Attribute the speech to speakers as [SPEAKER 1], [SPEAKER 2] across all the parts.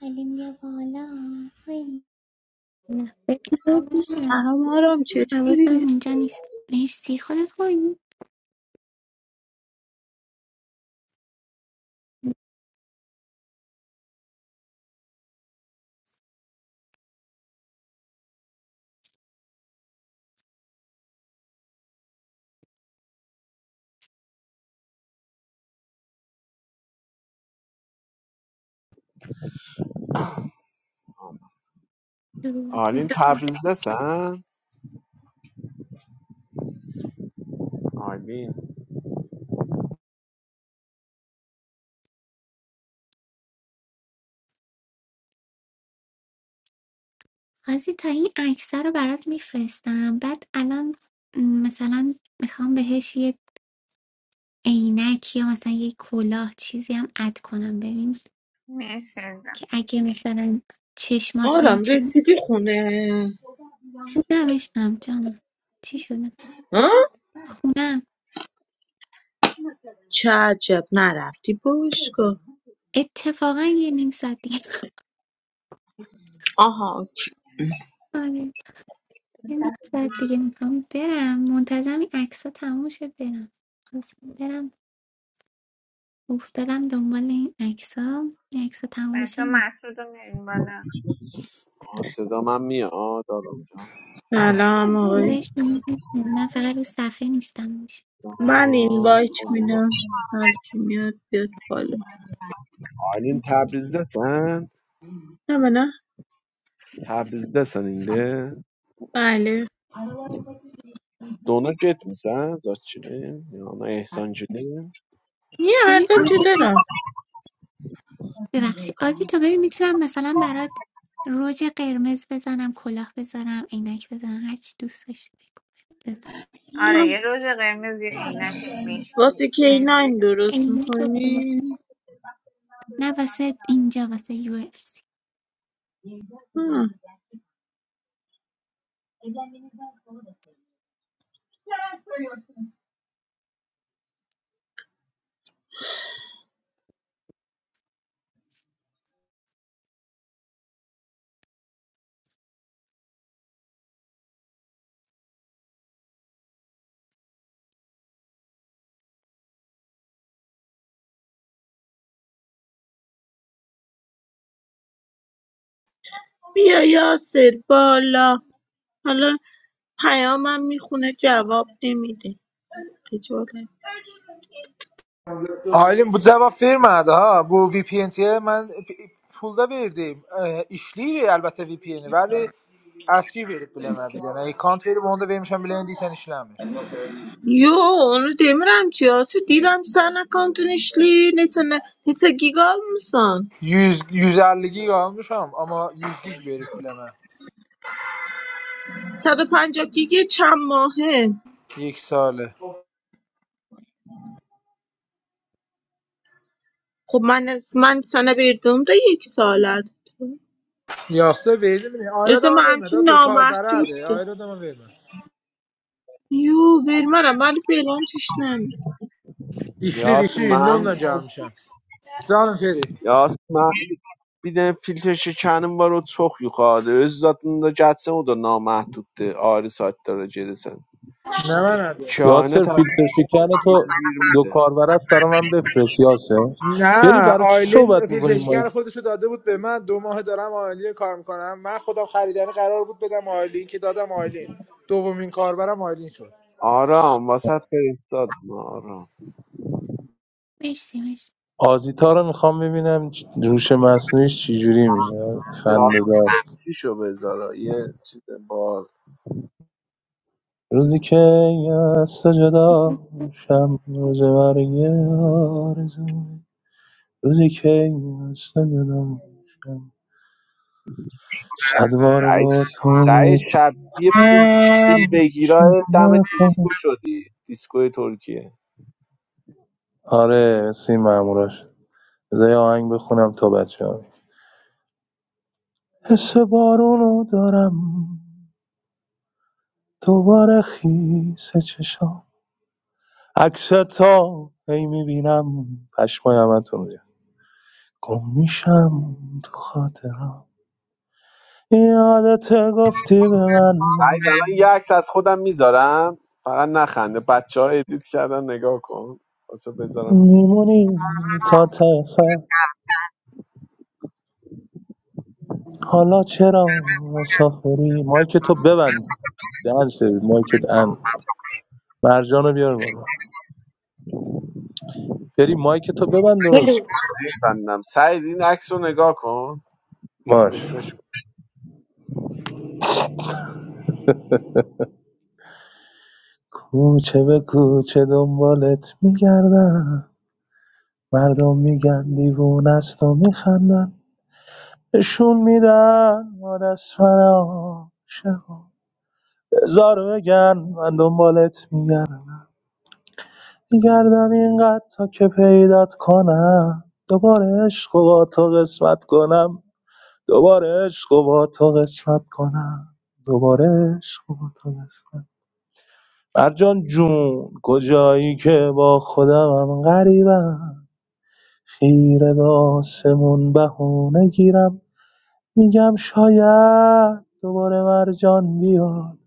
[SPEAKER 1] حالیم بیا بالا های نه بگو بیا.
[SPEAKER 2] سلام آرام چطوری؟
[SPEAKER 1] حواسم اینجا نیست مرسی خودت خوبی
[SPEAKER 3] سام. آلین تبریزدسن آلین
[SPEAKER 1] خاصی تا این عکس رو برات میفرستم بعد الان م، مثلا میخوام بهش یه عینک یا مثلا یه کلاه چیزی هم اد کنم ببین
[SPEAKER 4] مرسی عزیزم
[SPEAKER 1] که اگه مثلا چشمات
[SPEAKER 2] آرام
[SPEAKER 1] میتونه
[SPEAKER 2] رسیدی خونه
[SPEAKER 1] خونمش هم جانم چی شده
[SPEAKER 2] ها؟
[SPEAKER 1] خونم
[SPEAKER 2] چه عجب نرفتی باشگاه
[SPEAKER 1] اتفاقا یه نیم ساعت دیگه آره. یه نیم ساعت دیگه میخوام برم منتظرم این عکس ها تموم شه برم خواستم برم افتادم دنبال این عکس ها این عکس ها تموم بشه
[SPEAKER 4] بچه
[SPEAKER 1] می
[SPEAKER 4] مسعود رو میاریم بالا
[SPEAKER 3] آه، صدا من میاد آرام جان
[SPEAKER 2] سلام آقای
[SPEAKER 1] صدایش میاد. من فقط رو صفحه نیستم میشه
[SPEAKER 2] من این
[SPEAKER 3] سلام.
[SPEAKER 2] بایت
[SPEAKER 3] خانم
[SPEAKER 2] میدم هر کی میاد بیاد بالا
[SPEAKER 3] آلین تبریزدسن
[SPEAKER 2] نه من نه
[SPEAKER 3] تبریزدسن اینده
[SPEAKER 2] بله
[SPEAKER 3] دونا گت میزن زاچینه یانا احسانجونه
[SPEAKER 2] یه
[SPEAKER 1] ببین
[SPEAKER 2] حرفم چه
[SPEAKER 1] آزی تو
[SPEAKER 2] دارم
[SPEAKER 1] ببخشی آزی تا ببین میتونم مثلا برات رژ قرمز بزنم کلاه بذارم عینک بزنم هرچی دوست داشتی بگو بزن
[SPEAKER 4] آره یه روژ قرمز یه عینک مشکی
[SPEAKER 2] واسه کی
[SPEAKER 4] مرسی
[SPEAKER 2] ناین درست
[SPEAKER 1] عینک و کلاه
[SPEAKER 2] میکنی
[SPEAKER 1] نه واسه اینجا واسه یو اف سی
[SPEAKER 2] بیا یاسر بالا حالا پیامم میخونه جواب نمیده خجالت
[SPEAKER 5] Aylin bu cevap vermədi ha. Bu VPN-yə mən p- pulda verdim. E, İşləyir əlbəttə VPN-i, bəli, əski verib biləmə bir dənə. Account verib onu da vermişəm bilən deyirsən işləmir.
[SPEAKER 2] یو، اونو دیارم چیاست؟ دیارم سالها کندهش لی، نه تا گیگال میسان.
[SPEAKER 5] 100 150 gig almışam, amma 100 gig verib biləmə.
[SPEAKER 2] ساده پنجاه گیگه چند ماهه؟
[SPEAKER 5] 2 salı.
[SPEAKER 2] خب من از من سال بیدوم دیگه یک ساله.
[SPEAKER 5] Yasda verdim. Ayrı
[SPEAKER 2] از
[SPEAKER 5] adama
[SPEAKER 2] من
[SPEAKER 5] vermədi.
[SPEAKER 2] چی
[SPEAKER 5] ha, Dokar bərədi.
[SPEAKER 2] نامحجوده؟
[SPEAKER 5] Ayrı adama vermə.
[SPEAKER 2] یو، ویرم را مال پیلانش نمی.
[SPEAKER 5] İşlir
[SPEAKER 3] یاس
[SPEAKER 5] işi indi
[SPEAKER 3] من
[SPEAKER 5] ondan
[SPEAKER 3] بیدم
[SPEAKER 5] gəlmişəm. Canım Feri.
[SPEAKER 3] یاس من بیدم فیلتر şekerinin var o çok yukarıda. Öz zatında gəlsən o da namahduddur. Ayrı saytlara gedirsən.
[SPEAKER 5] Nə mənədir?
[SPEAKER 3] İki ayına
[SPEAKER 6] یاسر
[SPEAKER 3] təxmin
[SPEAKER 6] فیلتر شکن تو دو
[SPEAKER 3] 20-dir.
[SPEAKER 6] کاربر است برا من بفرست یاسر فری
[SPEAKER 5] نه
[SPEAKER 6] برای چی
[SPEAKER 5] آیلین
[SPEAKER 6] صحبت میکنیم ما
[SPEAKER 5] فیلتشکن خودش رو داده بود به من دو ماه دارم آیلین کار میکنم من خودم خریدنی قرار بود بدم آیلین که دادم آیلین دومین کاربرم آیلین شد
[SPEAKER 3] Aram, vasat verib dadım aram.
[SPEAKER 1] مرسی مرسی
[SPEAKER 6] آزیتا رو میخوام ببینم چ- روش مصنوعیش چجوری میشه خنده دار
[SPEAKER 3] چیشو بذارا یه چیز باز
[SPEAKER 6] روزی که از تو جدا شم روز مرگ آرزو روزی که از تو جدا شم صد بار
[SPEAKER 3] سعید
[SPEAKER 6] با تو
[SPEAKER 3] سعید شبیه پول پول
[SPEAKER 6] متهم چه
[SPEAKER 3] بگیرای دم
[SPEAKER 6] نکن
[SPEAKER 3] دیسکو شدی دیسکوی ترکیه
[SPEAKER 6] آره سی ماموراش بذار یه آهنگ بخونم تا بچه حس بارونو دارم دوباره خیس چشام عکس تا هی میبینم پشمای همتون رو گم میشم تو خاطرم یادت گفتی به من
[SPEAKER 3] سعید الان یک از خودم میذارم فقط نخنده بچه ها ادیت کردن نگاه کن واسه بذارم
[SPEAKER 6] میمونی تا ته خط. حالا چرا مسافری مایک تو ببند دهن سرویس مایکت ان مرجانو بیار بالا بری مایک تو ببند درست
[SPEAKER 7] هلو
[SPEAKER 3] بندم سعید این عکس رو نگاه کن
[SPEAKER 6] باش
[SPEAKER 3] رفرش کن
[SPEAKER 6] کوچه به کوچه دنبالت میگردم مردم میگن دیوونه است و میخندن نشون میدن ما دست فرا شما، هزار بگن من دنبالت میگردم میگردم اینقدر تا که پیدات کنم دوباره عشق و با تو قسمت کنم دوباره عشق و با تو قسمت کنم دوباره عشق و با تو قسمت مرجان جون کجایی که با خودمم غریبم خیره به آسمون بهونه گیرم میگم شاید دوباره مرجان بیاد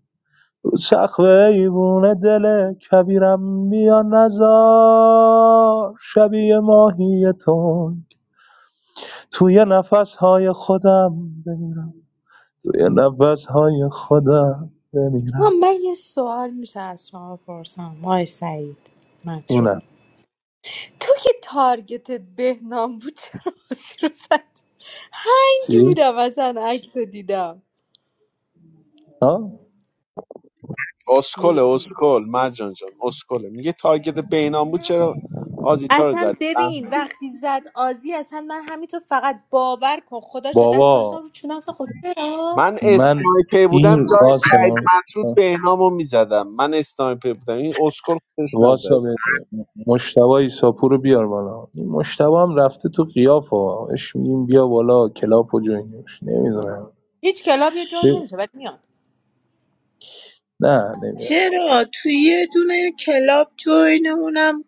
[SPEAKER 6] رو سقف ایوونه دل کبیرم بیا نزار شبیه ماهی تنگ توی نفس های خودم بمیرم توی نفس های خودم
[SPEAKER 7] آه،
[SPEAKER 6] بمیرم
[SPEAKER 7] من یه سوال میشه از شما پرسم آقای سعید
[SPEAKER 6] جونم
[SPEAKER 7] مطرود تو که تارگتت بهنام بود چرا بازی رو زد هنگ
[SPEAKER 6] چی؟
[SPEAKER 7] بودم اصلا اکتو دیدم
[SPEAKER 6] ها؟
[SPEAKER 3] اسکل
[SPEAKER 7] میگم.
[SPEAKER 3] اسکل مرجان جان اسکله میگه تارگت بینام بود چرا آزیتا رو
[SPEAKER 7] اصلا
[SPEAKER 3] زدی
[SPEAKER 7] ببین وقتی زد آزی اصلا من همینطور فقط باور کن خدا شد دست گذاشتم
[SPEAKER 6] بابا
[SPEAKER 7] رو چونم اصلا خب چرا
[SPEAKER 3] من
[SPEAKER 6] من
[SPEAKER 3] اسنایپر بودم
[SPEAKER 6] این
[SPEAKER 3] جای
[SPEAKER 6] واسه
[SPEAKER 3] سعید مسعود بهنامو میزدم من اسنایپر بودم این اسکل خودش نزد
[SPEAKER 6] واسا مجتبی ایساپور رو بیار بالا این مجتبی هم رفته تو قیاف ها اش میگیم بیا بالا کلاپ و جوینش نمیدونم
[SPEAKER 7] هیچ کلاب یا جا
[SPEAKER 6] ب-
[SPEAKER 7] نمیشه ولی
[SPEAKER 6] نه نمیاد
[SPEAKER 2] چرا؟ تو یه دنیا کلاپ جایی نمونم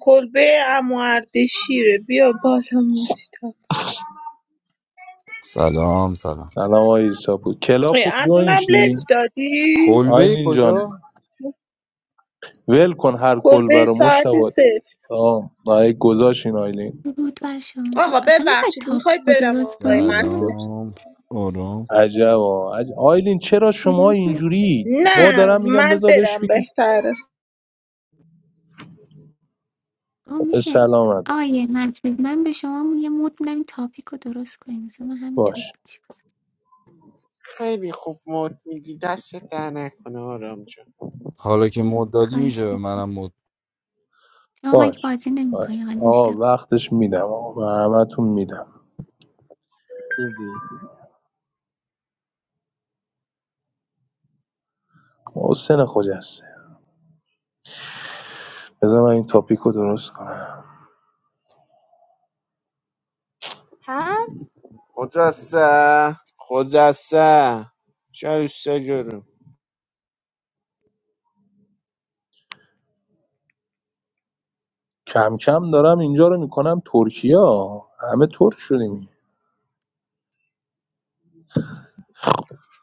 [SPEAKER 2] کربه آموزشی ر بیا بالا موتی.
[SPEAKER 8] سلام سلام
[SPEAKER 6] سلام آقای ایساپور کلاپ و
[SPEAKER 2] از
[SPEAKER 6] جوین شین
[SPEAKER 2] دنبلیفتادی
[SPEAKER 8] کلبه
[SPEAKER 6] آیلین جان
[SPEAKER 8] کجا؟
[SPEAKER 6] ول کن هر کل
[SPEAKER 2] کربه
[SPEAKER 6] برا
[SPEAKER 2] ساعت
[SPEAKER 6] مجتبی
[SPEAKER 2] سه.
[SPEAKER 6] آه آه گذاشت این آیلین
[SPEAKER 1] بود برای شما دو-
[SPEAKER 2] آقا
[SPEAKER 1] اصلا میخواید
[SPEAKER 2] ببخشید
[SPEAKER 1] تاپیک
[SPEAKER 2] میخوای
[SPEAKER 1] رو
[SPEAKER 2] برم
[SPEAKER 1] درست
[SPEAKER 2] آقای
[SPEAKER 1] کنید
[SPEAKER 2] مطرود
[SPEAKER 8] سلام آرام
[SPEAKER 6] عجب آه. عج- آیلین چرا شما اینجوری ما
[SPEAKER 2] نه
[SPEAKER 6] دارم میگم
[SPEAKER 2] من
[SPEAKER 6] بذار بهش
[SPEAKER 2] برم
[SPEAKER 6] بگی
[SPEAKER 2] بهتره
[SPEAKER 1] آه
[SPEAKER 6] خب، به
[SPEAKER 1] میشه
[SPEAKER 6] سلام ادا
[SPEAKER 1] آیه مجمید من به شما یه مود میدم این تاپیک رو درست کنید اصلا من همینطوری
[SPEAKER 6] باش
[SPEAKER 1] چی- کنم؟
[SPEAKER 3] خیلی خوب مد میدی دست در نکنه آرام جان
[SPEAKER 8] حالا که مد دادی میشه
[SPEAKER 1] خواهش
[SPEAKER 8] به
[SPEAKER 1] می‌کنم.
[SPEAKER 8] منم مد
[SPEAKER 1] شما مگه
[SPEAKER 6] باش
[SPEAKER 1] بازی نمیکنی
[SPEAKER 6] باش
[SPEAKER 1] آقای
[SPEAKER 6] آه
[SPEAKER 1] مشتبه
[SPEAKER 6] وقتش میدم آقا به همتون میدم
[SPEAKER 3] خوبی.
[SPEAKER 6] حسین خجسته بذار من این تاپیک رو درست کنم
[SPEAKER 3] خجسته خجسته جایسته جورم
[SPEAKER 6] کم کم دارم اینجا رو میکنم ترکیه همه ترک شدیم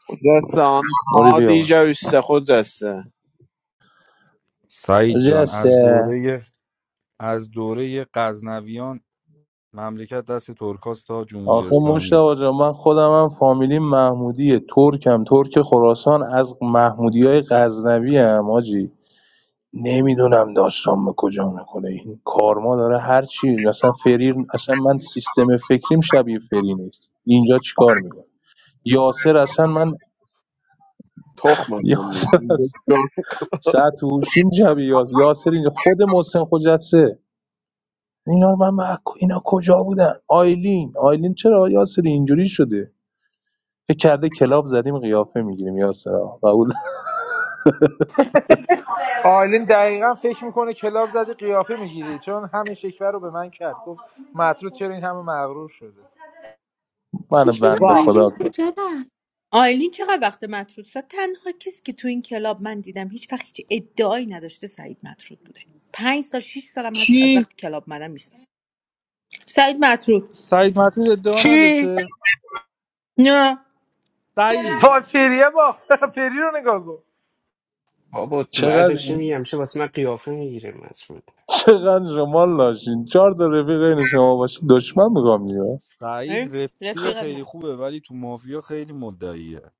[SPEAKER 3] خجسته آن
[SPEAKER 6] موری
[SPEAKER 3] هادی
[SPEAKER 6] بیاور
[SPEAKER 3] جایسته خجسته
[SPEAKER 8] سعید جان از
[SPEAKER 6] جسته
[SPEAKER 8] دوره از دوره غزنویان مملکت دست ترکاست تا جمهوری
[SPEAKER 6] آخه
[SPEAKER 8] اسلامی
[SPEAKER 6] مشتبه جان من خودم هم فامیلی محمودیه ترکم ترک خراسان از محمودی های غزنوی هم آجی نمیدونم داستان به کجا میکنه این کارما داره هر چی مثلا فریر اصلا من سیستم فکریم شبیه فری نیست اینجا چیکار میکنه یاسر اصلا من
[SPEAKER 3] تخمم
[SPEAKER 6] یاسر
[SPEAKER 3] نیست
[SPEAKER 6] سطوشی جویاز یاسر اینجا خود محسن خجسته اینا رو من بک- اینا کجا بودن آیلین آیلین چرا یاسر اینجوری شده فکر کرده کلاب زدیم قیافه میگیریم یاسر آقا. قبول
[SPEAKER 5] آیلین دقیقا فکر میکنه کلاب زدی قیافه میگیری چون همین شکوه رو به من کرد گفت مطرود چرا این همه مغرور شده
[SPEAKER 6] من
[SPEAKER 1] چی شده
[SPEAKER 6] بنده
[SPEAKER 7] میاد
[SPEAKER 1] آیلین
[SPEAKER 6] خدا کن
[SPEAKER 1] کجا رفت
[SPEAKER 7] آیلین چقدر وقت مطرود شد تنها کسی که تو این کلاب من دیدم هیچ وقت هیچ ادعایی نداشته سعید مطرود بوده پنج سال شیش سالم هست از
[SPEAKER 8] کی
[SPEAKER 7] وقتی کلاب منم نیست سعید مطرود
[SPEAKER 8] سعید مطرود ادعا
[SPEAKER 3] کی؟
[SPEAKER 8] نداشته
[SPEAKER 7] نه
[SPEAKER 8] سعید
[SPEAKER 5] وای فریه باخت فری رو نگاه کن
[SPEAKER 9] About
[SPEAKER 6] چقدر
[SPEAKER 9] marriage, we
[SPEAKER 6] این
[SPEAKER 9] have some famous people here.
[SPEAKER 6] چقدر شما لاشین چهار تا رفیق این شما باشین دشمن میگم نیا
[SPEAKER 7] اه،
[SPEAKER 8] سعید رفیق
[SPEAKER 7] رفیقت
[SPEAKER 8] خیلی
[SPEAKER 7] من
[SPEAKER 8] خوبه ولی تو مافیا خیلی مدعیه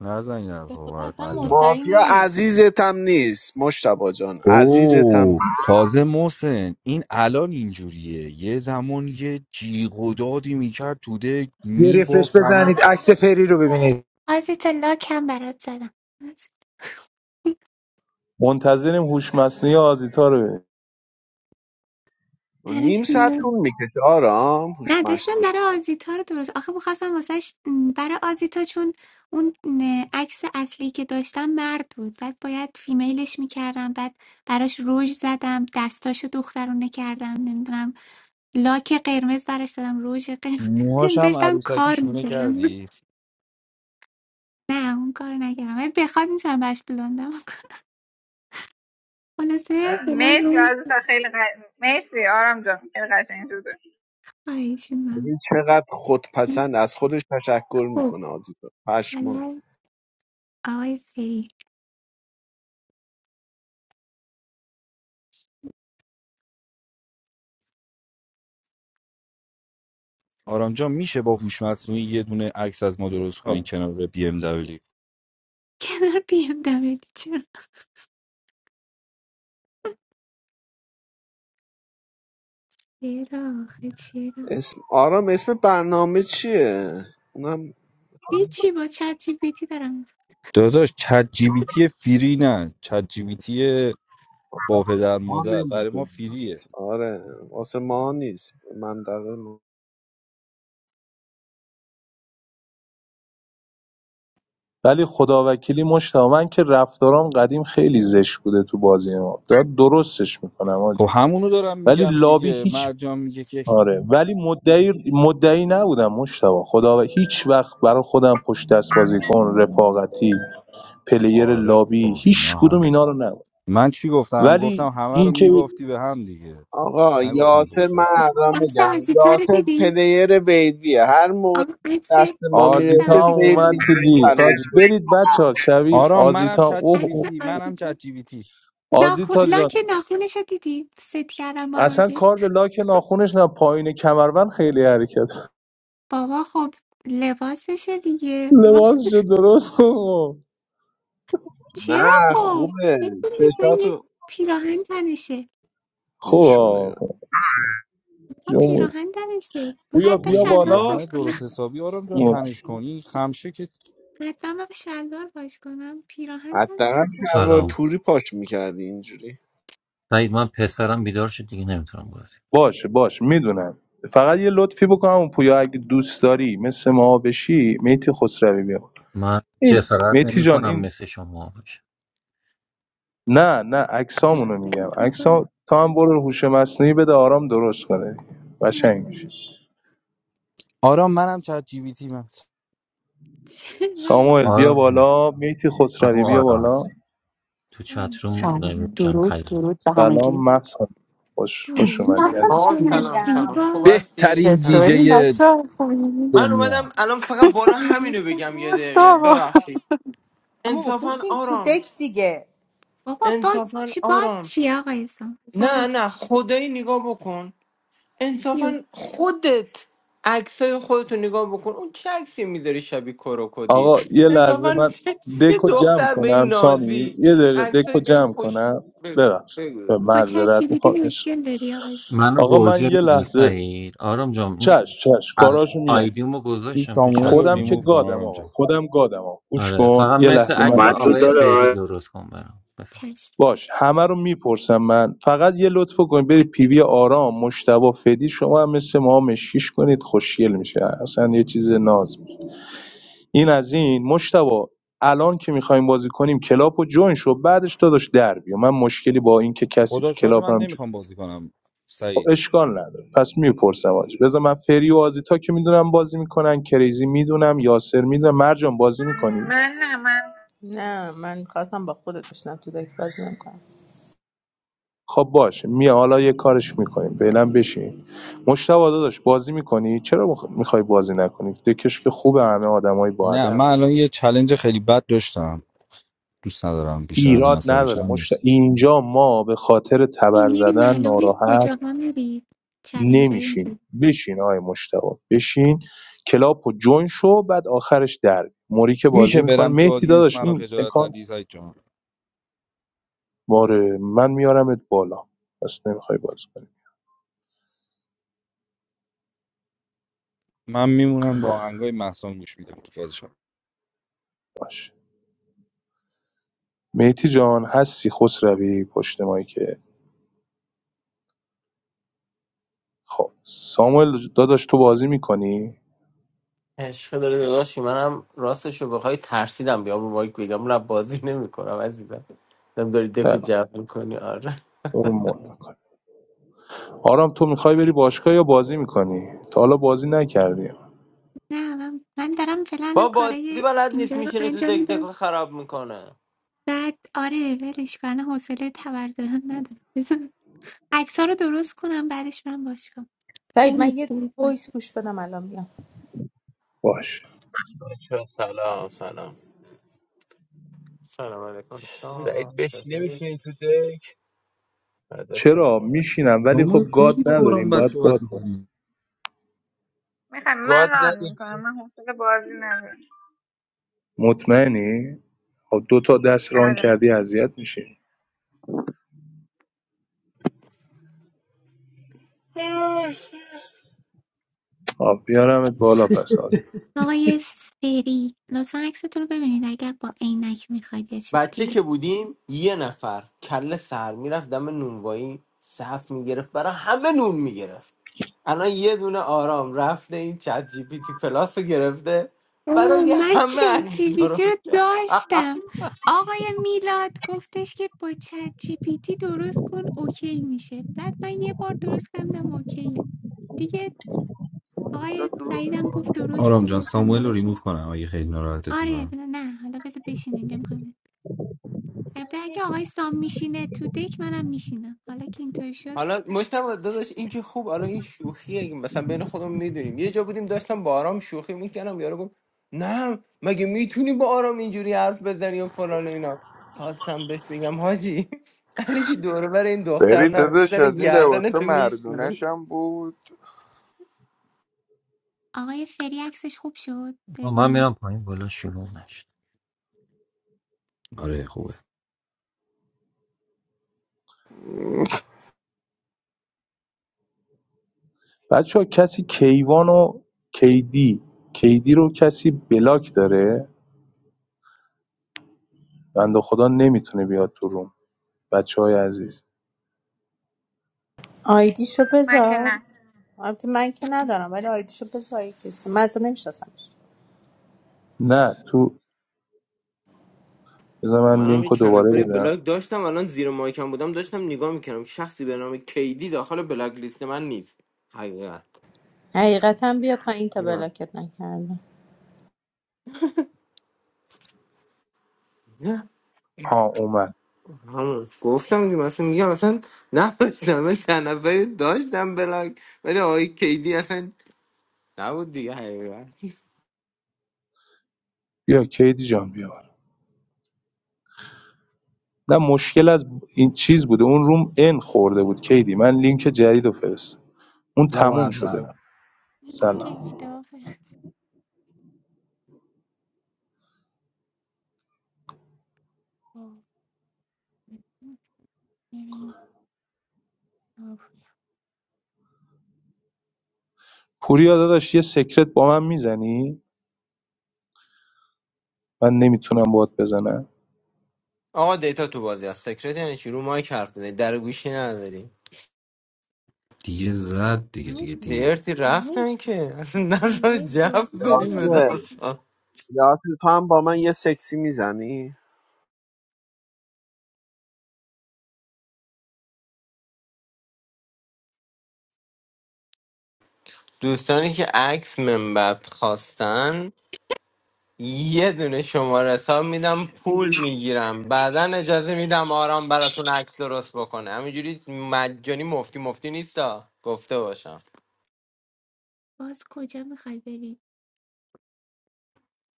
[SPEAKER 8] نزن این
[SPEAKER 7] به
[SPEAKER 8] حرفا
[SPEAKER 7] خدا اصلا
[SPEAKER 8] باید
[SPEAKER 7] مدعی
[SPEAKER 3] مافیا
[SPEAKER 7] نیست
[SPEAKER 3] عزیزتم نیست مشتبا جان عزیزتم
[SPEAKER 8] اوه
[SPEAKER 3] نیست.
[SPEAKER 8] تازه محسن این الان اینجوریه یه زمان یه جیغ و دادی میکرد توده
[SPEAKER 5] یه رفرش
[SPEAKER 8] میبافت همه
[SPEAKER 5] بزنید عکس فری رو ببینید
[SPEAKER 1] آزیتا لاک هم برات زدم
[SPEAKER 6] منتظریم هوش مصنوعی آزیتا رو ببینیم.
[SPEAKER 3] نیم
[SPEAKER 1] براش
[SPEAKER 3] ساعت طول میکشه آرام
[SPEAKER 1] نه
[SPEAKER 3] هوش
[SPEAKER 1] داشتم برای آزیتا رو درست آخه میخواستم واسهش م، برای آزیتا چون اون م، عکس اصلی که داشتم مرد بود بعد باید فیمیلش میکردم بعد براش روژ زدم دستاشو دخترونه کردم نمیدونم لاک قرمز براش دادم روژ قرمز
[SPEAKER 8] موهاش هم
[SPEAKER 1] داشتم
[SPEAKER 8] عروسکی
[SPEAKER 1] کار
[SPEAKER 8] شونه
[SPEAKER 1] میکردم
[SPEAKER 8] کردی
[SPEAKER 1] نه اون کار نکردم ولی بخواد میتونم براش بلوندم کنم. خلاصه فعلا
[SPEAKER 4] مرسی
[SPEAKER 1] روژ
[SPEAKER 4] عزیزم خیلی ق... مرسی آرام جان خیلی قشنگ شد
[SPEAKER 1] خواهیشون من
[SPEAKER 3] ببین چقدر خودپسند از خودش تشکر
[SPEAKER 1] خب
[SPEAKER 3] میکنه آزیتا پشمان
[SPEAKER 1] حالا آقای فری
[SPEAKER 8] آرام جان میشه با هوش مصنوعی یه دونه عکس از ما درست کنی
[SPEAKER 6] آه.
[SPEAKER 8] کنار بی ام دبلیو
[SPEAKER 1] کنار بیم چرا آخه چرا
[SPEAKER 3] اسم آرام اسم برنامه چیه اونم
[SPEAKER 1] هیچی با چت جی پی تی دارم
[SPEAKER 8] داداش چت جی بی تی فری نه چت جی بی تی با پدر
[SPEAKER 3] ما
[SPEAKER 8] مادر برای ما
[SPEAKER 3] نمی‌دونم.
[SPEAKER 8] فریه
[SPEAKER 3] آره واسه ما نیست منطقه ما
[SPEAKER 6] ولی خدا وکیلی مشتاق من که رفتارام قدیم خیلی زشت بوده تو بازی ما داد درستش میکنم
[SPEAKER 8] خب
[SPEAKER 6] آجی.
[SPEAKER 8] همونو دارم
[SPEAKER 6] ولی
[SPEAKER 8] میگم
[SPEAKER 6] لابی
[SPEAKER 8] دیگه
[SPEAKER 6] هیچ
[SPEAKER 8] مرجان میگه که
[SPEAKER 6] آره ولی مدعی مدعی نبودم مشتبه خدا و هیچ وقت برای خودم پشت دست بازیکن رفاقتی پلیر
[SPEAKER 8] آره
[SPEAKER 6] لابی
[SPEAKER 8] خب
[SPEAKER 6] هیچ
[SPEAKER 8] اینا
[SPEAKER 6] کدوم
[SPEAKER 8] هست
[SPEAKER 6] اینا رو نبود
[SPEAKER 8] من چی گفتم گفتم
[SPEAKER 6] ولی
[SPEAKER 8] همه رو
[SPEAKER 6] اینکه
[SPEAKER 8] میبافتی به هم دیگه
[SPEAKER 3] آقا
[SPEAKER 8] نگفتم
[SPEAKER 3] یاسر
[SPEAKER 8] پشت
[SPEAKER 3] من
[SPEAKER 8] دست
[SPEAKER 3] الان
[SPEAKER 1] عکس
[SPEAKER 3] میگم
[SPEAKER 1] آزیتا رو
[SPEAKER 3] یاسر
[SPEAKER 1] دیدی
[SPEAKER 3] پلیر ویدویه هر موقع
[SPEAKER 1] آقا عکس
[SPEAKER 3] دست ما
[SPEAKER 1] عکس
[SPEAKER 6] آزیتا
[SPEAKER 3] میرسه
[SPEAKER 6] هم
[SPEAKER 1] آزیتا
[SPEAKER 3] وید
[SPEAKER 1] رو
[SPEAKER 6] اومد
[SPEAKER 1] ببین.
[SPEAKER 6] تو
[SPEAKER 3] میگیره
[SPEAKER 6] لیست حاجی
[SPEAKER 3] چالش
[SPEAKER 6] برید بچه ها شبی
[SPEAKER 8] آرام منم
[SPEAKER 6] آزیتا
[SPEAKER 8] چت جی
[SPEAKER 6] اوه
[SPEAKER 8] بی
[SPEAKER 1] عکس
[SPEAKER 6] اوه
[SPEAKER 8] تی منم
[SPEAKER 1] آزیتا
[SPEAKER 8] چت جی بی تی
[SPEAKER 1] ناخون
[SPEAKER 6] آزیتا جان
[SPEAKER 1] لاک ناخونش رو دیدی ست کردم با
[SPEAKER 6] اصلا
[SPEAKER 1] روزش
[SPEAKER 6] کار به لاک ناخونش نه پایین کمربند خیلی حرکت
[SPEAKER 1] بابا خب لباسشه دیگه
[SPEAKER 6] لباسشو درست کن
[SPEAKER 3] کنه.
[SPEAKER 1] چرا
[SPEAKER 3] نه
[SPEAKER 1] خب
[SPEAKER 3] خوبه
[SPEAKER 1] بکن مثلا یه
[SPEAKER 3] چشاتو
[SPEAKER 1] پیراهن تنشه
[SPEAKER 6] خب
[SPEAKER 3] بیشونه
[SPEAKER 6] آقا.
[SPEAKER 1] با
[SPEAKER 6] جمهوری
[SPEAKER 1] پیراهن تنشه میخوای
[SPEAKER 6] بویا
[SPEAKER 1] حتی
[SPEAKER 8] بابا
[SPEAKER 6] بیا
[SPEAKER 8] یه
[SPEAKER 1] شلوار
[SPEAKER 6] بالا
[SPEAKER 1] پاش
[SPEAKER 8] پیراهن
[SPEAKER 1] کنم
[SPEAKER 8] درست حسابی آرام جان تنش کنی خمشه که
[SPEAKER 1] حتما من شلوار پاش کنم پیراهن
[SPEAKER 3] حداقل
[SPEAKER 1] تنشه خب
[SPEAKER 3] شلوار
[SPEAKER 1] آه،
[SPEAKER 10] Assalam.
[SPEAKER 3] توری پاک میکردی اینجوری
[SPEAKER 10] Maybe I'm very sad. I'm not sure. I'm
[SPEAKER 6] باشه باشه میدونم فقط یه لطفی بکنم اون پویا اگه دوست داری مثل ما بشی میتی خسروی بیا
[SPEAKER 10] just
[SPEAKER 6] این
[SPEAKER 10] saying. I'm
[SPEAKER 6] میتی
[SPEAKER 10] not sure.
[SPEAKER 6] جان
[SPEAKER 10] I'm
[SPEAKER 6] این
[SPEAKER 10] missing you. I'm missing
[SPEAKER 6] نه نه عکسامونو
[SPEAKER 1] عکس
[SPEAKER 6] میگم
[SPEAKER 1] زیبا.
[SPEAKER 6] عکسا تو هم برو هوش مصنوعی بده آرام درست کنه قشنگ میشه
[SPEAKER 8] آرام منم چت جی بی تی من
[SPEAKER 1] چرا
[SPEAKER 10] you.
[SPEAKER 6] ساموئل بیا
[SPEAKER 10] I'm missing
[SPEAKER 6] بالا میتی خسروی
[SPEAKER 10] you.
[SPEAKER 6] بیا
[SPEAKER 10] I'm
[SPEAKER 6] بالا
[SPEAKER 10] missing you. I'm missing
[SPEAKER 1] جان
[SPEAKER 10] you. I'm missing you. I'm missing you. I'm missing you. I'm
[SPEAKER 11] سلام درود درود به همگی
[SPEAKER 6] سلام محسن خوش خوش
[SPEAKER 1] درود
[SPEAKER 6] اومدی
[SPEAKER 1] بر
[SPEAKER 7] مثلا
[SPEAKER 6] از
[SPEAKER 12] آقا
[SPEAKER 1] شما
[SPEAKER 12] سلام
[SPEAKER 11] مرسی
[SPEAKER 7] قشنگم
[SPEAKER 12] سلام خوب
[SPEAKER 1] زیبا
[SPEAKER 12] هستی
[SPEAKER 8] بهترین
[SPEAKER 11] چطوری
[SPEAKER 12] سلامت
[SPEAKER 8] دیجی
[SPEAKER 11] بچه خوبی
[SPEAKER 12] من اومدم
[SPEAKER 8] دنیا
[SPEAKER 12] الان فقط بالا
[SPEAKER 1] درود
[SPEAKER 12] همینو
[SPEAKER 1] بر-
[SPEAKER 12] بگم یه دقیقه
[SPEAKER 11] مشتاق
[SPEAKER 12] ببخشید
[SPEAKER 7] اما
[SPEAKER 12] انصافا
[SPEAKER 7] بشین تو
[SPEAKER 12] آرام
[SPEAKER 7] دک دیگه
[SPEAKER 1] بابا باز
[SPEAKER 12] انصافا
[SPEAKER 1] چی باز
[SPEAKER 12] آرام
[SPEAKER 1] چی آقا ایسان
[SPEAKER 12] نه
[SPEAKER 1] باز
[SPEAKER 12] نه خدایی نگاه بکن
[SPEAKER 1] چیو
[SPEAKER 12] انصافا خودت عکسای خودتو نگاه بکن اون چه عکسی میذاری شبیه کروکودیل
[SPEAKER 6] آقا یه لحظه
[SPEAKER 12] انصافا
[SPEAKER 6] من
[SPEAKER 12] چه- یه
[SPEAKER 6] دکو جمع
[SPEAKER 12] دختر به این
[SPEAKER 6] کنم سامی
[SPEAKER 12] نازی
[SPEAKER 6] یه
[SPEAKER 12] این
[SPEAKER 6] دقیقه
[SPEAKER 12] عکسایی
[SPEAKER 6] دکو
[SPEAKER 12] به این
[SPEAKER 6] جمع
[SPEAKER 12] خوش
[SPEAKER 6] کنم
[SPEAKER 12] بگو
[SPEAKER 6] ببخش به
[SPEAKER 1] با
[SPEAKER 12] بگو
[SPEAKER 1] چت
[SPEAKER 6] معذرت
[SPEAKER 1] جی بی تی
[SPEAKER 6] میخوام
[SPEAKER 1] مشکل داری آقا ایسان
[SPEAKER 6] آقا من یه لحظه چش چش کاراشو میام
[SPEAKER 8] این
[SPEAKER 10] missing you. I'm
[SPEAKER 8] ساموئل
[SPEAKER 10] missing
[SPEAKER 8] رو
[SPEAKER 6] خودم
[SPEAKER 10] you.
[SPEAKER 6] که
[SPEAKER 8] ریموو کن
[SPEAKER 6] گادم
[SPEAKER 8] آرام
[SPEAKER 6] آقا
[SPEAKER 8] جان
[SPEAKER 6] خودم گادم آقا گوش
[SPEAKER 10] آره
[SPEAKER 6] کن
[SPEAKER 10] فقط
[SPEAKER 6] یه
[SPEAKER 1] چشم
[SPEAKER 10] مثل
[SPEAKER 6] لحظه
[SPEAKER 1] آقا
[SPEAKER 6] من
[SPEAKER 10] عکس
[SPEAKER 13] What's
[SPEAKER 1] ایسان
[SPEAKER 13] the
[SPEAKER 6] اوکی
[SPEAKER 10] آقای
[SPEAKER 6] کن
[SPEAKER 13] door?
[SPEAKER 10] فعلی درست کن برام بفهم
[SPEAKER 1] چشم چشم
[SPEAKER 6] باش همه رو میپرسم من فقط یه لطف کن برید پیوی آرام مشتبه فدی شما هم مثل ما مشکیش کنید خوشگل میشه اصلا یه چیز ناز میشه. این از این مشتبه الان که میخوایم بازی کنیم کلاپ و جوین شو بعدش داداش در بیا من مشکلی با این که کسی
[SPEAKER 8] خدا
[SPEAKER 6] تو
[SPEAKER 8] شاهده
[SPEAKER 6] کلاپ
[SPEAKER 8] من
[SPEAKER 6] هم
[SPEAKER 8] نمیخوام بازی کنم
[SPEAKER 6] خب
[SPEAKER 8] سعید
[SPEAKER 6] اشکال نداره پس میپرسم آجی بذار من فری و آزیتا که میدونم بازی میکنن کریزی میدونم یاسر میدونم مرجان بازی میکنی
[SPEAKER 4] من نه من
[SPEAKER 7] نه من خواستم با خودت بشنم تو دک بازی نمیکنم
[SPEAKER 6] خب باشه میام حالا یه کارش میکنیم فعلا بشین مشتاق داداش بازی میکنی چرا میخوای بازی نکنی دکش که خوبه همه آدمای با
[SPEAKER 8] نه
[SPEAKER 6] ادب
[SPEAKER 8] من الان یه چلنج خیلی بد داشتم دوست ندارم بیشتر از این
[SPEAKER 6] ایراد
[SPEAKER 8] عصبی شم
[SPEAKER 6] نداره مشت...
[SPEAKER 8] نیست
[SPEAKER 6] اینجا ما به خاطر تبر
[SPEAKER 1] این میری
[SPEAKER 6] زدن
[SPEAKER 1] معلوم نیست
[SPEAKER 6] ناراحت
[SPEAKER 1] کجاها میری چلنج های
[SPEAKER 6] نمیشیم
[SPEAKER 1] اینجوری
[SPEAKER 6] بشین آقای مشتاق بشین کلاپ و شو بعد آخرش در موری که بازی
[SPEAKER 8] میشه
[SPEAKER 6] میکنه
[SPEAKER 8] برم تو
[SPEAKER 6] مهدی
[SPEAKER 8] آدینس
[SPEAKER 6] داداش
[SPEAKER 8] منو
[SPEAKER 6] این
[SPEAKER 8] خجالت ندی سعید جان
[SPEAKER 6] ماره من میارمت بالا پس نمیخوای بازی کنی
[SPEAKER 8] من میمونم با آهنگای مهسا گوش میدم
[SPEAKER 6] باشه مهدی جان هستی خسروی پشت مایی که خب ساموئل داداش تو بازی میکنی
[SPEAKER 12] عشق داره داداشی منم راستش رو بخوای ترسیدم بیام رو مایک بگم نه بازی نمیکنم عزیزم دم داری دکو
[SPEAKER 6] نه نه،
[SPEAKER 12] جمع میکنی آره
[SPEAKER 6] تو رو مول میکنی آرام تو میخوای بری باشگاه یا بازی میکنی تا حالا بازی نکردی
[SPEAKER 1] نه من, من دارم فعلا
[SPEAKER 12] با
[SPEAKER 1] الان
[SPEAKER 12] بازی
[SPEAKER 1] کارای
[SPEAKER 12] بلد نیست
[SPEAKER 1] اینجا رو
[SPEAKER 12] میشینه تو
[SPEAKER 1] انجام
[SPEAKER 12] دک دکو
[SPEAKER 1] میدم
[SPEAKER 12] خراب میکنه
[SPEAKER 1] بعد آره ولش کن الان حوصله تبر زدن ندارم بزن عکس رو درست کنم بعدش من باش کنم
[SPEAKER 7] سعید من
[SPEAKER 1] قروب
[SPEAKER 7] یه
[SPEAKER 1] قروب
[SPEAKER 7] وایس گوش بدم الان میام
[SPEAKER 6] باش
[SPEAKER 12] سلام علیکم سلام. چطوری؟
[SPEAKER 6] چرا میشینم ولی
[SPEAKER 8] ساموئل
[SPEAKER 6] خب گاد
[SPEAKER 8] خیلی با آرام
[SPEAKER 6] نداریم
[SPEAKER 8] بد
[SPEAKER 6] باید گاد
[SPEAKER 8] صحبت
[SPEAKER 6] باز
[SPEAKER 8] میکنی
[SPEAKER 4] میخوام من ران میکنم من حوصله بازی ندارم
[SPEAKER 6] مطمئنی خب دو تا دست ران
[SPEAKER 4] آره
[SPEAKER 6] کردی اذیت میشی
[SPEAKER 14] Hello.
[SPEAKER 6] خب بیارمت بالا پس
[SPEAKER 1] آقای فری لطفا عکستون رو ببینید اگر با عینک میخواید یا چیز
[SPEAKER 12] بچه
[SPEAKER 1] دیگه
[SPEAKER 12] که بودیم یه نفر کله سر میرفت دم نونوایی صف میگرفت برای همه نون میگرفت الان یه دونه آرام رفته این چت جی پی تی پلاس رو گرفته
[SPEAKER 1] اوه
[SPEAKER 12] برای
[SPEAKER 1] من
[SPEAKER 12] همه
[SPEAKER 1] چت
[SPEAKER 12] علی
[SPEAKER 1] جی پی تی رو
[SPEAKER 12] درست کرد
[SPEAKER 1] داشتم آقای میلاد گفتش که با چت جی پی تی درست کن اوکی میشه بعد من یه بار درست کردم اوکی دیگه آقای سعیدم گفت درست
[SPEAKER 8] آرام
[SPEAKER 1] کن
[SPEAKER 8] جان
[SPEAKER 1] گفتم
[SPEAKER 8] ساموئل رو
[SPEAKER 1] باشه
[SPEAKER 8] ریموف کنم اگه خیلی ناراحتت
[SPEAKER 1] آره
[SPEAKER 8] میکنم
[SPEAKER 1] نه حالا بذار بشین اینجا میخوام اگه آقای سام میشینه تو دک منم میشینم حالا که اینطوری شد
[SPEAKER 12] حالا مشتبه داداش این که خوب حالا این شوخیه مثلا بین خودم میدونیم یه جا بودیم داشتم با آرام شوخی میکنم یارو گفت نه مگه میتونی با آرام اینجوری حرف بزنی و فلان و اینا خواستم بهش بگم حاجی علی که دوره بر این دختر
[SPEAKER 15] بری
[SPEAKER 12] نرو
[SPEAKER 15] داداش
[SPEAKER 12] زره
[SPEAKER 15] از این
[SPEAKER 12] گردن
[SPEAKER 15] لباسا
[SPEAKER 12] تو میشونه
[SPEAKER 15] مردونش هم بود
[SPEAKER 1] آقای فری عکسش خوب شد
[SPEAKER 10] من
[SPEAKER 1] ببینید
[SPEAKER 10] میرم پایین بالا شلوغ نشه
[SPEAKER 8] آره خوبه
[SPEAKER 6] بچه‌ها کسی کیوان و کیدی کیدی رو کسی بلاک داره بنده خدا نمیتونه بیاد تو روم بچه های عزیز
[SPEAKER 7] آیدیشو
[SPEAKER 4] من که
[SPEAKER 7] بذار
[SPEAKER 4] نه
[SPEAKER 7] البته من که ندارم ولی آیدیشو بذار یه کسی من اصلا نمیشناسم
[SPEAKER 6] نه تو بذار من
[SPEAKER 12] منم
[SPEAKER 6] لینک
[SPEAKER 12] یه
[SPEAKER 6] رو
[SPEAKER 12] چند
[SPEAKER 6] دوباره
[SPEAKER 12] نفری
[SPEAKER 6] بدم
[SPEAKER 12] بلاک داشتم الان زیر مایکم بودم داشتم نگاه میکردم شخصی به نام کیدی داخل بلاک لیست من نیست حقیقت
[SPEAKER 7] حقیقتا بیا پایین تا بلاکت نکردم
[SPEAKER 12] نه.
[SPEAKER 6] ها اومد
[SPEAKER 12] همون گفتم که مثلا میگم اصلا نداشتم من چند نفری داشتم بلاک ولی آقای کیدی اصلا نبود دیگه حقیقت
[SPEAKER 6] بیا کیدی جان بیا نه مشکل از این چیز بوده اون روم ان خورده بود کیدی من لینک جدید رو فرست اون تموم شده
[SPEAKER 16] Nawaza
[SPEAKER 6] بود.
[SPEAKER 1] اینی که
[SPEAKER 6] سلام
[SPEAKER 1] اشتباه خوب بریم کافه
[SPEAKER 6] پوریا داداش یه سکرت با من میزنی من نمیتونم باد بزنم
[SPEAKER 12] آقا دیتا تو بازی هست سکرت یعنی چی رو مایک حرف بزنی در گوشی نداری
[SPEAKER 8] دیگه زد دیگه
[SPEAKER 1] تموم
[SPEAKER 8] دیگه
[SPEAKER 1] شد
[SPEAKER 8] دیر
[SPEAKER 12] ارتی رفتن که اصلا نظر
[SPEAKER 1] دیگه
[SPEAKER 12] جف
[SPEAKER 1] تلسام
[SPEAKER 12] بدیم به
[SPEAKER 3] یاسر
[SPEAKER 1] بریده
[SPEAKER 12] داستان
[SPEAKER 3] یا تو هم با من یه سکسی میزنی
[SPEAKER 12] دوستانی که عکس منبت خواستن یه دونه شماره حساب میدم پول میگیرم بعدا اجازه میدم آرام براتون عکس درست بکنه همینجوری مجانی مفتی مفتی نیستا گفته باشم
[SPEAKER 1] باز کجا میخوای بری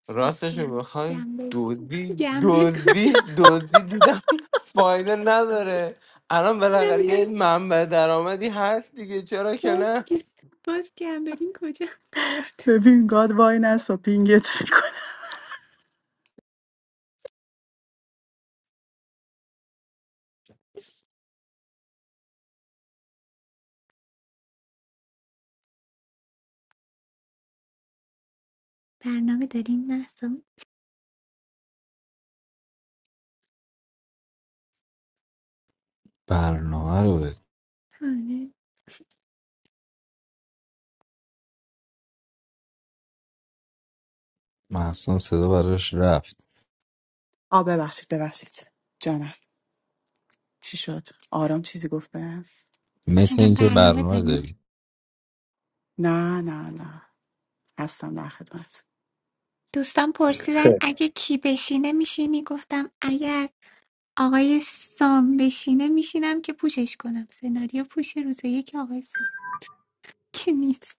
[SPEAKER 1] چیز
[SPEAKER 12] راستش رو
[SPEAKER 1] کنی
[SPEAKER 12] بخوای
[SPEAKER 1] گمبل
[SPEAKER 12] دوزی
[SPEAKER 1] گمبل کجا
[SPEAKER 12] دوزی دوزی دیدم فایده نداره الان بالاخره یه
[SPEAKER 1] نمیگم
[SPEAKER 12] منبع درآمدی هست دیگه چرا که
[SPEAKER 1] باز
[SPEAKER 12] نه
[SPEAKER 1] که باز گمبلین کجا قرار داد؟
[SPEAKER 11] ببین گاد وای نسا پینگت میکنه
[SPEAKER 1] برنامه داریم محسا
[SPEAKER 8] برنامه رو
[SPEAKER 1] آره
[SPEAKER 8] محسن صدا براش رفت
[SPEAKER 11] آ ببخشید ببخشید جانم چی شد آرام چیزی گفت بهم
[SPEAKER 8] مثل
[SPEAKER 1] میگم
[SPEAKER 8] اینکه
[SPEAKER 1] برنامه
[SPEAKER 8] برنامه
[SPEAKER 1] داریم
[SPEAKER 8] داری
[SPEAKER 11] نه نه نه هستم در خدمت
[SPEAKER 1] دوستان پرسیدن
[SPEAKER 6] خیر
[SPEAKER 1] اگه کی بشینه میشینی گفتم اگر آقای سام بشینه میشینم که پوشش کنم سناریو پوش روز یک آقای سام که نیست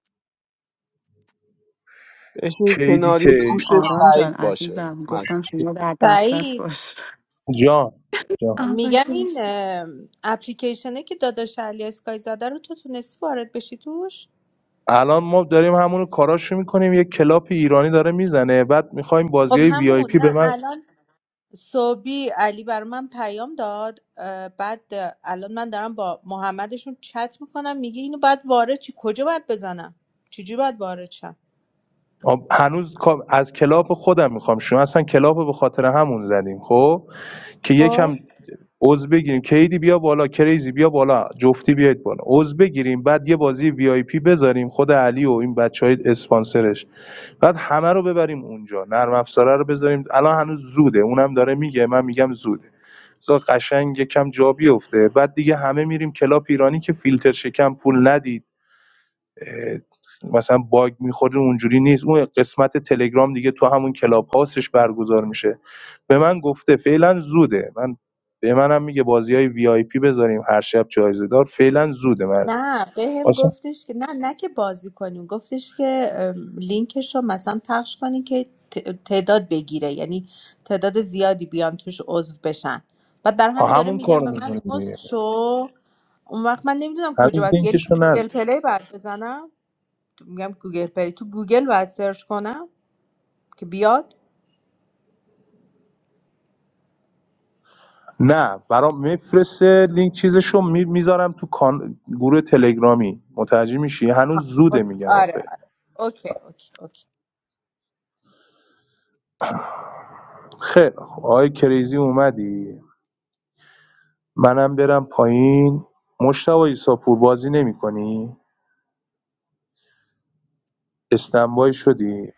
[SPEAKER 3] بشین
[SPEAKER 6] کیدی
[SPEAKER 3] کناری پوش
[SPEAKER 6] کی
[SPEAKER 11] آرام جان
[SPEAKER 3] سعید باشه
[SPEAKER 11] عزیزم
[SPEAKER 3] من
[SPEAKER 11] گفتم شما در دسترس
[SPEAKER 7] سعید
[SPEAKER 11] باش
[SPEAKER 6] جان جان
[SPEAKER 1] آه
[SPEAKER 7] میگم
[SPEAKER 1] باشه
[SPEAKER 7] این
[SPEAKER 1] باشه.
[SPEAKER 7] اه، اپلیکیشنه که داداش علی اسکای زاده رو تو تونستی وارد بشی توش
[SPEAKER 6] الان ما داریم همون کاراشو میکنیم یه کلاپ ایرانی داره میزنه بعد میخوایم بازی
[SPEAKER 7] خب
[SPEAKER 6] های وی آی
[SPEAKER 7] همون
[SPEAKER 6] پی به
[SPEAKER 7] نه
[SPEAKER 6] من
[SPEAKER 7] الان صبحی علی بر من پیام داد اه، بعد اه، الان من دارم با محمدشون چت میکنم میگه اینو باید وارد چی کجا باید بزنم چجوری باید وارد
[SPEAKER 6] آب- هنوز کا- از کلاپ خودم میخوام شما اصلا کلاپ رو به خاطر همون زدیم خب که
[SPEAKER 7] شم
[SPEAKER 6] یکم عضو بگیریم کیدی بیا بالا کریزی بیا بالا جفتی بیاید بالا عضو بگیریم بعد یه بازی وی آی پی بذاریم خود علی و این بچه اسپانسرش بعد همه رو ببریم اونجا نرم افزاره رو بذاریم الان هنوز زوده اونم داره میگه من میگم زوده بذار قشنگ یکم جا بیفته بعد دیگه همه میریم کلاب ایرانی که فیلتر شکم پول ندید اه، مثلا باگ میخوره اونجوری نیست اون قسمت تلگرام دیگه تو همون کلاب هاستش برگزار میشه به من گفته فعلا زوده من به منم میگه بازی های وی آی پی بذاریم هر شب جایزه دار فعلا زوده مرج
[SPEAKER 7] نه بهم
[SPEAKER 6] آسان
[SPEAKER 7] گفتش که نه نه که بازی کنیم گفتش که ام، لینکش رو مثلا پخش کنین که ت- تعداد بگیره یعنی تعداد زیادی بیان توش عضو بشن و بر همین داره
[SPEAKER 6] همون
[SPEAKER 7] میگم
[SPEAKER 6] کارو
[SPEAKER 7] به من
[SPEAKER 6] میکنیم
[SPEAKER 7] عضو
[SPEAKER 6] دیگه
[SPEAKER 7] شو اون وقت من نمیدونم کجا
[SPEAKER 6] هنوز
[SPEAKER 7] باید یعنی تو
[SPEAKER 6] لینکشو
[SPEAKER 7] گوگل
[SPEAKER 6] نداشت
[SPEAKER 7] پلی باید بزنم تو- میگم گوگل پلی تو گوگل باید سرچ کنم که بیاد
[SPEAKER 6] نه برام میفرسته لینک چیزشو میذارم تو کان... گروه تلگرامی متوجه میشی هنوز زوده
[SPEAKER 7] اوکی.
[SPEAKER 6] میگم
[SPEAKER 7] آره
[SPEAKER 6] آخه
[SPEAKER 7] آره. اوکی اوکی اوکی
[SPEAKER 6] خیلی خب آقای کریزی اومدی منم برم پایین مشتاق ایساپور بازی نمیکنی استنبای شدی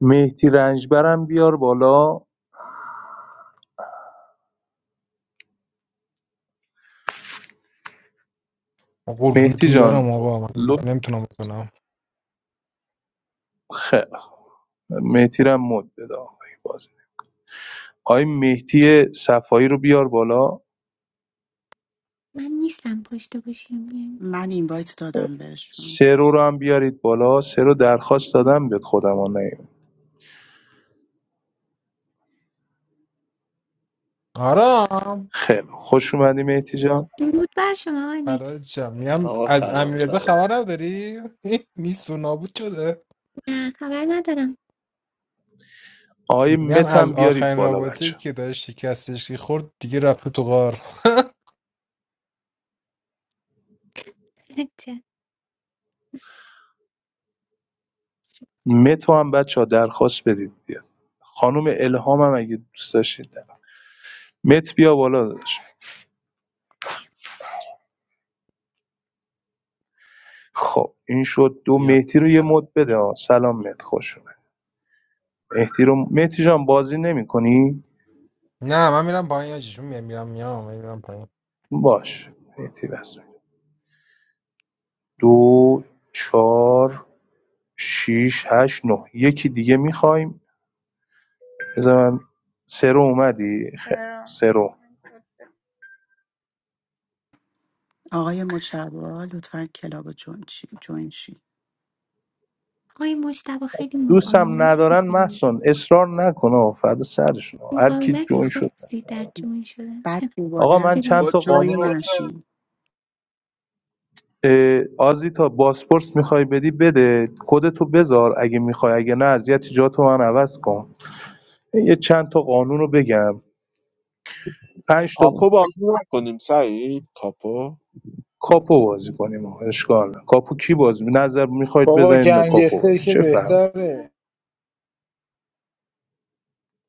[SPEAKER 6] مهدی رنجبرم بیار بالا مهدی
[SPEAKER 17] قربونتون برم
[SPEAKER 6] جان
[SPEAKER 17] آقا من
[SPEAKER 6] لب
[SPEAKER 17] نمیتونم بکنم
[SPEAKER 6] خیلی خب. مهدی رم مد بده آقای بازی آقای مهدی صفایی رو بیار بالا
[SPEAKER 1] من نیستم پشت گوشیم بیام.
[SPEAKER 11] من اینوایت دادم بهشون
[SPEAKER 6] سرو رو هم بیارید بالا سرو درخواست دادم بهت خودم ها نیم.
[SPEAKER 17] آرام
[SPEAKER 6] خیلی خوب. خوش اومدی مهدی جان
[SPEAKER 1] درود بر شما آقای مهدی
[SPEAKER 17] فدای شم میگم
[SPEAKER 18] آقا
[SPEAKER 17] از
[SPEAKER 18] سلام
[SPEAKER 17] امیرزا
[SPEAKER 18] سلام
[SPEAKER 17] خبر نداری نیست و نابود شده
[SPEAKER 1] نه خبر ندارم
[SPEAKER 6] آقای
[SPEAKER 17] میگم
[SPEAKER 6] مت
[SPEAKER 17] از
[SPEAKER 6] هم بیارید
[SPEAKER 17] آخرین
[SPEAKER 6] بالا بچه
[SPEAKER 17] رابطه که داشت شکستش که خورد دیگه رفته تو غار
[SPEAKER 1] چه؟
[SPEAKER 6] مت رو هم بچه‌ها درخواست بدید بیاد خانم الهام هم اگه دوست داشتید مت بیا بالا داشت خب این شد دو
[SPEAKER 19] یاد
[SPEAKER 6] مهدی رو
[SPEAKER 19] نیست.
[SPEAKER 6] یه
[SPEAKER 19] سلام
[SPEAKER 6] مد بده ها سلام مت خوش اومد مهدی رو مهدی جان بازی نمی‌کنی
[SPEAKER 17] نه من میرم پایین یا چیشون میرم میرم میام من میرم پایین
[SPEAKER 6] باش مهدی بس دو چهار شیش هشت نه یکی دیگه میخوایم بذار من سرو اومدی خیر
[SPEAKER 4] سرم.
[SPEAKER 6] سرو
[SPEAKER 11] آقای مجتبی لطفا کلاب رو جوین شین جوین شین.
[SPEAKER 1] آقای مجتبا خیلی
[SPEAKER 6] دوستم
[SPEAKER 1] مقاومت
[SPEAKER 6] ندارن
[SPEAKER 1] میکنیم
[SPEAKER 6] محسن اصرار نکنه فدا سرشون هر کی
[SPEAKER 1] مقاومت
[SPEAKER 6] جون شد
[SPEAKER 1] خاصی در جون شدن
[SPEAKER 11] بعد
[SPEAKER 6] آقا
[SPEAKER 11] دوباره
[SPEAKER 6] من
[SPEAKER 1] خیلی
[SPEAKER 6] چند تا قانون
[SPEAKER 11] جوین نشین
[SPEAKER 6] اه، آزیتا بازپرس میخوای بدی بده کدتو بذار اگه میخوای اگه نه از یه جاتو من عوض کن یه چند تا قانون رو بگم پنج تا
[SPEAKER 3] کاپو بازی نکنیم سعید کاپو
[SPEAKER 6] کاپو بازی کنیم آقا، اشکال نه کاپو کی بازی می- نظر میخواید
[SPEAKER 5] بابا
[SPEAKER 6] بزنین کاپو
[SPEAKER 5] گنگستر
[SPEAKER 6] بازی
[SPEAKER 5] که
[SPEAKER 6] چه فهم
[SPEAKER 5] بهتره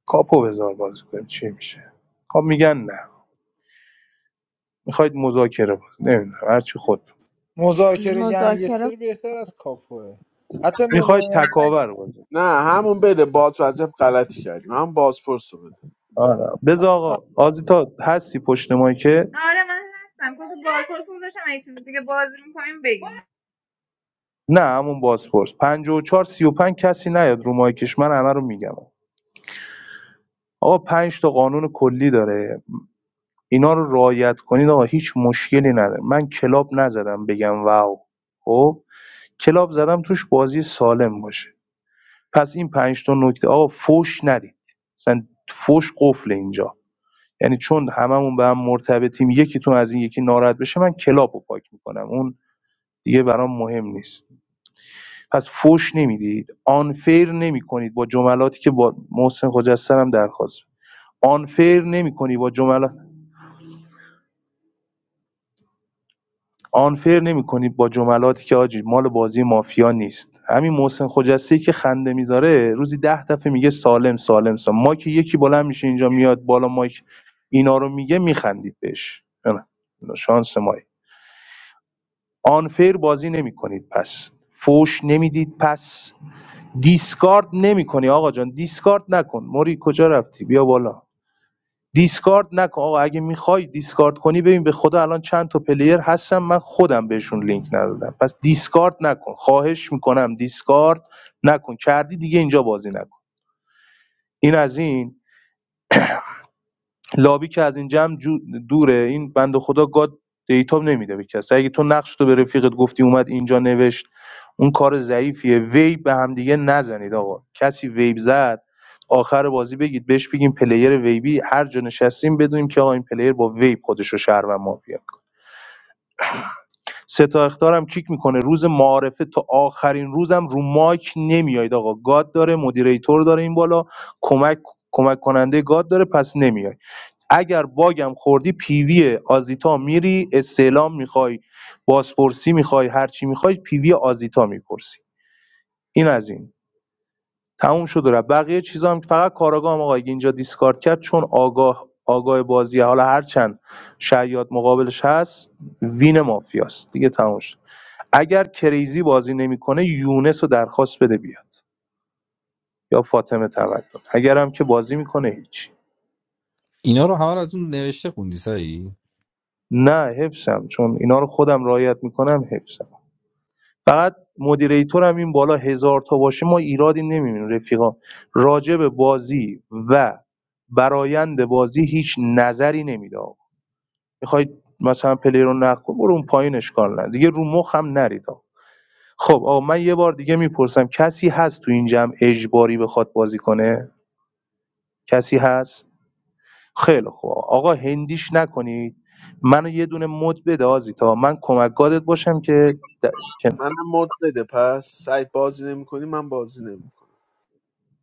[SPEAKER 6] کاپو بذار بازی کنیم چی میشه خب میگن نه میخواید مذاکره بازی نمیدونم هرچی خود
[SPEAKER 5] مذاکره
[SPEAKER 7] مذاکره
[SPEAKER 5] گنگستر بهتر از کاپوه حتی
[SPEAKER 6] میخواید
[SPEAKER 5] نماینده
[SPEAKER 6] تکاور بازی
[SPEAKER 3] نه همون بده باز وظیف غلطی کردیم هم باز پرسو بده
[SPEAKER 6] آره بذار آقا آزیتا هستی پشت که
[SPEAKER 4] آره من هستم کدو بازپرس گذاشتم اگه چیز دیگه بازی میکنیم بگیم
[SPEAKER 6] نه همون بازپرس 54 35 کسی نیاد رو مایکش من همه رو میگم آقا پنج تا قانون کلی داره اینا رو رعایت کنید آقا هیچ مشکلی نداره من کلاب نزدم بگم واو خب کلاب زدم توش بازی سالم باشه پس این پنج تا نکته آقا فوش ندید مثلا فوش قفل اینجا یعنی چون هممون به هم مرتبطیم یکیتون از این یکی ناراحت بشه من کلاب رو پاک میکنم اون دیگه برام مهم نیست پس فوش نمیدید آنفیر نمیکنید با جملاتی که با محسن خجسته هم درخواست آنفیر نمیکنی با جملات آنفیر نمیکنی با جملاتی که آجی مال بازی مافیا نیست همین محسن خجسته که خنده میذاره روزی ده دفعه میگه سالم سالم سالم ما که یکی بلند میشه اینجا میاد بالا مایک اینا رو میگه میخندید بهش نه نه. شانس مایی آنفیر بازی نمیکنید پس فوش نمیدید پس دیسکارد نمی‌کنی آقا جان دیسکارد نکن موری کجا رفتی بیا بالا دیسکارد نکن آقا اگه میخوای دیسکارد کنی ببین به خدا الان چند تا پلیر هستم من خودم بهشون لینک ندادم پس دیسکارد نکن خواهش میکنم دیسکارد نکن کردی دیگه اینجا بازی نکن این از این لابی که از این جمع دوره این بنده خدا گاد دیتا نمیده به کسی اگه تو نقش تو به رفیقت گفتی اومد اینجا نوشت اون کار ضعیفیه ویب به هم دیگه نزنید آقا کسی ویب زد آخر بازی بگید بهش بگیم پلیر ویبی هر جا نشستیم بدونیم که آقا این پلیر با ویب خودش رو شهر و مافیا سه تا اخطارم کیک میکنه روز معارفه تا آخرین روزم رو مایک نمیایید آقا گاد داره مدیریتور داره این بالا کمک کمک کننده گاد داره پس نمیای اگر باگم خوردی پی وی آزیتا می‌ری استعلام می‌خوای بازپرسی میخوای هرچی میخوای پیوی پی وی آزیتا می‌پرسی این از این تموم شد و رفت بقیه چیزا هم فقط کاراگاه هم آقا اینجا دیسکارد کرد چون آگاه آگاه بازی حالا هر چند شیاد مقابلش هست وین مافیاست دیگه تموم شد اگر کریزی بازی نمیکنه یونس رو درخواست بده بیاد یا فاطمه تقدم اگرم که بازی میکنه هیچ
[SPEAKER 8] اینا رو همه رو از اون نوشته خوندی سایی
[SPEAKER 6] نه حفظم چون اینا رو خودم رعایت میکنم حفظم فقط مدیریتورم این بالا هزار تا باشه ما ایرادی نمیبینیم رفیقا راجع به بازی و برایند بازی هیچ نظری نمیده آقا میخواید مثلا پلی رو نقد کن برو اون پایین اشکال نه دیگه رو مخ هم نرید خب آقا من یه بار دیگه میپرسم کسی هست تو این جمع اجباری بخواد بازی کنه کسی هست خیلی خوب آقا هندیش نکنید منو یه دونه مد بده آزیتا من کمک گادت باشم که د... که نه.
[SPEAKER 3] من مد بده پس سعید بازی نمیکنی من بازی نمیکنم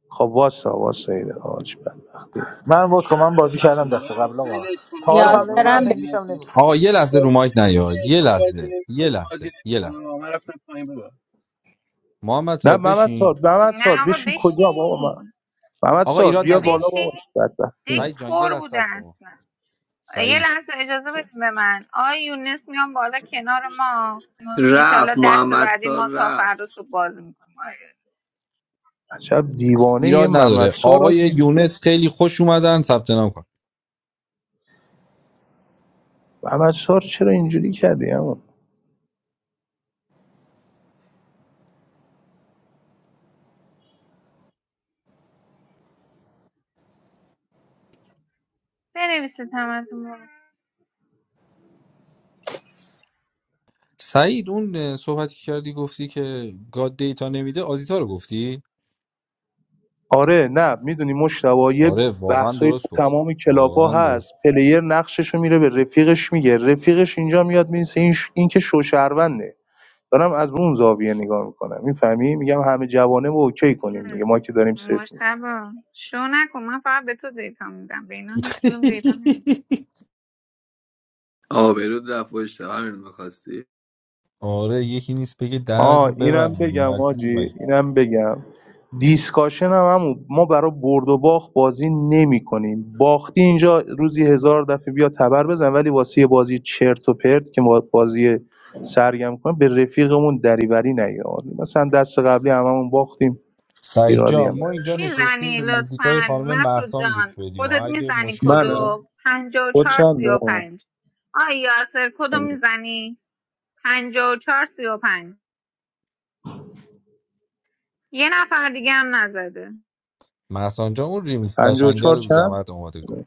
[SPEAKER 6] خب واسه واسه ایده. آه، بدبختیه.
[SPEAKER 5] من بود کن من بازی کردم دست قبل آقا تعارف هم نمیکنم
[SPEAKER 7] یاسرم
[SPEAKER 5] هندیش هم
[SPEAKER 8] آقا
[SPEAKER 5] نمیکنم
[SPEAKER 8] یه لحظه رو مایک نیاد یه لحظه یه لحظه یه لحظه محمد
[SPEAKER 6] نه
[SPEAKER 8] سار
[SPEAKER 6] محمد
[SPEAKER 8] بشین
[SPEAKER 6] سار محمد سار
[SPEAKER 4] نه آقا
[SPEAKER 6] بشین کجا بابا من
[SPEAKER 4] بشین
[SPEAKER 6] محمد
[SPEAKER 8] آقا
[SPEAKER 6] سار
[SPEAKER 8] ایراد
[SPEAKER 4] بیا
[SPEAKER 6] بیا
[SPEAKER 8] نداره
[SPEAKER 6] بالا
[SPEAKER 4] بشین
[SPEAKER 6] بابا بدبخت
[SPEAKER 4] دک
[SPEAKER 8] سعید
[SPEAKER 6] بیا
[SPEAKER 8] جان یه
[SPEAKER 4] پر
[SPEAKER 8] لحظه
[SPEAKER 4] بوده
[SPEAKER 8] صبر کن.
[SPEAKER 4] اصلا یه
[SPEAKER 8] سعید
[SPEAKER 4] لحظه اجازه بدیم به من آی یونس میام بالا کنار ما
[SPEAKER 18] رفت
[SPEAKER 4] انشالله دست
[SPEAKER 18] محمد
[SPEAKER 4] بعدی
[SPEAKER 18] سار
[SPEAKER 4] ما تا فردا
[SPEAKER 18] رفت
[SPEAKER 4] صبح باز میکنیم
[SPEAKER 6] عجب دیوانه یه
[SPEAKER 8] ایراد
[SPEAKER 6] محمد
[SPEAKER 8] نداره
[SPEAKER 6] سار
[SPEAKER 8] آقای
[SPEAKER 6] آجی
[SPEAKER 8] یونس خیلی خوش اومدن ثبت نام کنن.
[SPEAKER 6] محمد سار چرا اینجوری کردی اما
[SPEAKER 4] بنویسید همتون برو.
[SPEAKER 8] سعید اون صحبتی که کردی گفتی که گاد دیتا نمیده آزیتا رو گفتی
[SPEAKER 6] آره نه میدونی مشتوا یه
[SPEAKER 8] آره واقعا
[SPEAKER 6] بحثایی تو
[SPEAKER 8] درست گفتی
[SPEAKER 6] تمام کلاپا
[SPEAKER 8] واقعا
[SPEAKER 6] هست
[SPEAKER 8] درست
[SPEAKER 6] پلیر نقششو میره به رفیقش میگه رفیقش اینجا میاد میرسه این, ش... این که شوشهرونده دارم از اون زاویه نگاه میکنم میفهمی میگم همه جوانه و اوکی کنیم دیگه
[SPEAKER 4] هم.
[SPEAKER 6] ما که داریم صفر می‌گیم.
[SPEAKER 4] مجتبا شو نکن من فقط به تو دیتا میدم به اینا هیچ کدوم دیتا نمیدم
[SPEAKER 18] آبرود رفت و اشتباه همین میخواستی
[SPEAKER 8] آره یکی نیست بگه دهنتو
[SPEAKER 6] آه
[SPEAKER 8] رو
[SPEAKER 6] اینم
[SPEAKER 8] ببندید
[SPEAKER 6] بگم
[SPEAKER 8] مجبوری
[SPEAKER 6] آجی
[SPEAKER 8] مگه
[SPEAKER 6] اینم بگم دیسکاشن هم همون ما برای برد و باخت بازی نمی کنیم باختی اینجا روزی هزار دفعه بیا تبر بزن ولی واسه یه بازی چرت و پرت که ما بازی سرگرم کنیم به رفیقمون دریوری نگه مثلا دست قبلی هممون باختیم
[SPEAKER 8] سعید
[SPEAKER 6] ایرادی هم
[SPEAKER 8] جان ما اینجا
[SPEAKER 6] نداشت
[SPEAKER 8] نشستیم
[SPEAKER 4] میزنی
[SPEAKER 8] به موزیکای
[SPEAKER 4] لطفا
[SPEAKER 8] خانم
[SPEAKER 4] مطلوب
[SPEAKER 8] محسان گوش
[SPEAKER 4] جان
[SPEAKER 8] بدیم و
[SPEAKER 4] خودت
[SPEAKER 8] اگه
[SPEAKER 4] میزنی
[SPEAKER 8] مشکلی داره
[SPEAKER 6] منم
[SPEAKER 4] کدو پنجا و
[SPEAKER 6] خود
[SPEAKER 4] چهار
[SPEAKER 6] چند
[SPEAKER 4] سی و پنج آی یاسر کدو میزنی پنجا و چهار سی و پنج یه نفر دیگه هم نزده
[SPEAKER 8] محسان جان اون ریمیکس
[SPEAKER 6] پنج و
[SPEAKER 8] قشنگه
[SPEAKER 6] چهار
[SPEAKER 8] رو بی
[SPEAKER 6] چند
[SPEAKER 8] زحمت آماده کن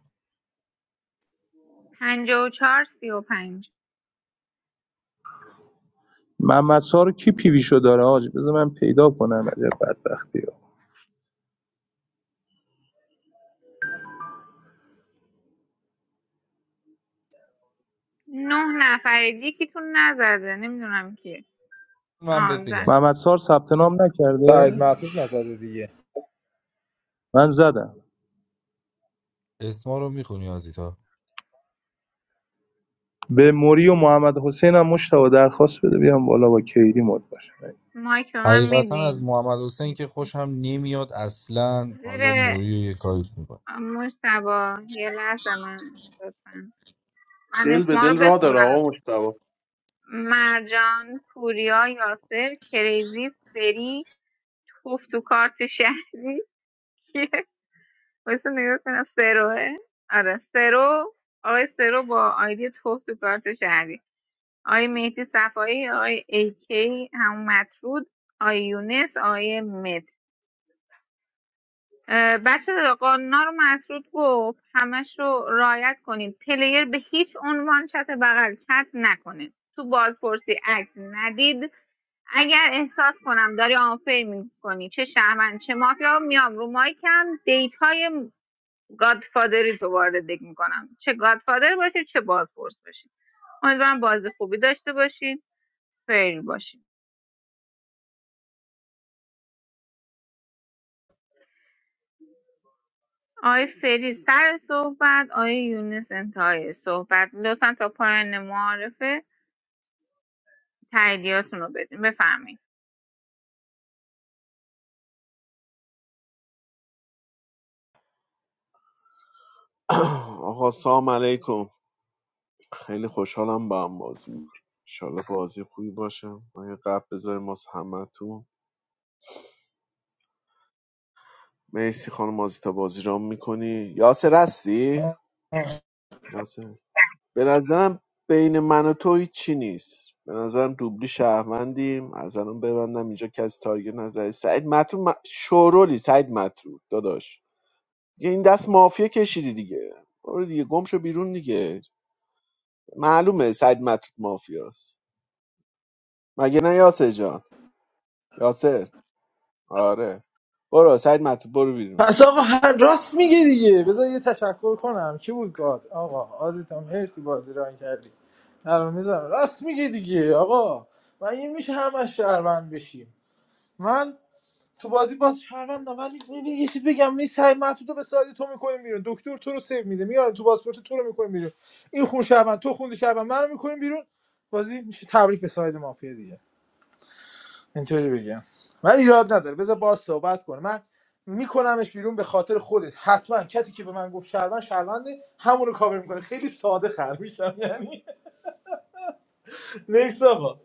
[SPEAKER 4] پنجا و چهار سی و پنج
[SPEAKER 6] محمد سار کی پیویشو داره آجی بذار من پیدا کنم عجب بدبختی ها
[SPEAKER 4] نه نفرید یکیتون نزده نمیدونم کی
[SPEAKER 8] من بهت
[SPEAKER 4] آه
[SPEAKER 8] بگم
[SPEAKER 4] زد
[SPEAKER 6] محمد سار ثبت نام نکرده
[SPEAKER 5] سعید معطوف نزده دیگه
[SPEAKER 6] من زدم
[SPEAKER 8] اسما رو میخونی آزیتا
[SPEAKER 6] به موری و محمد حسین هم مشتاق درخواست بده بیام بالا با کیدی مد باشه
[SPEAKER 4] مایک به من
[SPEAKER 8] حقیقتا از
[SPEAKER 4] میدین
[SPEAKER 8] محمد حسین که
[SPEAKER 4] مرسی.
[SPEAKER 8] خوشم نمیاد اصلا حالا
[SPEAKER 4] زیر
[SPEAKER 8] موری رو یه کاری می‌کنه.
[SPEAKER 4] مجتبا یه لحظه من لطفا من
[SPEAKER 20] دل به
[SPEAKER 4] اسما رو
[SPEAKER 20] دل را داره
[SPEAKER 4] بخونم
[SPEAKER 20] آقا مشتبه
[SPEAKER 4] مرجان پوریا یاسر کریزی فری توف تو کارت شهری کیه واسه نگاه کنم سروه آره سرو آقای سرو با آیدی توف تو کارت شهری آقای مهدی صفایی آقای ایکی همون مطرود آقای یونس آقای مت بچه قانونا رو مطرود گفت همش رو رعایت کنید پلیر به هیچ عنوان چت بغل چت نکنه تو بازپرسی عکس ندید اگر احساس کنم داری آنفر میکنی چه شهرمند چه مافیا میام رو مایکم دیت های گادفادری تو وارد دک میکنم چه گادفادر باشید چه بازپرس باشید امیدوارم بازی خوبی داشته باشید فیر باشید آقای فریز سر صحبت آقای یونس انتهای صحبت لطفا تا پایان معارفه تاییدیاتون رو بدین بفرمایید
[SPEAKER 3] آقا سلام علیکم خیلی خوشحالم با هم بازی میکنیم. انشالله بازی خوبی باشه. من یه قبل بذاریم واسه همه. تو. مرسی خانم تا بازی رام میکنی یاسر هستی؟
[SPEAKER 5] آه.
[SPEAKER 3] یاسر به نظرم بین من و تو هیچی نیست به نظرم دوبلی شهروندیم از الان ببندم اینجا کسی تارگت نزده سعید مطلوب م... شورولی سعید مطلوب داداش دیگه این دست مافیا کشیدی دیگه برو دیگه گم شو بیرون دیگه معلومه سعید مطلوب مافیاست مگه نه یاسر جان یاسر آره برو سعید مطلوب برو بیرون
[SPEAKER 5] پس آقا هر راست میگه دیگه بذار یه تشکر کنم کی بود گاد آقا آزیتا مرسی بازی ران کردی الان میزنم راست میگه دیگه آقا مگه میشه همش شهروند بشیم من تو بازی باز شهروندم ولی ببین یه چیز بگم نیست سعی معتودو به سایه تو میکنیم بیرون دکتر تو رو سیو میده میاد تو پاسپورت تو رو میکنیم بیرون این خون شهروند تو خون شهروند منو میکنیم بیرون بازی میشه تبریک به ساید مافیا دیگه اینطوری بگم من ایراد نداره بذار باز صحبت کنه من میکنمش بیرون به خاطر خودت حتما کسی که به من گفت شهروند شهرونده همون رو کاور میکنه خیلی ساده خر میشم یعنی نیست آقا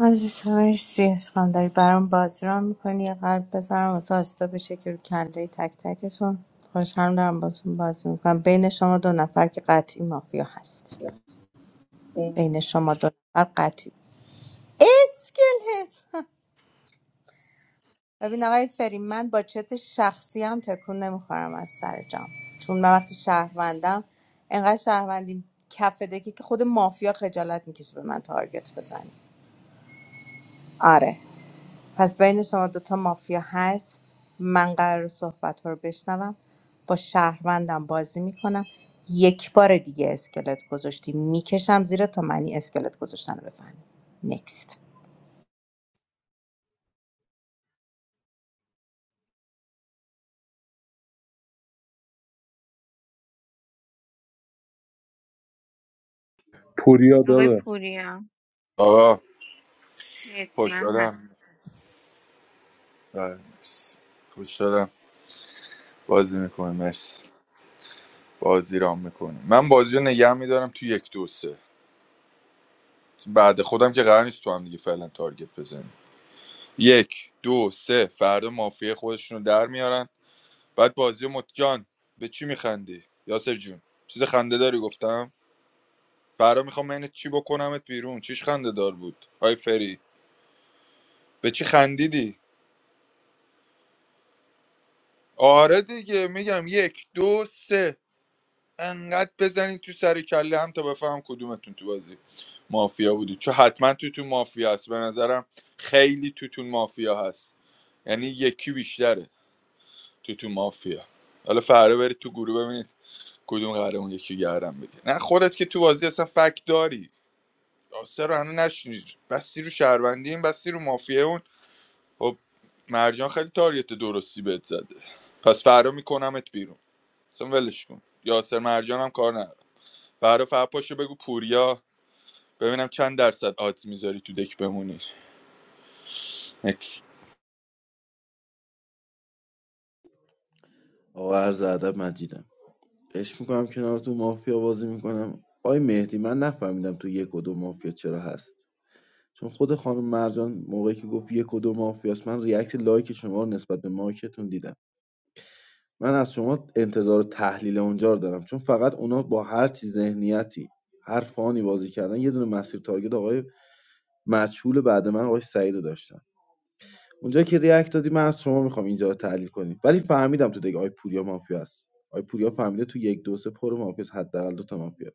[SPEAKER 7] عزیزم مرسی عشقم داری برام بازی ران میکنی یه قلب بزنم واسه آستا بشه که رو کله تک تکتون خوشحال دارم باتون بازی میکنم بین شما دو نفر که قطعی مافیا هست بین شما دو نفر قطعی اسکلت ببین آقای فری من با چت شخصی هم تکون نمیخورم از سر جام چون من وقتی شهروندم انقدر شهروندی کف دکی که خود مافیا خجالت میکشه به من تارگت بزنه آره پس بین شما دوتا مافیا هست من قرار صحبت ها رو بشنوم با شهروندم بازی میکنم یک بار دیگه اسکلت گذاشتی میکشم زیرا تا معنی اسکلت گذاشتن رو بفهمی نکست
[SPEAKER 6] پوریا
[SPEAKER 4] آقای
[SPEAKER 6] داده
[SPEAKER 4] پوریا
[SPEAKER 15] آقا
[SPEAKER 4] مرسی من هست
[SPEAKER 15] خوشحالم بله، مرسی. خوشحالم بازی میکنیم مرسی بازی رام میکنیم من بازی رو نگه میدارم تو یک دو سه بعد خودم که قرار نیست تو هم دیگه فعلا تارگت بزنیم یک دو سه فردا مافیه خودشون رو در میارن بعد بازی رو مت... جان به چی میخندی یاسر جون چیز خنده داری گفتم فردا میخوام من چی بکنمت بیرون چیش خنده دار بود آی فری به چی خندیدی آره دیگه میگم یک دو سه انقدر بزنید تو سر کله هم تا بفهم کدومتون تو بازی مافیا بودی چون حتما توتون مافیا هست به نظرم خیلی توتون مافیا هست یعنی یکی بیشتره توتون مافیا حالا فردا برید تو گروه ببینید کدوم قراره اون یکی گردم بگه نه خودت که تو بازی اصلا فک داری آسه رو هنوز نشنید بسی رو شهروندی این بسی رو مافیا اون خب مرجان خیلی تاریت درستی بهت زده پس فردا میکنمت بیرون اصلا ولش کن یاسر مرجان هم کار نداره فردا فقط پاشو بگو پوریا ببینم چند درصد آدز میذاری تو دک بمونی نکست
[SPEAKER 21] آقا عرض ادب مجیدم عشق میکنم کنارتون مافیا بازی میکنم آی مهدی من نفهمیدم تو یک و دو مافیا چرا هست چون خود خانم مرجان موقعی که گفت یک و دو مافیاست من ریاکت لایک شما رو نسبت به ماکتون دیدم من از شما انتظار تحلیل اونجا رو دارم چون فقط اونا با هر چی ذهنیتی هر فانی بازی کردن یه دونه مسیر تارگت آقای مجهول بعد من آقای سعید رو داشتن اونجا که ریاکت دادی من از شما میخوام اینجا رو تحلیل کنی ولی فهمیدم تو دیگه آی پوریا مافیا است آی پوریا فهمیده تو یک دو سه پر مافیا است حداقل دو تا مافیا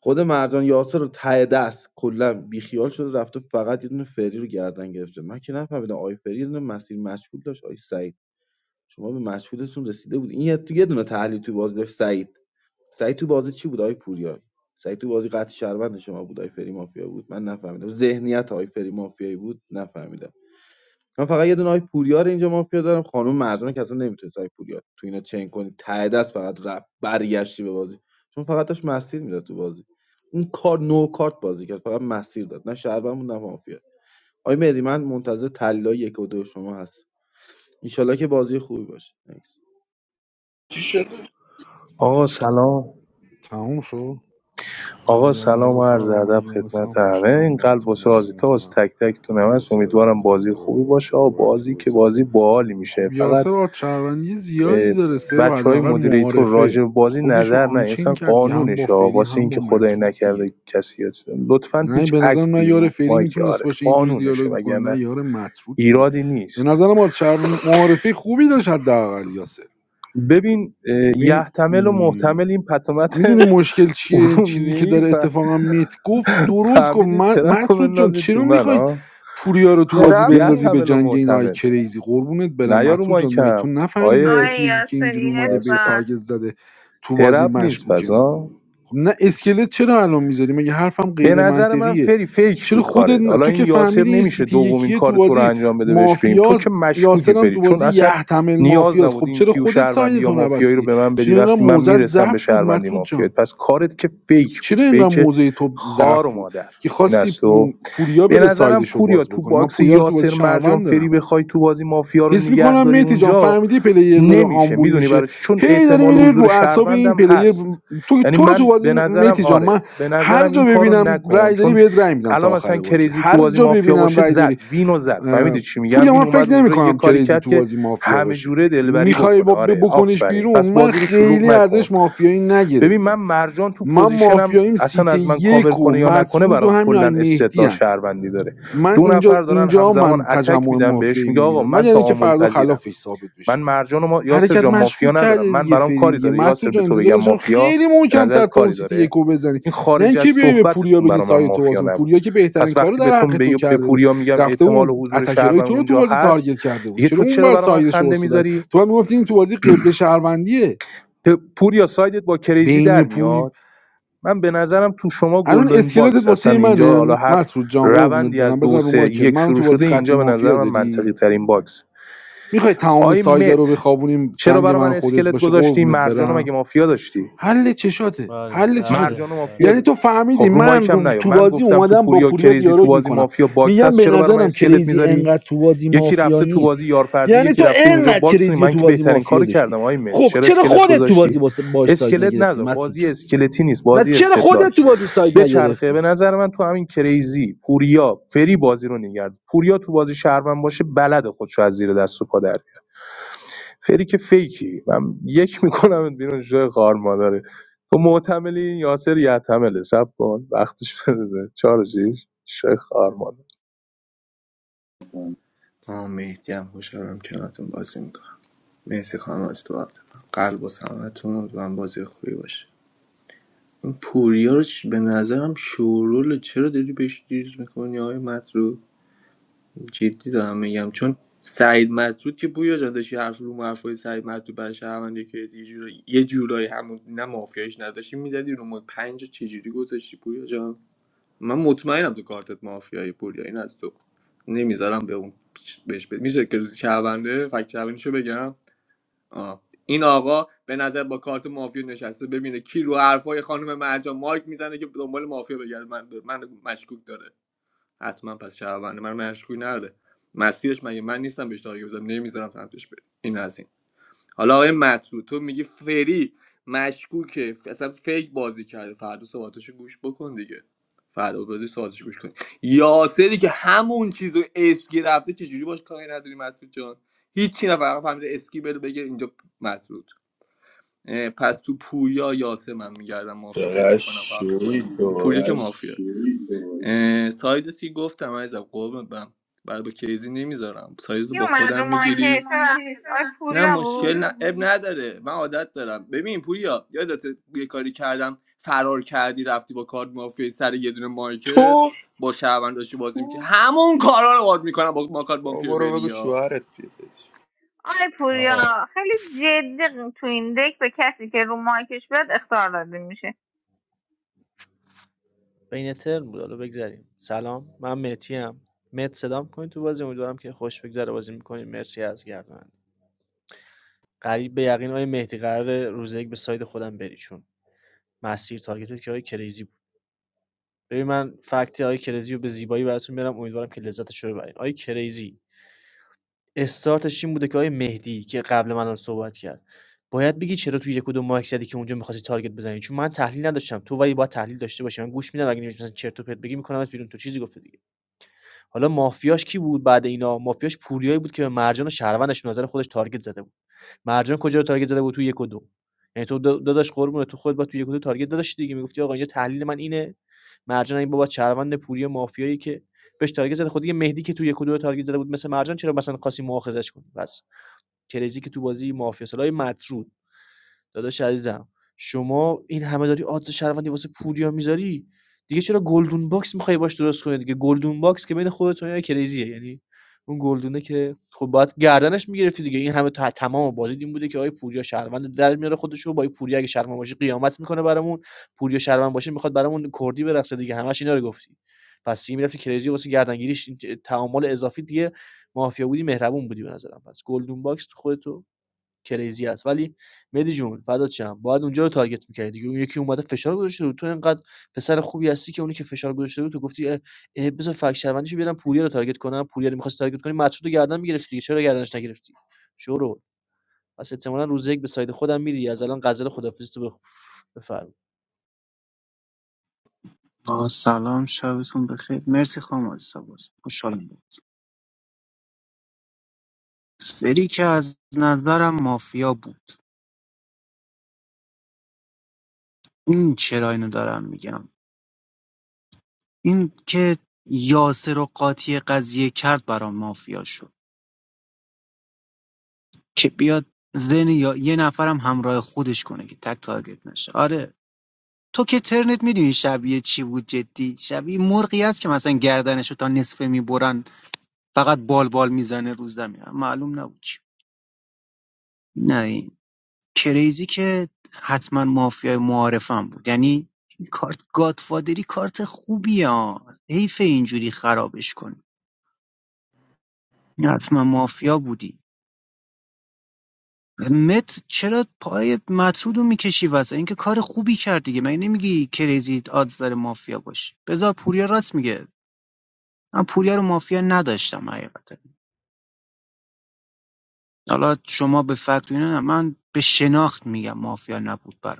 [SPEAKER 21] خود مرجان یاسر رو ته دست کلا بیخیال شده رفته فقط یه دونه فری رو گردن گرفته من که نفهمیدم آی فری یه دونه مسیر مشغول داشت آی سعید شما به مشغولتون رسیده بود این یه تو یه دونه تحلیل تو بازی داشت سعید سعید تو بازی چی بود آی پوریا سعید تو بازی قطع شهروند شما بود آی فری مافیا بود من نفهمیدم ذهنیت آی فری مافیایی بود نفهمیدم من فقط یه دونه آی پوریا رو اینجا مافیا دارم خانم مرجان که اصلا نمیتونست آی پوریا تو اینا چین کنی ته دست فقط رفت برگشتی به بازی چون فقط داشت مسیر میداد تو بازی اون کار نو کارت بازی کرد فقط مسیر داد نه شهروند بود نه مافیا آی مهدی من منتظر طلا یک و دو شما هست انشالله که بازی خوبی باشه
[SPEAKER 15] چی شده؟
[SPEAKER 6] آقا سلام
[SPEAKER 22] تموم شد
[SPEAKER 6] آقا
[SPEAKER 22] ایال
[SPEAKER 6] سلام و عرض
[SPEAKER 22] رفقا من
[SPEAKER 6] ادب
[SPEAKER 22] یونسم
[SPEAKER 6] خدمت همه
[SPEAKER 22] خوشحالم
[SPEAKER 6] این قلب
[SPEAKER 22] باهاتون
[SPEAKER 6] واسه
[SPEAKER 22] بازی
[SPEAKER 6] آزیتا
[SPEAKER 22] میکنم
[SPEAKER 6] واسه تک تکتون هم هست
[SPEAKER 22] مرسی از
[SPEAKER 6] امیدوارم بازی
[SPEAKER 22] مدیریتورا
[SPEAKER 6] خوبی
[SPEAKER 22] بابت
[SPEAKER 6] باشه آقا
[SPEAKER 22] روایت
[SPEAKER 6] بازی که
[SPEAKER 22] بازی
[SPEAKER 6] بازی باحالی میشه
[SPEAKER 22] خب
[SPEAKER 6] فقط
[SPEAKER 22] یاسر آد شهروندی زیادی داره سه رو
[SPEAKER 6] بچه های
[SPEAKER 22] حداقل
[SPEAKER 6] مدیریتور راجع
[SPEAKER 22] معارفه
[SPEAKER 6] به بازی
[SPEAKER 22] خودشو
[SPEAKER 6] نظر نه
[SPEAKER 22] آنچین
[SPEAKER 6] اصلا
[SPEAKER 22] کرد یه هم
[SPEAKER 6] قانونش
[SPEAKER 22] با
[SPEAKER 6] ها
[SPEAKER 22] فری
[SPEAKER 6] واسه
[SPEAKER 22] هم با
[SPEAKER 6] اینکه خدای
[SPEAKER 22] مطرود دیگه
[SPEAKER 6] نکرده کسی یا چیزی. لطفا
[SPEAKER 22] نه
[SPEAKER 6] هیچ
[SPEAKER 22] به نظرم نه
[SPEAKER 6] اکتی
[SPEAKER 22] یار فری
[SPEAKER 6] مایک
[SPEAKER 22] میتونست
[SPEAKER 6] آره
[SPEAKER 22] باشه اینجوری
[SPEAKER 6] قانونشه
[SPEAKER 22] دیالوگ بکنه نه
[SPEAKER 6] وگرنه
[SPEAKER 22] یار مطرود دیگه
[SPEAKER 6] ایرادی
[SPEAKER 22] به
[SPEAKER 6] نیست
[SPEAKER 22] نظرم آد شهر معارفه خوبی داشت حداقل یاسر
[SPEAKER 6] ببین اه،
[SPEAKER 22] ببین
[SPEAKER 6] یحتمل و
[SPEAKER 22] م...
[SPEAKER 6] محتمل این پتومت
[SPEAKER 22] میدونی مشکل چیه این چیزی
[SPEAKER 6] ارومیه
[SPEAKER 22] که
[SPEAKER 6] ای
[SPEAKER 22] داره
[SPEAKER 6] و
[SPEAKER 22] اتفاقا میت گفت درست گفت
[SPEAKER 6] فهمیدید
[SPEAKER 22] م-
[SPEAKER 6] طرف رو
[SPEAKER 22] مسعود جان
[SPEAKER 6] بندازید تو
[SPEAKER 22] چرا
[SPEAKER 6] من
[SPEAKER 22] میخواید
[SPEAKER 6] ها
[SPEAKER 22] پوریا رو تو
[SPEAKER 6] خب
[SPEAKER 22] بازی
[SPEAKER 5] ترپ
[SPEAKER 22] بندازی
[SPEAKER 5] نیست
[SPEAKER 22] به
[SPEAKER 6] یحتمل و
[SPEAKER 22] جنگ این آی
[SPEAKER 6] محتمل
[SPEAKER 22] کریزی قربونت برم
[SPEAKER 6] نه یا رو
[SPEAKER 22] مسعود جان مگه تو
[SPEAKER 6] مایکم
[SPEAKER 22] نفهمیدی
[SPEAKER 6] آیه
[SPEAKER 4] آقای
[SPEAKER 22] سیتی یکی که اینجوری
[SPEAKER 4] یاسری
[SPEAKER 22] اومده به
[SPEAKER 6] قاسم.
[SPEAKER 4] افتار
[SPEAKER 22] تارگت زده تو بازی
[SPEAKER 6] ترپ نیست پس
[SPEAKER 22] مشکوکه
[SPEAKER 6] ها
[SPEAKER 22] خب نه اسکلت چرا الان میذاری مگه حرفم
[SPEAKER 6] به
[SPEAKER 22] غیر
[SPEAKER 6] نظر من
[SPEAKER 22] منطقیه
[SPEAKER 6] فری فیک
[SPEAKER 22] چرا
[SPEAKER 6] بود
[SPEAKER 22] خودت
[SPEAKER 6] کارت
[SPEAKER 22] ن-
[SPEAKER 6] حالا
[SPEAKER 22] تو
[SPEAKER 6] این
[SPEAKER 22] که
[SPEAKER 6] یاسر
[SPEAKER 22] فهمیدی این
[SPEAKER 6] نمیشه
[SPEAKER 22] سیتی
[SPEAKER 6] دومین
[SPEAKER 22] یکیه تو
[SPEAKER 6] کار تو رو
[SPEAKER 22] بازی
[SPEAKER 6] انجام بده بهش بگیم تو
[SPEAKER 22] مافیاز
[SPEAKER 6] که مشکوکی
[SPEAKER 22] یاسرم
[SPEAKER 6] فری
[SPEAKER 22] تو
[SPEAKER 6] چون
[SPEAKER 22] بازی
[SPEAKER 6] اصلا
[SPEAKER 22] یحتمل
[SPEAKER 6] نیاز
[SPEAKER 22] مافیاز
[SPEAKER 6] نبود
[SPEAKER 22] خب
[SPEAKER 6] این
[SPEAKER 22] چرا
[SPEAKER 6] کیو
[SPEAKER 22] خودت
[SPEAKER 6] شهروندی یا
[SPEAKER 22] ساینتو
[SPEAKER 6] مافیایی رو
[SPEAKER 22] نبستی
[SPEAKER 6] به من بدی
[SPEAKER 22] چرا اینقدر
[SPEAKER 6] وقتی من
[SPEAKER 22] موزت
[SPEAKER 6] میرسم به
[SPEAKER 22] ضعف بود
[SPEAKER 6] شهروندی
[SPEAKER 22] مسعود جان
[SPEAKER 6] مافیایی پس کارت که فیک بود
[SPEAKER 22] چرا اینقدر
[SPEAKER 6] فیک
[SPEAKER 22] موضع تو
[SPEAKER 6] خار
[SPEAKER 22] ضعف
[SPEAKER 6] و
[SPEAKER 22] بود
[SPEAKER 6] مادر
[SPEAKER 22] که
[SPEAKER 6] این
[SPEAKER 22] خواستی
[SPEAKER 6] از
[SPEAKER 22] م،
[SPEAKER 6] تو
[SPEAKER 22] پوریا
[SPEAKER 6] به
[SPEAKER 22] بره سایدش
[SPEAKER 6] نظرم پوریا
[SPEAKER 22] باز
[SPEAKER 6] تو
[SPEAKER 22] بکنه من
[SPEAKER 6] باکس
[SPEAKER 22] پوریا رو تو بازی
[SPEAKER 6] یاسر مرجان
[SPEAKER 22] شهروند
[SPEAKER 6] فری
[SPEAKER 22] دارم
[SPEAKER 6] بخوای تو بازی مافیا رو
[SPEAKER 22] حس
[SPEAKER 6] نگه
[SPEAKER 22] میکنم
[SPEAKER 6] داری
[SPEAKER 22] مهدی جان
[SPEAKER 6] اونجا
[SPEAKER 22] فهمیدی پلیر داره
[SPEAKER 6] نمیشه
[SPEAKER 22] آمبول
[SPEAKER 6] میدونی
[SPEAKER 22] میشه
[SPEAKER 6] برای چی چون
[SPEAKER 22] هی داری
[SPEAKER 6] احتمال
[SPEAKER 22] میری رو
[SPEAKER 6] حضور
[SPEAKER 22] اعصاب این
[SPEAKER 6] شهروندم
[SPEAKER 22] پلیر
[SPEAKER 6] هست
[SPEAKER 22] تو
[SPEAKER 6] یعنی
[SPEAKER 22] تو رو تو
[SPEAKER 6] من
[SPEAKER 22] بازی
[SPEAKER 6] به نظرم
[SPEAKER 22] مهدی جان
[SPEAKER 6] آره
[SPEAKER 22] من
[SPEAKER 6] به
[SPEAKER 22] هر
[SPEAKER 6] نظرم این
[SPEAKER 22] جا
[SPEAKER 6] کارو
[SPEAKER 22] ببینم
[SPEAKER 6] نکن
[SPEAKER 22] رای داری
[SPEAKER 6] چون
[SPEAKER 22] بهت رای میدم تا
[SPEAKER 6] الان مثلا
[SPEAKER 22] آخر بازی
[SPEAKER 6] کریزی تو
[SPEAKER 22] هر
[SPEAKER 6] بازی
[SPEAKER 22] جا
[SPEAKER 6] مافیا
[SPEAKER 22] ببینم
[SPEAKER 6] باشه
[SPEAKER 22] رای داری
[SPEAKER 6] زد وینو زد
[SPEAKER 22] اه،
[SPEAKER 6] فهمیدی چی میگم
[SPEAKER 22] پوریا
[SPEAKER 6] این
[SPEAKER 22] من
[SPEAKER 6] اومد
[SPEAKER 22] فکر
[SPEAKER 6] اونجا یه
[SPEAKER 22] نمیکنم
[SPEAKER 6] کاری
[SPEAKER 22] کریزی
[SPEAKER 6] کرد
[SPEAKER 22] تو
[SPEAKER 6] که
[SPEAKER 22] بازی مافیا
[SPEAKER 6] همه
[SPEAKER 22] باشه
[SPEAKER 6] جوره دلبری
[SPEAKER 22] میخوای
[SPEAKER 6] بکنه
[SPEAKER 22] با ب-
[SPEAKER 6] آره
[SPEAKER 22] بکنیش
[SPEAKER 6] آفرین
[SPEAKER 22] بیرون
[SPEAKER 6] پس
[SPEAKER 22] من
[SPEAKER 6] بازی رو شلوغ
[SPEAKER 22] خیلی
[SPEAKER 6] نکن
[SPEAKER 22] ازش مافیایی
[SPEAKER 6] ببین
[SPEAKER 22] نگرفتم
[SPEAKER 6] من مرجان تو
[SPEAKER 22] من
[SPEAKER 6] پوزیشنم
[SPEAKER 22] مافیاییم سیت
[SPEAKER 6] اصلا از من کاور
[SPEAKER 22] یک و
[SPEAKER 6] کنه یا نکنه
[SPEAKER 22] مطرود و
[SPEAKER 6] برام
[SPEAKER 22] همین های
[SPEAKER 6] کلا
[SPEAKER 22] مهدی
[SPEAKER 6] استدلال
[SPEAKER 22] هن.
[SPEAKER 6] شهروندی داره
[SPEAKER 22] من
[SPEAKER 6] دو
[SPEAKER 22] اینجا
[SPEAKER 6] نفر دارن
[SPEAKER 22] اینجا
[SPEAKER 6] همزمان
[SPEAKER 22] من
[SPEAKER 6] اتک
[SPEAKER 22] تجمع
[SPEAKER 6] میدن بهش
[SPEAKER 22] مافیایی
[SPEAKER 6] میگه آقا
[SPEAKER 22] میبینم من
[SPEAKER 6] من
[SPEAKER 22] یعنی که
[SPEAKER 6] تعامل
[SPEAKER 22] فردا
[SPEAKER 6] پذیرم
[SPEAKER 22] خلافش ثابت
[SPEAKER 6] من
[SPEAKER 22] بشه
[SPEAKER 6] مرجان و ما... یاسر
[SPEAKER 22] حرکت
[SPEAKER 6] جان مافیا
[SPEAKER 22] مشکوک
[SPEAKER 6] ندارم
[SPEAKER 22] کرده
[SPEAKER 6] من
[SPEAKER 22] دیگه
[SPEAKER 6] برام
[SPEAKER 22] فری
[SPEAKER 6] کاری
[SPEAKER 22] دیگه
[SPEAKER 6] داره یاسر
[SPEAKER 22] مطرود
[SPEAKER 6] به
[SPEAKER 22] جان
[SPEAKER 6] تو
[SPEAKER 22] انتظار
[SPEAKER 6] بگم
[SPEAKER 22] داشتم
[SPEAKER 6] مافیا
[SPEAKER 22] خیلی
[SPEAKER 6] به
[SPEAKER 22] محکم‌تر
[SPEAKER 6] نظرت
[SPEAKER 22] تو اون
[SPEAKER 6] کاری
[SPEAKER 22] سیتی
[SPEAKER 6] داره
[SPEAKER 22] یکو بزنی
[SPEAKER 6] این
[SPEAKER 22] نه
[SPEAKER 6] خارج از
[SPEAKER 22] اینکه بیای به پوریا
[SPEAKER 6] صحبتتون
[SPEAKER 22] بگی
[SPEAKER 6] برا من
[SPEAKER 22] سایت تو
[SPEAKER 6] مافیا
[SPEAKER 22] باز. اون
[SPEAKER 6] نبود
[SPEAKER 22] پوریا که بهترین
[SPEAKER 6] پس
[SPEAKER 22] کارو
[SPEAKER 6] وقتی به
[SPEAKER 22] در
[SPEAKER 6] تو
[SPEAKER 22] حق تو
[SPEAKER 6] به به
[SPEAKER 22] کرده بود
[SPEAKER 6] پوریا میگم
[SPEAKER 22] رفته بود
[SPEAKER 6] احتمال و
[SPEAKER 22] اون
[SPEAKER 6] حضور
[SPEAKER 22] اتکرای
[SPEAKER 6] شهروند
[SPEAKER 22] تو رو تو
[SPEAKER 6] اونجا
[SPEAKER 22] بازی
[SPEAKER 6] هست
[SPEAKER 22] تارگت کرده بود
[SPEAKER 6] دیگه
[SPEAKER 22] چرا
[SPEAKER 6] تو
[SPEAKER 22] اون
[SPEAKER 6] چرا
[SPEAKER 22] بر
[SPEAKER 6] برا من
[SPEAKER 22] سایدش رو
[SPEAKER 6] خنده
[SPEAKER 22] باز در
[SPEAKER 6] میذاری
[SPEAKER 22] تو هم میگفتی این تو بازی قبل شهروندیه
[SPEAKER 6] پ- پوریا سایدت با کریزی
[SPEAKER 22] بین
[SPEAKER 6] در
[SPEAKER 22] پور
[SPEAKER 6] میاد من به نظرم تو شما
[SPEAKER 22] الان
[SPEAKER 6] گلدن
[SPEAKER 22] اسکلتت
[SPEAKER 6] باکس
[SPEAKER 22] واسه
[SPEAKER 6] هستن. اینجا حالا
[SPEAKER 22] منه
[SPEAKER 6] هر
[SPEAKER 22] مسعود جان قربونت
[SPEAKER 6] روندی
[SPEAKER 22] برم
[SPEAKER 6] از دو
[SPEAKER 22] بزن رو
[SPEAKER 6] سه
[SPEAKER 22] مایکت
[SPEAKER 6] یک
[SPEAKER 22] منو
[SPEAKER 6] شروع
[SPEAKER 22] تو بازی
[SPEAKER 6] شده
[SPEAKER 22] قطعی
[SPEAKER 6] اینجا به نظر
[SPEAKER 22] مافیا
[SPEAKER 6] من منطقی
[SPEAKER 22] داری
[SPEAKER 6] ترین باکس
[SPEAKER 22] میخوای تمام
[SPEAKER 6] آقای
[SPEAKER 22] سایدا رو
[SPEAKER 6] مت
[SPEAKER 22] بخوابونیم
[SPEAKER 6] چرا
[SPEAKER 22] جنگ
[SPEAKER 6] برا
[SPEAKER 22] من
[SPEAKER 6] من
[SPEAKER 22] خودت
[SPEAKER 6] اسکلت
[SPEAKER 22] باشه
[SPEAKER 6] گذاشتی
[SPEAKER 22] قربونت
[SPEAKER 6] مرجانو
[SPEAKER 22] برم
[SPEAKER 6] مگه مافیا داشتی
[SPEAKER 22] حل چشاته
[SPEAKER 19] بله
[SPEAKER 22] حل چشاته
[SPEAKER 19] بله
[SPEAKER 6] مرجانو مافیا
[SPEAKER 19] بله
[SPEAKER 22] یعنی
[SPEAKER 6] ده
[SPEAKER 22] تو فهمیدی
[SPEAKER 6] خب رو
[SPEAKER 22] من
[SPEAKER 6] مایکم
[SPEAKER 22] رو
[SPEAKER 6] نیا
[SPEAKER 22] تو
[SPEAKER 6] من
[SPEAKER 22] بازی
[SPEAKER 6] گفتم تو
[SPEAKER 22] اومدم با
[SPEAKER 6] پوریا و
[SPEAKER 22] پوریا
[SPEAKER 6] کریزی تو
[SPEAKER 22] دیالوگ
[SPEAKER 6] بازی
[SPEAKER 22] میکنم
[SPEAKER 6] مافیا باکس
[SPEAKER 22] میگم
[SPEAKER 6] هست
[SPEAKER 22] به
[SPEAKER 6] چرا برا من
[SPEAKER 22] نظرم
[SPEAKER 6] اسکلت
[SPEAKER 22] کریزی
[SPEAKER 6] میذاری
[SPEAKER 22] انقدر تو بازی
[SPEAKER 6] یکی
[SPEAKER 22] مافیا
[SPEAKER 6] رفته تو
[SPEAKER 22] نیست
[SPEAKER 6] بازی یارفرزی
[SPEAKER 22] یعنی
[SPEAKER 6] یکی
[SPEAKER 22] تو
[SPEAKER 6] رفته اونجا
[SPEAKER 22] انقدر
[SPEAKER 6] باکس کنی
[SPEAKER 22] کریزی رو
[SPEAKER 6] من
[SPEAKER 22] تو
[SPEAKER 6] که
[SPEAKER 22] بازی
[SPEAKER 6] بهترین
[SPEAKER 22] مافیا
[SPEAKER 6] کارو
[SPEAKER 22] داشتی
[SPEAKER 6] کردم آقای مت
[SPEAKER 22] خب
[SPEAKER 6] چرا
[SPEAKER 22] چرا
[SPEAKER 6] اسکلت
[SPEAKER 22] خودت تو بازی
[SPEAKER 6] گذاشتی
[SPEAKER 22] باش ساید
[SPEAKER 6] اسکلت
[SPEAKER 22] نگرفتی
[SPEAKER 6] نذار
[SPEAKER 22] مسعود
[SPEAKER 6] بازی
[SPEAKER 22] جان
[SPEAKER 6] اسکلتی نیست
[SPEAKER 22] نه
[SPEAKER 6] بازی
[SPEAKER 22] چرا خودت
[SPEAKER 6] استدلال
[SPEAKER 22] تو بازی ساید
[SPEAKER 6] به چرخه
[SPEAKER 22] نگرفتی
[SPEAKER 6] به نظر من تو همین کریزی پوریا فری بازی رو نگرد پوریا تو بازی شهروند باشه بلد خودشو از زیر دست و پا در فری که فیکی من یک میکنم بیرون جای خار مادره تو معتملی یاسر یعتمله سب کن وقتش برسه چهار شیش شوی خار مادر
[SPEAKER 18] آه مهدی هم خوشحالم کنارتون بازی میکنم مرسی خانم از تو وقت من قلب و سمتون و هم بازی خوبی باشه این پوریا رو چ- به نظرم شوروله چرا داری بهش دیز میکنی آقای مطرود جدی دارم میگم چون سعید مطرود که بویا جان داشتی حرف رو حرفای سعید مطرود برای شهرونده که یه جورایی یه جورایی همون نه مافیایش نداشتی میزدی رو ما پنج رو چجوری گذاشتی پویا جان من مطمئنم تو کارتت مافیایی پوریا این از تو نمیذارم به اون بهش بده میشه که روزی شهرونده فکت شو بگم آه. این آقا به نظر با کارت مافیا نشسته ببینه کی رو حرفای خانم مرجان مایک میزنه که دنبال مافیا بگرده من من مشکوک داره حتما پس شهرونده من مشکوک نره مسیرش مگه من نیستم بهش تارگت بزنم نمیذارم سمتش بره این از این. حالا آقای مطلوب تو میگی فری مشکوکه اصلا فیک بازی کرده فردا صحبتاشو گوش بکن دیگه فردا بازی صحبتاشو گوش کن یاسری که همون چیزو اسکی رفته چجوری باش کاری نداری مطلوب جان هیچی نه فقط فهمیده اسکی بره بگه اینجا مطلوب پس تو پویا یاسه من میگردم مافیا پیدا
[SPEAKER 15] چقدر
[SPEAKER 18] کنم قبل
[SPEAKER 15] شوی
[SPEAKER 18] خودم پویا
[SPEAKER 15] تو
[SPEAKER 18] که مافیا شوی تو. سایدت که گفتم عزیزم قربونت برم برای با کیزی نمیذارم سایدت رو
[SPEAKER 4] کی
[SPEAKER 18] با
[SPEAKER 4] اومد
[SPEAKER 18] خودم
[SPEAKER 4] رو
[SPEAKER 18] میگیری
[SPEAKER 4] مایکش ببخشید آقای
[SPEAKER 18] نه
[SPEAKER 4] پوریا
[SPEAKER 18] مشکل
[SPEAKER 4] بود
[SPEAKER 18] نه اب نداره من عادت دارم ببین پوریا یادت یه کاری کردم فرار کردی رفتی با کارت مافیا سر یه دونه مارکت
[SPEAKER 15] تو
[SPEAKER 18] با شهروند داشتی بازی میکنی همون کارا رو باد میکنم با ما کارت مافیا
[SPEAKER 15] بابا رو
[SPEAKER 18] بری
[SPEAKER 15] بگو
[SPEAKER 18] یا
[SPEAKER 15] شوهرت بیاد
[SPEAKER 4] آقای
[SPEAKER 19] آه
[SPEAKER 4] پوریا خیلی جدی تو این دک به کسی که رو مایکش بیاد اختار داده میشه
[SPEAKER 19] بین ترم بود حالا بگذریم سلام من مهتی ام مهت صدام کنید تو بازی امیدوارم که خوش بگذره بازی میکنید مرسی از گردن قریب به یقین آقای مهدی قرار روز یک به ساید خودم بری چون مسیر تارگتت که آقای کریزی بود ببین من فکت آقای کریزی رو به زیبایی براتون میارم امیدوارم که لذتش رو ببرین آقای کریزی استارتش این بوده که آقای مهدی که قبل من صحبت کرد باید بگی چرا تو یک و دو مایک زدی که اونجا می‌خواستی تارگت بزنی چون من تحلیل نداشتم تو ولی باید تحلیل داشته باشی من گوش میدم اگه نمی‌شناسی مثلا چرت و پرت بگی می‌کنمت بیرون تو چیزی گفته دیگه حالا مافیاش کی بود بعد اینا مافیاش پوریایی بود که به مرجان و شهروندش نظر خودش تارگت زده بود مرجان کجا رو تارگت زده بود تو یک و دو یعنی تو داداش قربونه تو خود با تو یک و دو تارگت داداش دیگه میگفتی آقا اینجا تحلیل من اینه مرجان این بابا شهروند پوری مافیایی که بهش تارگت زده خود دیگه مهدی که تو یک و دو تارگت زده بود مثل مرجان چرا مثلا خاصی مؤاخذش کنی کریزی که تو بازی مافیا سالای مطرود داداش عزیزم شما این همه داری آدز شهروندی واسه پوریا میذاری دیگه چرا گلدون باکس میخوای باش درست کنی دیگه گلدون باکس که بین خودت و کریزیه یعنی اون گلدونه که خب باید گردنش میگرفتی دیگه این همه تا تمام بازی این بوده که آقای پوریا شهروند در میاره خودشو با آقای پوریا اگه شهروند باشه قیامت میکنه برامون پوریا شهروند باشه میخواد برامون کردی برقصه دیگه همش اینا رو گفتی پس دیگه میرفتی کریزی واسه گردنگیریش تعامل اضافی دیگه مافیا بودی مهربون بودی به نظرم پس گلدون باکس خودتو کریزی است ولی مهدی جون فدات شم باید اونجا رو تارگت می‌کردی دیگه اون یکی اومده فشار گذاشته بود تو انقدر پسر خوبی هستی که اونی که فشار گذاشته رو تو گفتی اه، اه، بذار فک شهروندیشو بیارم پوریا رو تارگت کنم پوریا رو می‌خواست تارگت کنی مسعود رو گردن می‌گرفتی دیگه چرا گردنش نگرفتی شورو پس احتمالاً روز یک به ساید خودم میری از الان غزل خدافیزی تو بخو بفرم
[SPEAKER 23] آه، سلام شبتون بخیر مرسی خانم آیسا باز. خوشحالم بود سری که از نظرم مافیا بود این چرا اینو دارم میگم این که یاسر و قاطی قضیه کرد برام مافیا شد که بیاد زن یا یه نفرم همراه خودش کنه که تک تارگت نشه آره تو که ترنت میدونی شبیه چی بود جدی شبیه مرغی است که مثلا گردنشو تا نصفه میبرن فقط بال بال میزنه رو زمین معلوم نبود چی. نه کریزی که حتما مافیای معارفم بود یعنی این کارت گادفادری کارت خوبیه ها حیف اینجوری خرابش کنی حتما مافیا بودی مت چرا پای مطرود رو میکشی واسه اینکه کار خوبی کرد دیگه مگه نمیگی کریزی آدز داره مافیا باشی بذار پوریا راست میگه من پوریا رو مافیا نداشتم حقیقتا حالا شما به فکت و اینا نه. من به شناخت میگم مافیا نبود برام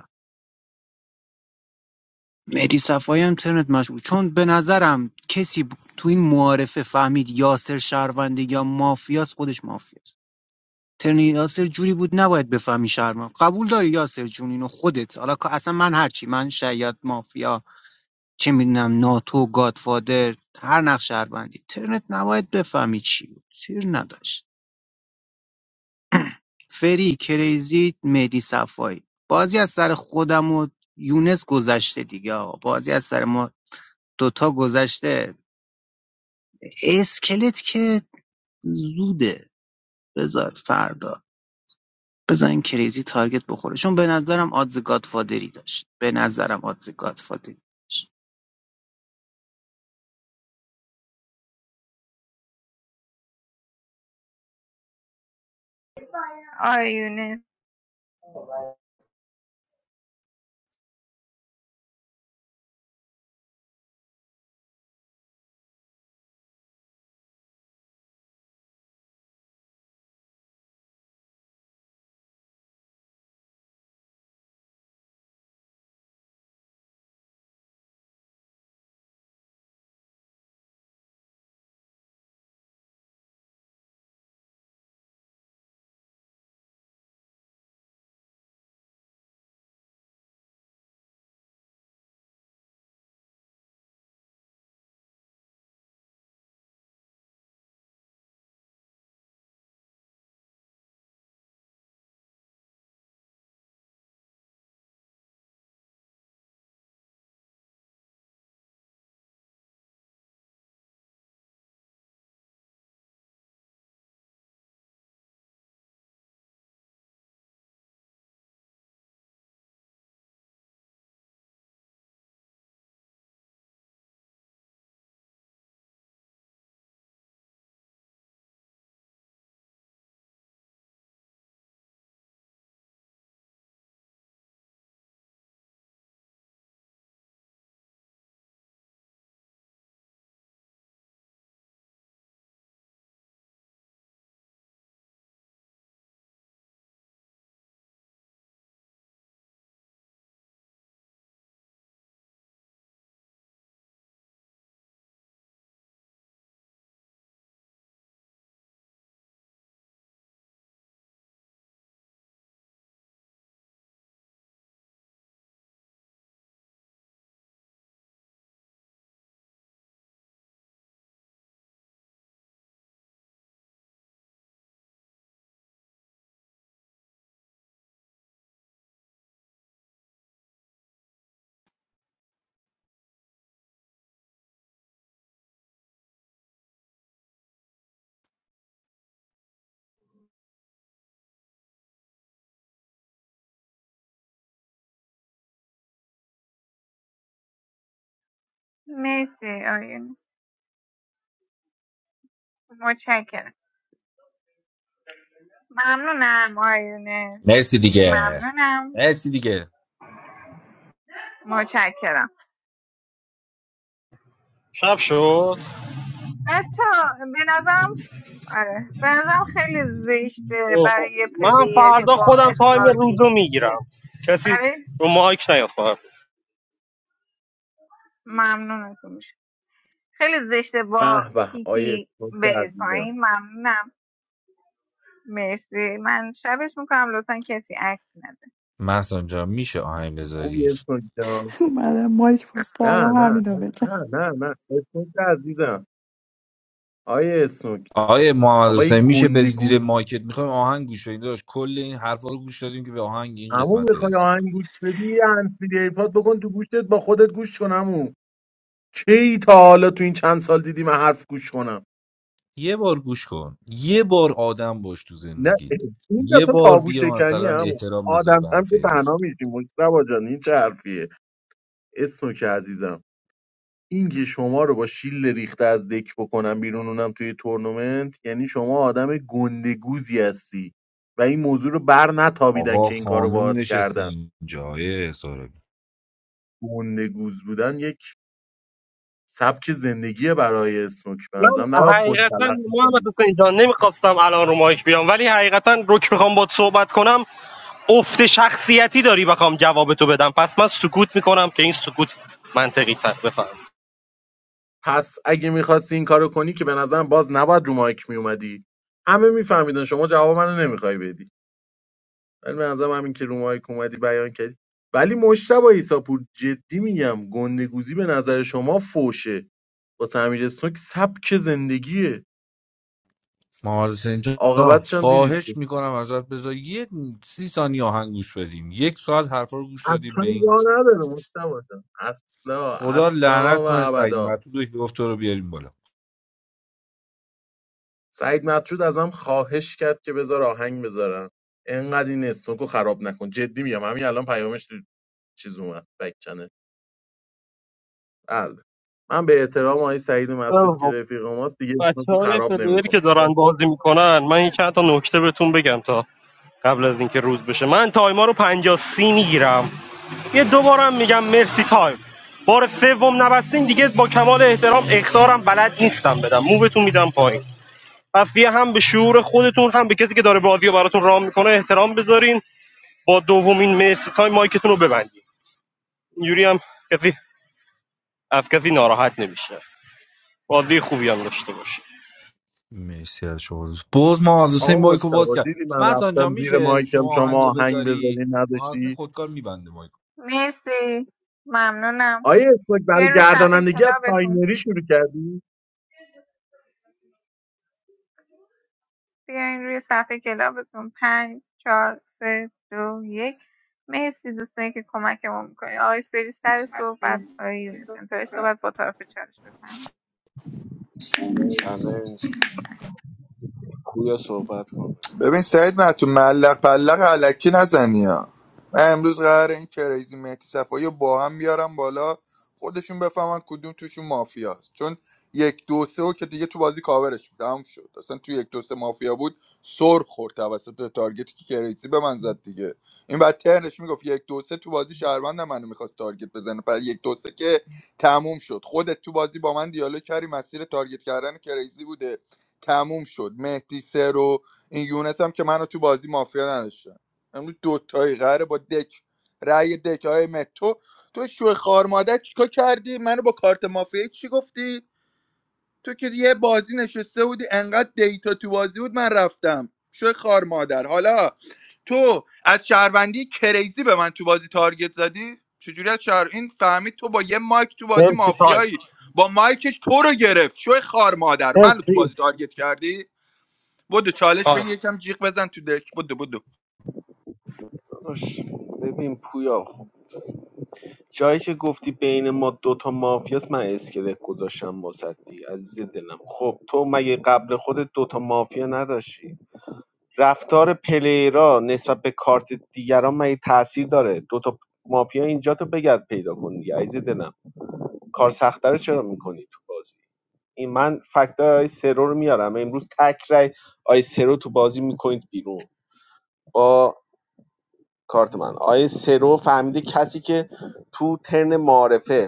[SPEAKER 23] مهدی صفایی هم ترنت مشغول چون به نظرم کسی ب- تو این معارفه فهمید یاسر شهرونده یا مافیاس خودش مافیاست ترن یاسر جوری بود نباید بفهمی شهروند قبول داری یاسر جون اینو خودت حالا که اصلا من هرچی من شاید مافیا چه میدونم ناتو گادفادر هر نقش شهروندی ترنت نباید بفهمی چی بود سیر نداشت فری کریزی مهدی صفایی بازی از سر خودم و یونس گذشته دیگه آقا. بازی از سر ما دوتا گذشته اسکلت که زوده بذار فردا بزن کریزی تارگت بخوره چون به نظرم آدز گادفادری داشت به نظرم آدز گادفادری داشت
[SPEAKER 4] آقای یونس مرسی آقای یونس متشکرم ممنونم آقای یونس
[SPEAKER 8] مرسی
[SPEAKER 4] خیلی
[SPEAKER 8] دیگه
[SPEAKER 4] ممنونم
[SPEAKER 8] مرسی دیگه
[SPEAKER 4] متشکرم
[SPEAKER 24] شب شد
[SPEAKER 4] بچه به نظرم آره به نظرم خیلی زشته
[SPEAKER 24] اوه، اوه.
[SPEAKER 4] برای یه
[SPEAKER 24] من
[SPEAKER 4] پلیر که
[SPEAKER 24] فردا
[SPEAKER 4] با
[SPEAKER 24] خودم تایم
[SPEAKER 4] اختار
[SPEAKER 24] روز
[SPEAKER 4] کیک
[SPEAKER 24] رو
[SPEAKER 4] میشه
[SPEAKER 24] میگیرم کسی
[SPEAKER 4] برای
[SPEAKER 24] رو مایک نیاد فقط.
[SPEAKER 4] ممنونتون میشه خیلی زشته با
[SPEAKER 20] به به آیه
[SPEAKER 4] کیکی
[SPEAKER 20] اسمت
[SPEAKER 4] به
[SPEAKER 20] عزیزم
[SPEAKER 4] پایین ممنونم مرسی من شبش میکنم لطفا کسی عکس نده
[SPEAKER 8] محسن جان میشه آهنگ
[SPEAKER 20] خوبی
[SPEAKER 8] بذاری
[SPEAKER 20] اسمت جان
[SPEAKER 11] اومدم مایک باز
[SPEAKER 20] نه
[SPEAKER 11] کردم
[SPEAKER 20] نه
[SPEAKER 11] همینو
[SPEAKER 20] نه
[SPEAKER 11] بگم
[SPEAKER 20] نه نه نه اسمت عزیزم آیه اسمت
[SPEAKER 8] آقای محمد حسین
[SPEAKER 20] آقای
[SPEAKER 8] میشه بری
[SPEAKER 20] گندگوز
[SPEAKER 8] زیر مایکت میخوایم آهنگ گوش بدیم داشت کل این حرفا رو گوش دادیم که به آهنگ این
[SPEAKER 20] عمو
[SPEAKER 8] قسمت
[SPEAKER 20] میخوای
[SPEAKER 8] برسیم
[SPEAKER 20] آهنگ گوش بدی هنسفیری ایپاد بکن تو گوشتت با خودت گوش کن عمو کی تا حالا تو این چند سال دیدی من حرف گوش کنم
[SPEAKER 8] یه بار گوش کن یه بار آدم باش تو
[SPEAKER 20] نه
[SPEAKER 8] زندگی
[SPEAKER 20] این
[SPEAKER 8] یه
[SPEAKER 20] دفعه
[SPEAKER 8] بار
[SPEAKER 20] تابو
[SPEAKER 8] بیا
[SPEAKER 20] شکنی
[SPEAKER 8] مثلا
[SPEAKER 20] عمو
[SPEAKER 8] احترام بذار
[SPEAKER 20] آدم
[SPEAKER 8] به
[SPEAKER 20] هم
[SPEAKER 8] حرف
[SPEAKER 20] که
[SPEAKER 8] این نفر
[SPEAKER 20] تنها میشیم مجتبا جان این چه حرفیه اسمت عزیزم اینکه شما رو با شیل ریخته از دک بکنم بیرون اونم توی تورنمنت یعنی شما آدم گندگوزی هستی و این موضوع رو بر نتابیدن
[SPEAKER 8] آقا
[SPEAKER 20] که این کار رو
[SPEAKER 8] خانوم
[SPEAKER 20] باهات
[SPEAKER 8] نشسته
[SPEAKER 20] کردن
[SPEAKER 8] اینجا آقای ساربی
[SPEAKER 20] گندگوز بودن یک سبک زندگی برای اسنوک به نظرم
[SPEAKER 24] من
[SPEAKER 20] نباید فش
[SPEAKER 24] حقیقتا
[SPEAKER 20] تلق
[SPEAKER 24] محمد
[SPEAKER 20] میکنی
[SPEAKER 24] حسین جان نمیخواستم الان رو مایک بیام ولی حقیقتا رو که میخوام باید صحبت کنم افت شخصیتی داری بخوام جواب تو بدم پس من سکوت میکنم که این سکوت منطقی تر بفهم
[SPEAKER 20] پس اگه میخواستی این کارو کنی که به نظرم باز نباید رو مایک میومدی همه میفهمیدن شما جواب منو نمیخوای بدی ولی به نظرم همین که رو مایک اومدی بیان کردی ولی مشتبه ایساپور جدی میگم گندگوزی به نظر شما فوشه واسه امیر اسنوک سبک زندگیه
[SPEAKER 8] محمد حسین جان
[SPEAKER 20] عاقبتش هم دیدید
[SPEAKER 8] خواهش
[SPEAKER 20] که
[SPEAKER 8] میکنم ازت بذار یه سی ثانیه آهنگ گوش بدیم یک ساعت حرفا رو گوش دادیم
[SPEAKER 20] اصلا
[SPEAKER 8] به این
[SPEAKER 20] راه نداره مشتبه جان. اصلا
[SPEAKER 8] خدا
[SPEAKER 20] اصلا
[SPEAKER 8] لعنت
[SPEAKER 20] و
[SPEAKER 8] کنه سعید
[SPEAKER 20] ابدا
[SPEAKER 8] معتود که گفت تو رو بیاریم بالا
[SPEAKER 20] سعید مطرود ازم خواهش کرد که بذار آهنگ بذارم انقدر این اسنوکو خراب نکن جدی میگم همین الان پیامش تو چیز اومد بک چنل بله. من به احترام آقای سعید مطرود که رفیق ماست دیگه
[SPEAKER 24] بچه
[SPEAKER 20] اسنوکو
[SPEAKER 24] های
[SPEAKER 20] خراب
[SPEAKER 24] پلیری
[SPEAKER 20] نمیکن
[SPEAKER 24] که دارن بازی میکنن من یه چند تا نکته بهتون بگم تا قبل از اینکه روز بشه من تایما رو پنجاه سی میگیرم یه دوبارم میگم مرسی تایم بار سوم نبستین دیگه با کمال احترام اختارم بلد نیستم بدم موبتون میدم پایین پس هم به شعور خودتون هم به کسی که داره بازی رو براتون رام میکنه احترام بذارین با دومین مرسی تایم مایکتون رو ببندین اینجوری هم کسی از کسی ناراحت نمیشه بازی خوبی هم داشته باشین
[SPEAKER 8] مرسی از شما دوست باز ما از حسین
[SPEAKER 20] آقا
[SPEAKER 8] مایکو باز
[SPEAKER 20] مجتبا
[SPEAKER 8] کرد
[SPEAKER 20] دیدی من
[SPEAKER 8] محسن جان
[SPEAKER 20] رفتم زیر
[SPEAKER 8] میشه
[SPEAKER 20] مایکم
[SPEAKER 8] شما
[SPEAKER 20] شما
[SPEAKER 8] آهنگو
[SPEAKER 20] آهنگ
[SPEAKER 8] بذاری
[SPEAKER 20] بذاری
[SPEAKER 8] محسن
[SPEAKER 20] نداشتی
[SPEAKER 8] خودکار میبنده مایکو
[SPEAKER 4] مرسی ممنونم
[SPEAKER 20] آیا اسمک برای
[SPEAKER 4] بیا رو صفحه
[SPEAKER 20] گردانندگی از
[SPEAKER 4] کلابتون
[SPEAKER 20] تاینری شروع کردی
[SPEAKER 4] بیاین روی صفحه کلابتون پنج چهار سه دو یک مرسی دوستانی که کمکمون میکنید آقای فری سر صحبت آقای یونس انتهای صحبت با طرف چالش بفهمید
[SPEAKER 3] چلنج پویا صحبت کن
[SPEAKER 15] ببین سعید تو ملق پلق علکی نزنی ها من امروز قراره این کریزی مهدی صفایی رو با هم بیارم بالا خودشون بفهمن کدوم توشون مافیاست چون یک دو سه و که دیگه تو بازی کاورش بود تموم شد اصلا تو یک دو سه مافیا بود سر خورد توسط تارگتی که کریزی به من زد دیگه این بعد ترنش میگفت یک دو سه تو بازی شهروند منو میخواست تارگت بزنه بعد یک دو سه که تموم شد خودت تو بازی با من دیالوگ کردی مسیر تارگت کردن کریزی بوده تموم شد مهدی سه رو این یونس هم که منو تو بازی مافیا نداشتن امروز دوتایی قراره با دک رأی دک های متو تو شو خار مادر چیکار کردی منو با کارت مافیا چی گفتی تو که یه بازی نشسته بودی انقدر دیتا تو بازی بود من رفتم شو خار مادر حالا تو از شهروندی کریزی به من تو بازی تارگت زدی چجوری از شهر این فهمید تو با یه مایک تو بازی
[SPEAKER 24] مرسی تایم
[SPEAKER 15] مافیایی با مایکش تو رو گرفت شو خار مادر منو تو
[SPEAKER 24] مرسی
[SPEAKER 15] بازی تارگت کردی بدو چالش
[SPEAKER 24] تایم
[SPEAKER 15] بگی یکم جیغ بزن تو دک بدو بدو
[SPEAKER 3] داداش ببین پویا خب جایی که گفتی بین ما دوتا مافیاست من اسکلت گذاشتم واسد دیگه عزیز دلم خب تو مگه قبل خودت دوتا مافیا نداشتی رفتار پلیرا نسبت به کارت دیگران مگه تاثیر داره دوتا مافیا اینجا تو بگرد پیدا کن دیگه عزیز دلم کار سخته. رو چرا میکنی تو بازی این من فکتای آی سرو رو میارم امروز تک رای آی سرو تو بازی میکنید بیرون با کارت من آی سرو فهمیده کسی که تو ترن معارفه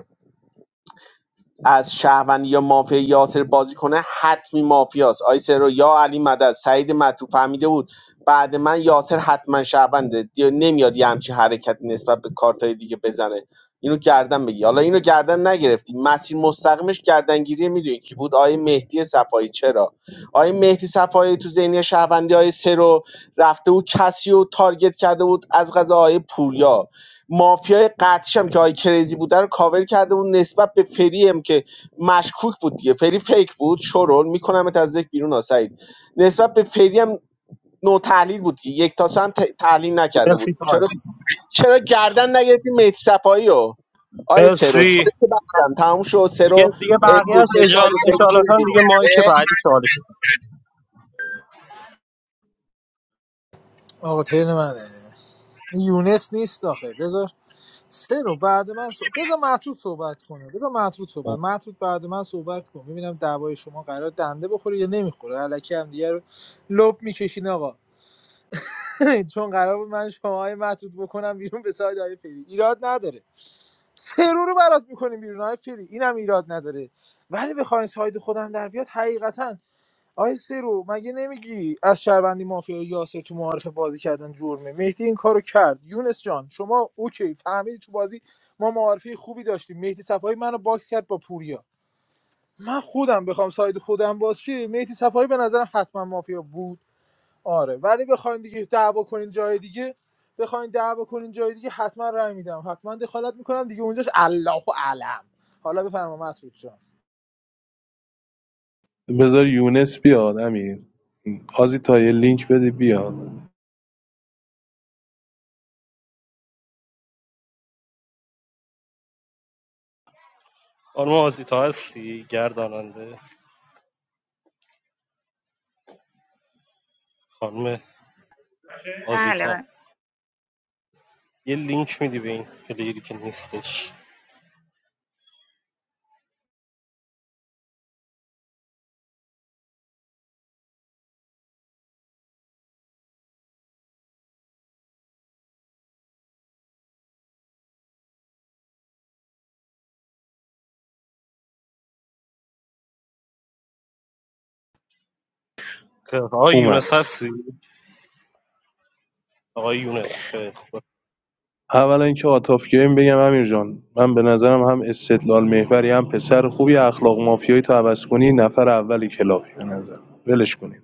[SPEAKER 3] از شهروندی یا مافیا یاسر بازی کنه حتمی مافیاست آی سرو یا علی مدد سعید مطلوب فهمیده بود بعد من یاسر حتما شهرونده دی- نمیاد یه همچی حرکتی نسبت به کارتای دیگه بزنه اینو گردن بگی حالا اینو گردن نگرفتی مسیر مستقیمش گردنگیری میدونی کی بود آیه مهدی صفایی چرا آیه مهدی صفایی تو ذهنی شهروندی آیه سرو رفته بود کسی رو تارگت کرده بود از غذا آیه پوریا مافیای قطعیش هم که آی کریزی بوده رو کاور کرده بود نسبت به فری هم که مشکوک بود دیگه فری فیک بود شورول میکنمت از یک بیرون آسایید نسبت به فری هم نو تحلیل بود دیگه. یک تاسو هم ت- تحلیل نکرده بود
[SPEAKER 24] مرسی تایم
[SPEAKER 3] چرا چرا گردن نگرفتی مهدی صفایی رو آی سرو سرو
[SPEAKER 24] مرسی
[SPEAKER 3] که بخدم تموم شد سرو
[SPEAKER 24] دیگه
[SPEAKER 3] امروز
[SPEAKER 24] دیگه بقیه‌اش
[SPEAKER 3] به
[SPEAKER 24] اجال
[SPEAKER 3] سایه
[SPEAKER 24] ان
[SPEAKER 3] فری
[SPEAKER 24] شاءالله
[SPEAKER 3] میره بیرون.
[SPEAKER 24] دیگه مایک
[SPEAKER 3] اه؟
[SPEAKER 24] بعدی چالشه
[SPEAKER 5] آقا تیر منه یونس نیست آخه بذار سه رو بعد من صحب... بذار مطرود صحبت کنه بذار مطرود صحبت مطرود بعد من صحبت کن ببینم دعوای شما قرار دنده بخوره یا نمیخوره الکی هم دیگه رو لب میکشین آقا چون قرار بود من شماهای های مطرود بکنم بیرون به ساید های فری ایراد نداره سه رو رو برات میکنیم بیرون های فری اینم ایراد نداره ولی بخواین ساید خودم در بیاد حقیقتا آی سرو مگه نمیگی از شهروندی مافیا یاسر تو معارف بازی کردن جرمه مهدی این کارو کرد یونس جان شما اوکی فهمیدی تو بازی ما معارفه خوبی داشتیم مهدی صفایی منو باکس کرد با پوریا من خودم بخوام ساید خودم باز شه مهدی صفایی به نظرم حتما مافیا بود آره ولی بخواین دیگه دعوا کنین جای دیگه بخواین دعوا کنین جای دیگه حتما رای میدم حتما دخالت میکنم دیگه اونجاش الله علم حالا بفرما مسعود جان
[SPEAKER 6] بذار یونس بیاد امیر آزی تا یه لینک بده بیاد
[SPEAKER 24] خانم آزیتا هستی گرداننده خانم
[SPEAKER 4] بله
[SPEAKER 24] آزیتا
[SPEAKER 4] بله
[SPEAKER 24] یه لینک میدی به این پلیری که نیستش که آقای
[SPEAKER 6] اومد
[SPEAKER 24] یونس هستی آقای یونس خیلی خوبه.
[SPEAKER 6] اولا اینکه آتاف گیم بگم امیر جان من به نظرم هم استدلال محوری هم پسر خوبی اخلاق مافیایی تو عوض کنی نفر اولی کلاپی به نظر ولش کنی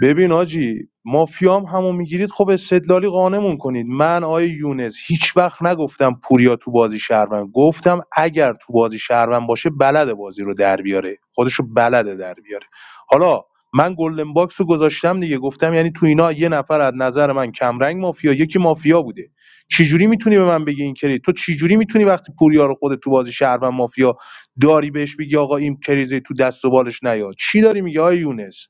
[SPEAKER 6] ببین آجی مافیام همو میگیرید خب استدلالی قانمون کنید من آیه یونس هیچ وقت نگفتم پوریا تو بازی شهروند گفتم اگر تو بازی شهروند باشه بلده بازی رو در بیاره خودشو بلده در بیاره حالا من گلدن باکس رو گذاشتم دیگه گفتم یعنی تو اینا یه نفر از نظر من کمرنگ مافیا یکی مافیا بوده چجوری میتونی به من بگی این کرید تو چجوری میتونی وقتی پوریا رو خودت تو بازی شهروند مافیا داری بهش بگی آقا این کریزه تو دست و بالش نیاد چی داری میگه آیه یونس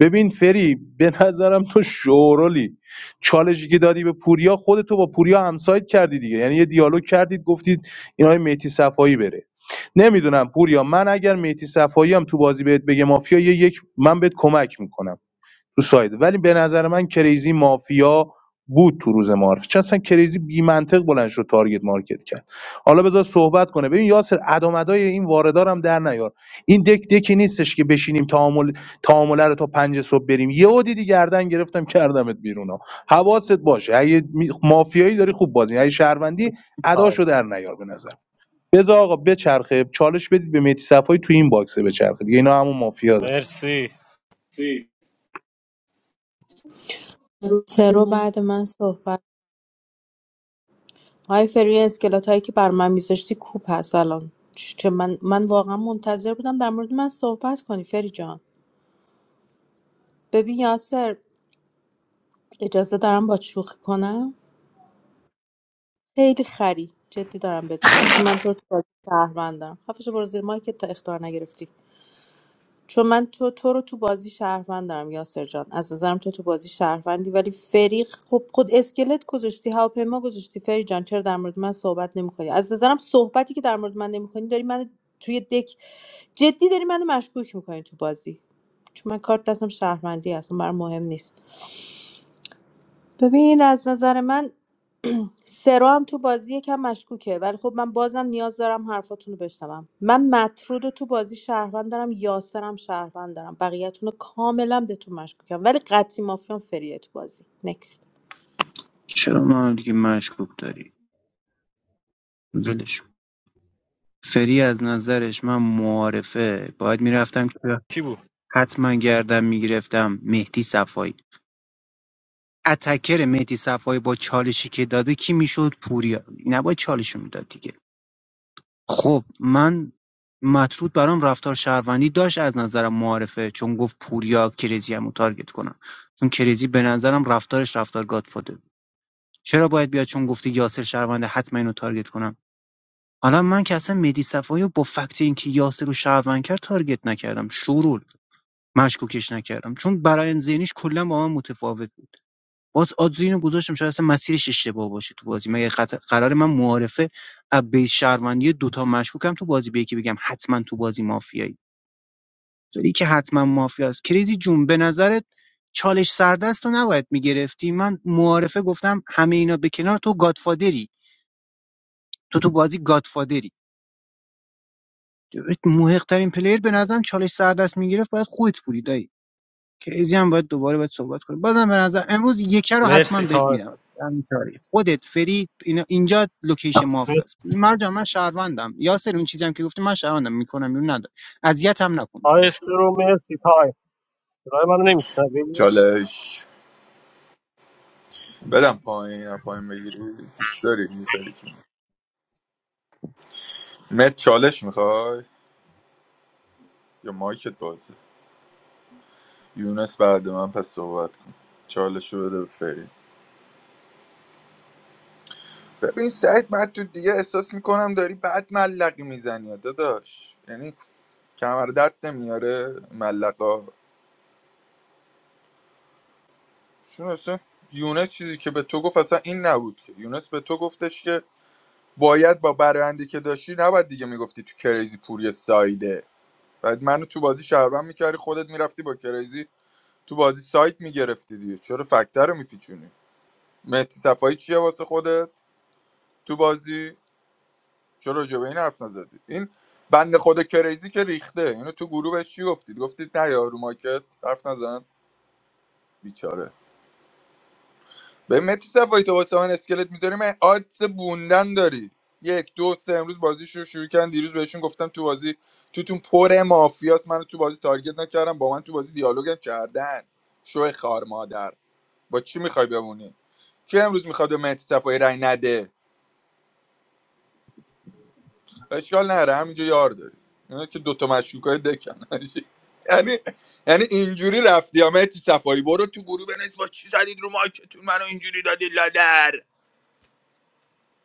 [SPEAKER 6] ببین فری به نظرم تو شورولی چالشی که دادی به پوریا خودتو با پوریا همسایت کردی دیگه یعنی یه دیالوگ کردید گفتید اینای های میتی صفایی بره نمیدونم پوریا من اگر میتی صفایی هم تو بازی بهت بگه مافیا یه یک من بهت کمک میکنم تو ساید ولی به نظر من کریزی مافیا بود تو روز معارف چون اصلا کریزی بی منطق بلند شد تارگت مارکت کرد حالا بذار صحبت کنه ببین یاسر ادامدای این واردارم در نیار این دک دکی نیستش که بشینیم تعامل تعامله رو تا پنج صبح بریم یهو دیدی گردن گرفتم کردمت بیرون ها حواست باشه اگه می- مافیایی داری خوب بازی اگه شهروندی
[SPEAKER 24] مرسی تایم
[SPEAKER 6] اداشو در نیار به نظر بذار آقا بچرخه چالش بدید به مهدی صفایی تو این باکسه بچرخه دیگه اینا همون مافیا دارن.
[SPEAKER 24] مرسی
[SPEAKER 7] سرو بعد من صحبت های فری اسکلات هایی که بر من میذاشتی کوپ هست الان چه من من واقعا منتظر بودم در مورد من صحبت کنی فری جان ببین یاسر اجازه دارم با شوخی کنم خیلی خری جدی دارم بهت میگم چون من تو رو تو بازی شهروند دارم خفش برو زیر مایکت تا اختار نگرفتی چون من تو تو رو تو بازی شهروند دارم یاسر جان از نظرم تو تو بازی شهروندی ولی فریق خب خود اسکلت گذاشتی هواپیما گذاشتی فری جان چرا در مورد من صحبت نمیکنی از نظرم صحبتی که در مورد من نمیکنی داری من توی دک جدی داری منو مشکوک میکنی تو بازی چون من کارت دستم شهروندی اصلا برام مهم نیست ببین از نظر من سرو هم تو بازی یکم مشکوکه ولی خب من بازم نیاز دارم حرفاتون رو بشنوم من مطرود رو تو بازی شهروند دارم یاسرم شهروند دارم بقیه‌تون رو کاملا بهتون مشکوکم ولی قطعی مافیان فریه تو بازی نکست
[SPEAKER 23] چرا منو دیگه مشکوک داری ولش کن. فری از نظرش من معارفه باید میرفتم که
[SPEAKER 24] کی بود
[SPEAKER 23] حتما گردم میگرفتم مهدی صفایی اتکر مهدی صفایی با چالشی که داده کی میشد پوریا نباید چالشو میداد دیگه. خب من مطرود برام رفتار شهروندی داشت از نظرم معارفه چون گفت پوریا کریزی هم رو تارگت کنم چون کریزی به نظرم رفتارش رفتار گادفادر بود. چرا باید بیاد چون گفته یاسر شهرونده حتما اینو تارگت کنم حالا من که اصلا مدی صفایی رو با فکت اینکه یاسر رو شهروند کرد تارگت نکردم شورول مشکوکش نکردم چون برای ذهنیش کلا با من متفاوت باز آدز اینو گذاشتم شاید اصلا مسیرش اشتباه باشه تو بازی مگه قط... قرار من معارفه ابی بیس شهروندی دوتا مشکوکم تو بازی به یکی بگم حتما تو بازی مافیایی یکی که حتما مافیاست کریزی جون به نظرت چالش سردست رو نباید میگرفتی من معارفه گفتم همه اینا به کنار تو گادفادری تو تو بازی گادفادری موهقترین پلیر به نظرم چالش سردست میگرفت باید خودت بودی دایی. کریزی هم باید دوباره باید صحبت کنیم بازم به نظر امروز یکه رو حتما
[SPEAKER 24] مرسی
[SPEAKER 23] بهت
[SPEAKER 24] تایم
[SPEAKER 23] میدم همین تاریخ. خودت فرید اینا اینجا لوکیشن مافیا
[SPEAKER 24] مرسی
[SPEAKER 23] است مرجان من شهروندم یاسر اون چیزی هم که گفتی من شهروندم میکنم اون نداره اذیت هم نکن
[SPEAKER 24] آقای رو مرسی تایم صدای من نمیشنوی
[SPEAKER 15] چالش بدم پایین یا پایین بگیری دوست داری میفری جون مت چالش میخوای یا مایکت بازه یونس بعد من پس صحبت کن چالش رو بده به فری ببین سعید من تو دیگه احساس میکنم داری بد ملقی میزنی داداش یعنی کمر درد نمیاره ملقا چون اصلا یونس چیزی که به تو گفت اصلا این نبود که یونس به تو گفتش که باید با برندی که داشتی نباید دیگه میگفتی تو کریزی پوری سایده بعد منو تو بازی شهروند میکردی خودت میرفتی با کریزی تو بازی سایت میگرفتی دیگه چرا فکتر رو میپیچونی مهدی صفایی چیه واسه خودت تو بازی چرا راجع به این حرف نزدی این بند خود کریزی که ریخته اینو تو گروه بهش چی گفتید گفتید نه یا رو ماکت حرف نزن بیچاره به متی صفایی تو واسه من اسکلت میذاری من آدس بوندن داری یک دو سه امروز بازیش رو شروع کردن دیروز بهشون گفتم تو بازی توتون پر مافیاست منو تو بازی تارگت نکردم با من تو بازی دیالوگم کردن شو خار مادر با چی میخوای بمونی کی امروز میخواد به مهدی صفایی رای نده اشکال نره همینجا یار داری اینا که دوتا مشکوکای دکن یعنی یعنی اینجوری رفتی یا مهدی صفایی برو تو گروه بنویس با چی زدید رو مایکتون منو اینجوری دادی لادر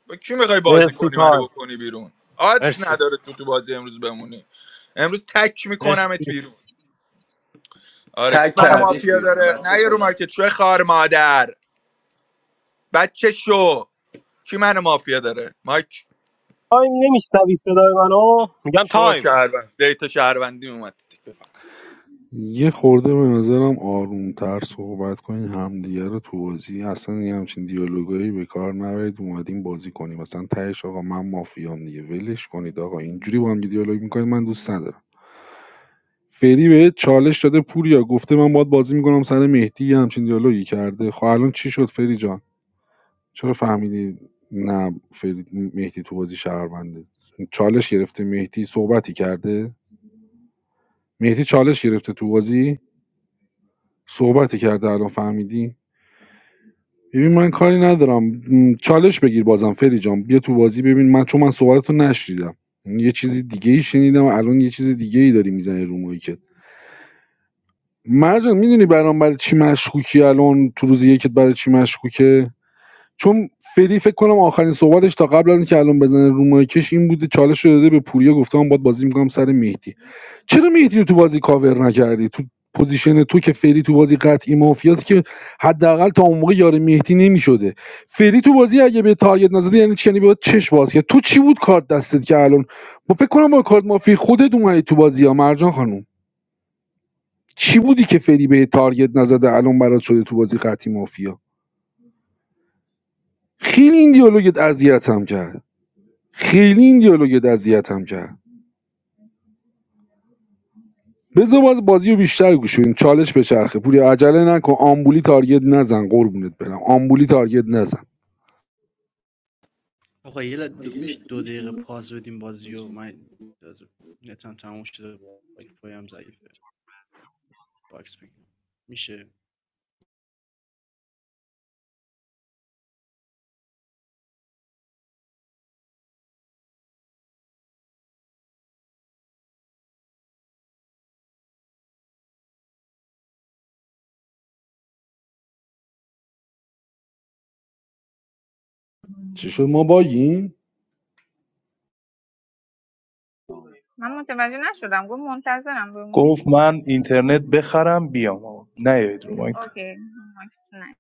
[SPEAKER 15] با کی میخوای بازی
[SPEAKER 24] مرسی
[SPEAKER 15] کنی منو
[SPEAKER 24] تایم
[SPEAKER 15] بکنی بیرون آت
[SPEAKER 24] مرسی
[SPEAKER 15] نداره تو تو بازی امروز بمونی امروز تک میکنمت
[SPEAKER 24] مرسی
[SPEAKER 15] بیرون آره کی
[SPEAKER 18] تک
[SPEAKER 15] منو
[SPEAKER 24] تایم
[SPEAKER 18] کردیش
[SPEAKER 15] مافیا
[SPEAKER 18] بیرون
[SPEAKER 15] داره
[SPEAKER 18] بچه
[SPEAKER 15] نه یه رو
[SPEAKER 18] خوش
[SPEAKER 15] مایکت شو خار مادر بچه شو کی منو مافیا داره مایک
[SPEAKER 24] تایم نمیشنوی صدای منو میگم
[SPEAKER 15] شو
[SPEAKER 24] تایم
[SPEAKER 15] شهروند دیتا شهروندی اومد تو تیک، بفهم
[SPEAKER 22] یه خورده به نظرم آرومتر صحبت کنین همدیگه رو تو بازی اصلا یه همچین دیالوگایی به کار نبرید اومدیم بازی کنیم مثلا تهش آقا من مافیام دیگه ولش کنید آقا اینجوری با هم دیگه دیالوگ میکنید من دوست ندارم فری بهت چالش داده پوریا گفته من باید بازی میکنم سر مهدی یه همچین دیالوگی کرده خب الان چی شد فری جان چرا فهمیدی نه فری مهدی تو بازی شهرونده چالش گرفته مهدی صحبتی کرده مهدی چالش گرفته تو بازی صحبتی کرده الان فهمیدی ببین من کاری ندارم چالش بگیر بازم فری جان بیا تو بازی ببین من چون من صحبتتو نشنیدم یه چیزی دیگه ای شنیدم الان یه چیز دیگه ای داری میزنی رو مایکت مرجان میدونی برام برای چی مشکوکی الان تو روز یکت برای چی مشکوکه چون فری فکر کنم آخرین صحبتش تا قبل از اینکه الان بزنه رو مایکش این بوده چالش رو داده به پوریا گفته من باید بازی میکنم سر مهدی چرا مهدی رو تو بازی کاور نکردی تو پوزیشن تو که فری تو بازی قطعی مافیاست که حداقل تا اون موقع یار مهدی نمیشده فری تو بازی اگه به تارگت نزدی یعنی چی یعنی باید چش باز کرد تو چی بود کارت دستت که الان با فکر کنم با کارت مافی خودت اومدی تو بازی یا مرجان خانم چی بودی که فری به تارگت نزده الان برات شده تو بازی قطعی مافیا خیلی این دیالوگت اذیتم کرد خیلی این دیالوگ اذیتم کرد بذار باز بازی رو بیشتر گوش بدیم چالش بچرخه پوری عجله نکن آمبولی تارگت نزن قربونت برم آمبولی تارگت نزن
[SPEAKER 19] آقا یه ل... دو... میشه دو دقیقه پاز بدیم بازی و من از نتم تموم شده وایفای ضعیفه باکس بگیرم میشه
[SPEAKER 22] چی شد ما باگیم
[SPEAKER 4] من متوجه نشدم گفت منتظرم بمونی
[SPEAKER 6] گفت من اینترنت بخرم بیام آقا. نیایید رو مایت
[SPEAKER 4] اوکی نه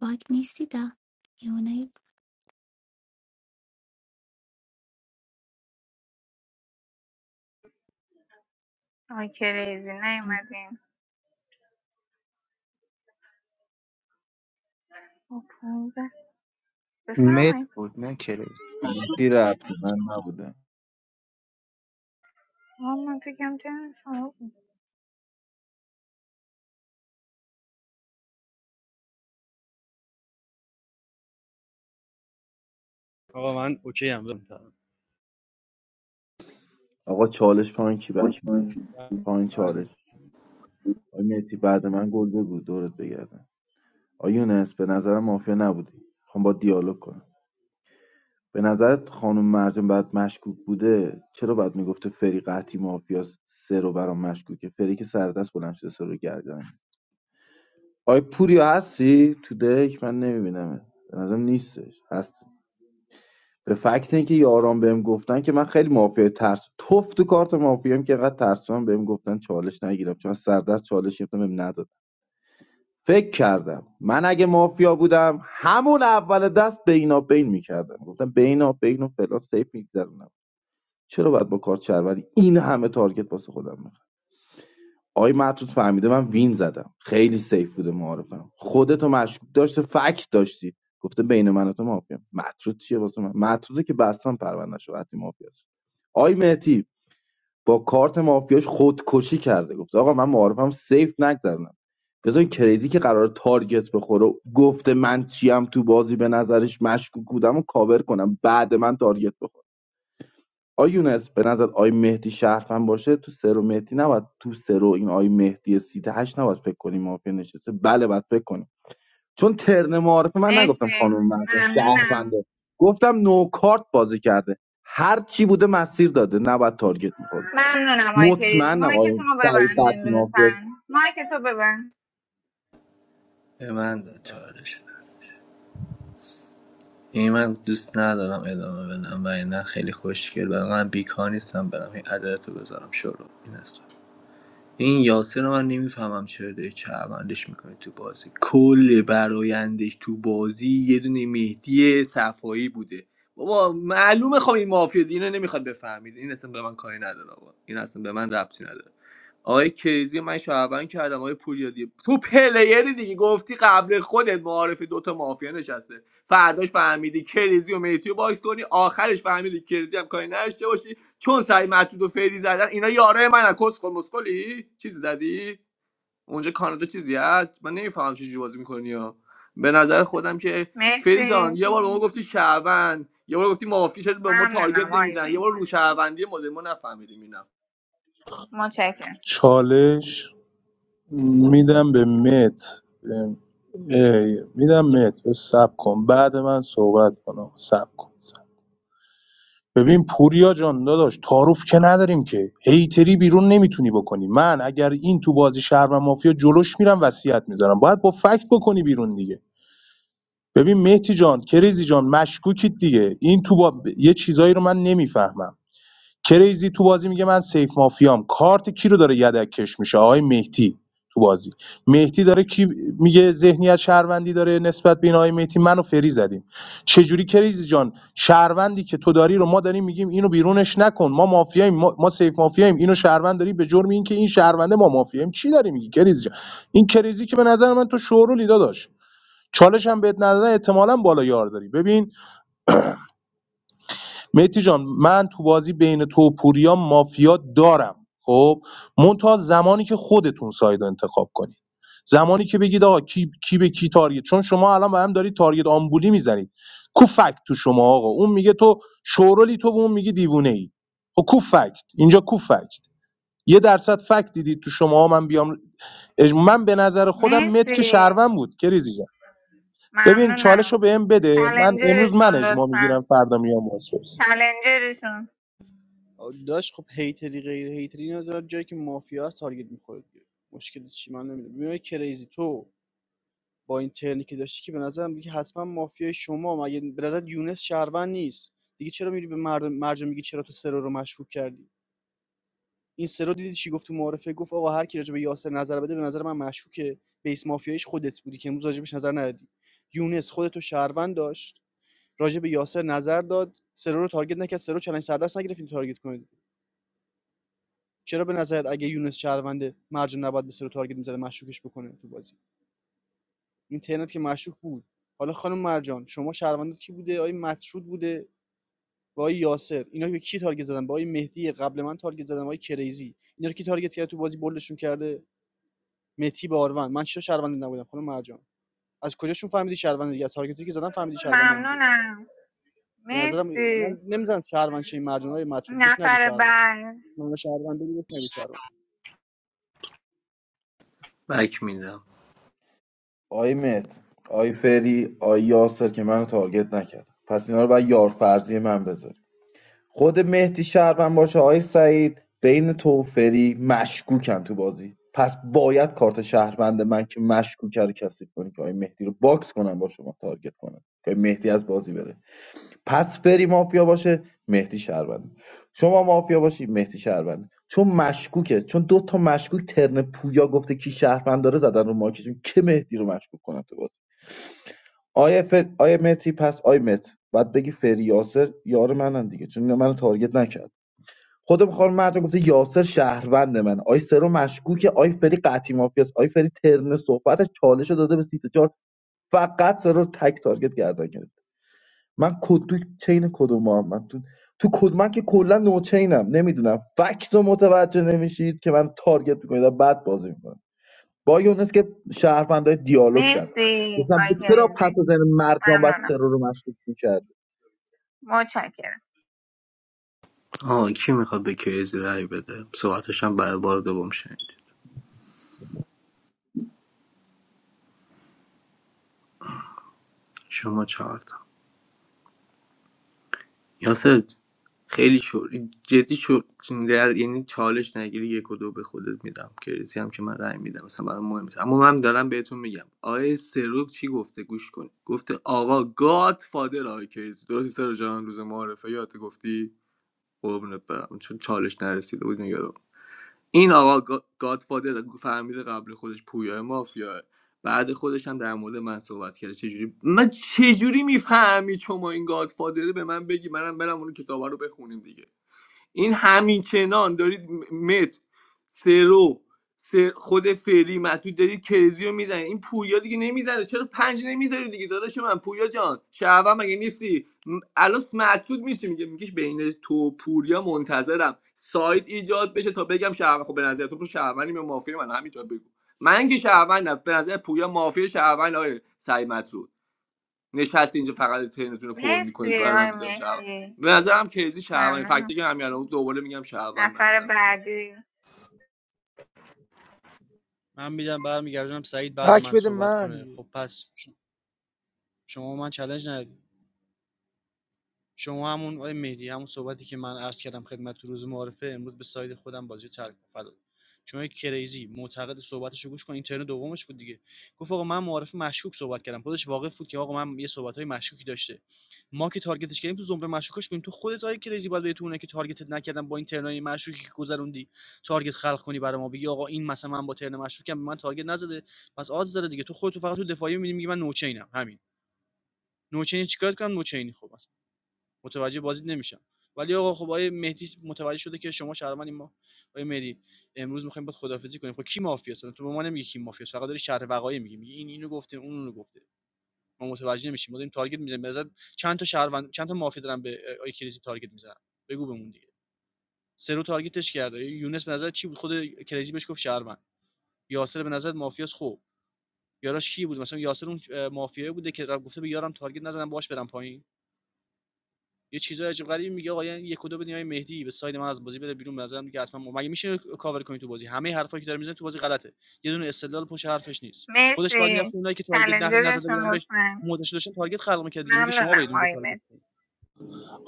[SPEAKER 1] باگ نیستید آه. یه اونایی.
[SPEAKER 4] آقای کریزی نیومدیم خب، پونزده.
[SPEAKER 23] مت
[SPEAKER 4] بفرمایید
[SPEAKER 23] بود نه کریز
[SPEAKER 21] Thanks. کی رفتی من نبودم
[SPEAKER 4] آه، من فکرم ترم شما بود.
[SPEAKER 19] آقا من اوکی هم
[SPEAKER 21] آقا چالش پایین کی بک میده پایین چالش آقا میتی بعد من گل بگو دورت بگردم آقا یونس به نظرم مافیا نبودی خب با دیالوگ کنم به نظرت خانم مرجان بعد مشکوک بوده چرا باید میگفته فری قحطی مافیاس سه رو برام مشکوکه فری که سر بلند شده سه رو گردن آی پوریا هستی تو دک من نمیبینم به نظرم نیستش هستی به فکت اینکه یاران بهم گفتن که من خیلی مافیا ترس توف تو کارت مافیام که انقدر ترسان بهم گفتن چالش نگیرم چون سردست چالش گرفتم بهم نداد فکر کردم من اگه مافیا بودم همون اول دست بینا بین میکردم گفتم بینا بین و فلان سیف میگذرونم چرا باید با کارت شهروندی این همه تارگت واسه خودم بخرم آقای معطوط فهمیده من وین زدم خیلی سیف بوده معارفم خودتو مشکوک داشته فکت داشتی گفته بین من و تو مافیا مطرود چیه واسه من مطروده که بستم پروندهشو وقتی مافیاست آقای مهتی با کارت مافیاش خودکشی کرده گفته آقا من معارفم سیف نگذرونم بذار این کریزی که قرار تارگت بخوره گفته من چیم تو بازی به نظرش مشکوک بودم و کاور کنم بعد من تارگت بخوره آی یونس به نظر آی مهدی شهروند باشه تو سرو مهدی نباید تو سرو این آی مهدی سیت هشت نباید فکر کنیم مافیا نشسته بله باید فکر کنیم چون ترن معارفه من نگفتم
[SPEAKER 4] مرسی
[SPEAKER 21] خانم مهدا
[SPEAKER 4] ممنونم
[SPEAKER 21] شهرونده گفتم نو کارت بازی کرده هر چی بوده مسیر داده نباید تارگت میخورد
[SPEAKER 4] ممنونم آقای کریزی
[SPEAKER 21] مطمئنم آی
[SPEAKER 4] مایکتون رو
[SPEAKER 21] سعید
[SPEAKER 4] ببند
[SPEAKER 21] قطعی مافیاست
[SPEAKER 4] لطفا مایکتو ببند
[SPEAKER 18] به من داد چالش این من دوست ندارم ادامه بدم و نه خیلی خوشگل و من بیکار نیستم برم این عدالت رو بذارم شروع این است این یاسر رو من نمیفهمم چرا داری چرمندش میکنی تو بازی کل برایندش تو بازی یه دونه مهدی صفایی بوده بابا معلومه خب این مافیا اینو نمیخواد بفهمید این اصلا به من کاری نداره آقا. این اصلا به من ربطی نداره آقای کریزی رو من شعبان کردم آقای پوریا دیگه تو پلیری دیگه گفتی قبل خودت معارف دوتا مافیا نشسته فرداش فهمیدی کریزی و میتی رو باکس کنی آخرش فهمیدی کریزی هم کاری نداشته باشی چون سعی معتود و فری زدن اینا یاره من کس کن مسکلی چیزی زدی اونجا کانادا چیزی هست من نمیفهمم چه جوری بازی میکنی ها به نظر خودم که فری
[SPEAKER 4] مرسی
[SPEAKER 18] جان یه بار به ما گفتی شعبان یه بار گفتی مافیا شد به ما
[SPEAKER 4] ممنونم
[SPEAKER 18] تارگت
[SPEAKER 4] آقای
[SPEAKER 18] نمیزن یه بار رو
[SPEAKER 4] مهدی
[SPEAKER 18] شهروندی ما ما نفهمیدیم اینا
[SPEAKER 4] متشکرم
[SPEAKER 6] چالش میدم به مت
[SPEAKER 19] بهت
[SPEAKER 6] ای، میدم مت به سب کن بعد من صحبت کنم سب کن سب. ببین پوریا جان داداش تعارف که نداریم که هیتری بیرون نمیتونی بکنی من اگر این تو بازی شهر و مافیا جلوش میرم وصیت میذارم باید با فکت بکنی بیرون دیگه ببین مهدی جان کریزی جان مشکوکید دیگه این تو با... یه چیزایی رو من نمیفهمم کریزی تو بازی میگه من سیف مافیام کارت کی رو داره یدک کش میشه آقای مهدی تو بازی مهدی داره کی میگه ذهنیت شهروندی داره نسبت به این آقای مهدی منو فری زدیم چجوری کریزی جان شهروندی که تو داری رو ما داریم میگیم اینو بیرونش نکن ما مافیاییم ما, ما سیف مافیاییم اینو شهروند داری به جرم اینکه این شهرونده ما مافیاییم چی داری میگی کریزی جان این کریزی که به نظر من تو شعور و لیدا داشت چالش هم بهت ندادن احتمالاً بالا یار داری ببین مهدی جان من تو بازی بین تو و پوریا مافیا دارم خب منتها زمانی که خودتون ساید رو انتخاب کنید زمانی که بگید آقا کی, کی به کی تارگت چون شما الان به هم دارید تارگت آمبولی میزنید کو فکت تو شما آقا اون میگه تو شورولی تو به اون میگی دیوونه ای خب کو فکت اینجا کو فکت یه درصد فکت دیدید تو شما من بیام اج- من به نظر خودم مت که
[SPEAKER 4] مرسی
[SPEAKER 6] شهروند بود کریزی جان ببین چالش رو
[SPEAKER 4] ممنونم
[SPEAKER 6] بهم بده من امروز من
[SPEAKER 4] چلنجرشون
[SPEAKER 6] اجماع
[SPEAKER 4] لطفا
[SPEAKER 6] میگیرم فردا میام واسپس
[SPEAKER 4] چلنجرشون
[SPEAKER 19] داشت خب هیتری غیر هیتری اینا جایی که مافیا هست تارگت میخوره دیگه مشکل چی من نمیدونم میای کریزی تو با این ترنی که داشتی که به نظرم دیگه حتما مافیای شما مگه به نظر یونس شهروند نیست دیگه چرا میری به مردم مرجع میگی چرا تو سرو رو مشکوک کردی این سرو دیدی چی گفت تو معارفه گفت آقا هر کی راجع به یاسر نظر بده به نظر من مشکوکه بیس مافیایش خودت بودی که امروز راجع بهش نظر ندادی یونس خودتو شهروند داشت راجع به یاسر نظر داد سرو رو تارگت نکرد سرو چالش سردست نگرفتین تارگت کنید چرا به نظرت اگه یونس شهرونده مرجان نباید به سرو تارگت میزده مشکوکش بکنه تو بازی این ترنت که مشکوک بود حالا خانم مرجان شما شهروندت کی بوده آقای مسعود بوده با آقای یاسر اینا به کی تارگت زدن با آقای مهدی قبل من تارگت زدن با آقای کریزی اینا رو کی تارگت کرد تو بازی بولدشون کرده مهدی مرجان از کجا میگه؟
[SPEAKER 4] ممنونم
[SPEAKER 19] به نظر
[SPEAKER 4] مرسی نفر
[SPEAKER 19] من
[SPEAKER 4] بعد
[SPEAKER 19] من
[SPEAKER 18] بک میدم.
[SPEAKER 21] آی مهد آی فری آی یاسر که منو تارگت نکرد پس اینا رو باید یار فرضی من بذاری خود مهدی شهروند باشه آی سعید بین تو و فری مشکوکن تو بازی پس باید کارت شهروند من که مشکوک کرده کسی کنی که آی مهدی رو باکس کنم با شما تارگت کنم که مهدی از بازی بره پس فری مافیا باشه مهدی شهروند شما مافیا باشی مهدی شهروند چون مشکوکه چون دو تا مشکوک ترن پویا گفته کی شهروند داره زدن رو ماکشون که مهدی رو مشکوک کنن تو بازی آیا فر... آیا مهدی پس آی مت بعد بگی فری یاسر یار منن دیگه چون اینا منو تارگت نکرد خودم خانم مرجان گفته یاسر شهروند من آی سرو مشکوکه آی فری قطعی مافیاست آی فری ترن صحبت چالش رو داده به سیت چهار فقط سرو تک تارگت گردن گرفت من کد تو چین کدوم محمد تو تو کد من که کلا نو چینم نمیدونم فکت رو متوجه نمیشید که من تارگت میکنید بعد بازی میکنم با یونس که شهروندای دیالوگ کردن
[SPEAKER 4] مرسی
[SPEAKER 21] گفتم
[SPEAKER 4] آقای
[SPEAKER 21] چرا پس
[SPEAKER 4] گریزی
[SPEAKER 21] از این مرجان بعد
[SPEAKER 4] ممنونم
[SPEAKER 21] سرو رو مشکوک میکرد
[SPEAKER 4] متشکرم
[SPEAKER 18] آه کی میخواد به کریزی رأی بده صحبتش هم برای بار دوم شنید شما چهار تا یاسر خیلی شور جدی شور در یعنی چالش نگیری یک و دو به خودت میدم کریزی هم که من رای میدم مثلا برای مهم نیست اما من دارم بهتون میگم آقای سرو چی گفته گوش کن گفته آقا گاد فادر آقای کریزی درستی سرو جان روز معارفه یادت گفتی قربونت برم چون چالش نرسیده بود میگم این آقا گا- گادفادر فهمیده قبل خودش پویا مافیا بعد خودش هم در مورد من صحبت کرده چجوری من چجوری میفهمی شما این گادفادره به من بگی منم برم اون کتابا رو بخونیم دیگه این همین کنان دارید مت سرو سر خود فری مطود دارید کرزی رو میزنید این پویا دیگه نمیزنه چرا پنج نمیذاری دیگه داداش من پویا جان شعبه مگه نیستی م- الان مطود میشه میگه میگه بین تو و پوریا منتظرم سایت ایجاد بشه تا بگم شعبه خب به نظر تو شعبانی به مافیا من همینجا بگو من که شعبانم به نظر پویا مافیا شعبان آیه سعی مطرود نشست اینجا فقط ترینتون رو پر میکنید
[SPEAKER 4] مرسی
[SPEAKER 18] برای من
[SPEAKER 4] آقای
[SPEAKER 18] میذارم شهروند
[SPEAKER 4] مهدی
[SPEAKER 18] به نظرم کیزی شهروند فکت
[SPEAKER 4] ممنونم
[SPEAKER 18] دیگه همین الان دوباره میگم شهروند به
[SPEAKER 4] نفر
[SPEAKER 18] نظر خودم
[SPEAKER 4] بعدی
[SPEAKER 19] من میدم برمیگردونم سعید بعد من
[SPEAKER 5] بک بده
[SPEAKER 19] صحبت
[SPEAKER 5] من
[SPEAKER 19] کنه خب پس شما من چالش ندید شما همون آقای مهدی همون صحبتی که من عرض کردم خدمت تو روز معارفه امروز به ساید خودم بازی ترک کن فدات شما کریزی معتقد صحبتشو گوش کن این ترن دومش بود دیگه گفت آقا من معارف مشکوک صحبت کردم خودش واقف بود که آقا من یه صحبت‌های مشکوکی داشته ما که تارگتش کردیم تو زمره مشکوکش بودیم تو خودت آقای کریزی باید بهتونه که تارگتت نکردم با این ترنای مشکوکی که گذروندی تارگت خلق کنی برای ما بگی آقا این مثلا من با ترن مشکوکم به من تارگت نزده پس آز داره دیگه تو خودت فقط تو دفاعی می‌بینی میگی من نوچینم همین نوچین چیکار کنم نوچینی خب متوجه بازیت نمیشم ولی آقا خب آیه مهدی متوجه شده که شما شهروندی ما آیه مهدی امروز میخوایم باید خدافظی کنیم خب کی مافیا اصلا تو به ما نمیگی کی مافیا هست، فقط داری شهر وقایع میگی میگی این اینو گفته اون اونو گفته ما متوجه نمیشیم ما داریم تارگت میزنیم به چند تا شهروند چند تا مافیا دارن به آیه کریزی تارگت میزنن بگو بهمون دیگه سرو تارگتش کرده یونس به نظر چی بود خود کریزی بهش گفت شهروند یاسر به نظر مافیاس خوب یاراش کی بود مثلا یاسر اون مافیایی بوده که گفته به یارم تارگت نزنم باش برم پایین یه چیزای عجیب غریبی میگه آقا یعنی یک و دو بدین یا مهدی به ساید من از بازی بده بیرون به نظرم دیگه حتما مگه میشه کاور کنی تو بازی همه حرفایی که داره میزنه تو بازی غلطه یه دونه استدلال پشت حرفش نیست خودش باید میرفت
[SPEAKER 4] مرسی
[SPEAKER 19] اونایی که تارگت نخ- نزده
[SPEAKER 4] چلنجرشون
[SPEAKER 19] بودن بهش
[SPEAKER 4] لطفا
[SPEAKER 19] موضعش داشتن تارگت خلق میکرد دیگه میگه شما
[SPEAKER 4] ممنونم
[SPEAKER 19] باید اونجا
[SPEAKER 4] آقای
[SPEAKER 19] تارگت
[SPEAKER 4] مهدی
[SPEAKER 19] کنید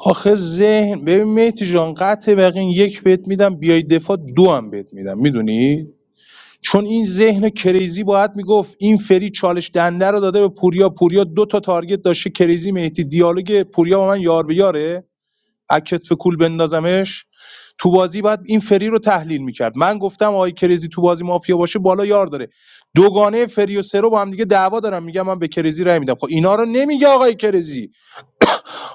[SPEAKER 6] آخه ذهن ببین مهدی جان قطع یقین یک بهت میدم بیای دفاع دو هم بهت میدم میدونی چون این ذهن کریزی باید میگفت این فری چالش دنده رو داده به پوریا پوریا دو تا تارگت داشته کریزی مهدی دیالوگ پوریا با من یار به یاره اکتف کول بندازمش تو بازی بعد این فری رو تحلیل میکرد من گفتم آقای کریزی تو بازی مافیا باشه بالا یار داره دوگانه فری و سرو با هم دیگه دعوا دارن میگم من به کریزی رای میدم خب اینا رو نمیگه آقای کریزی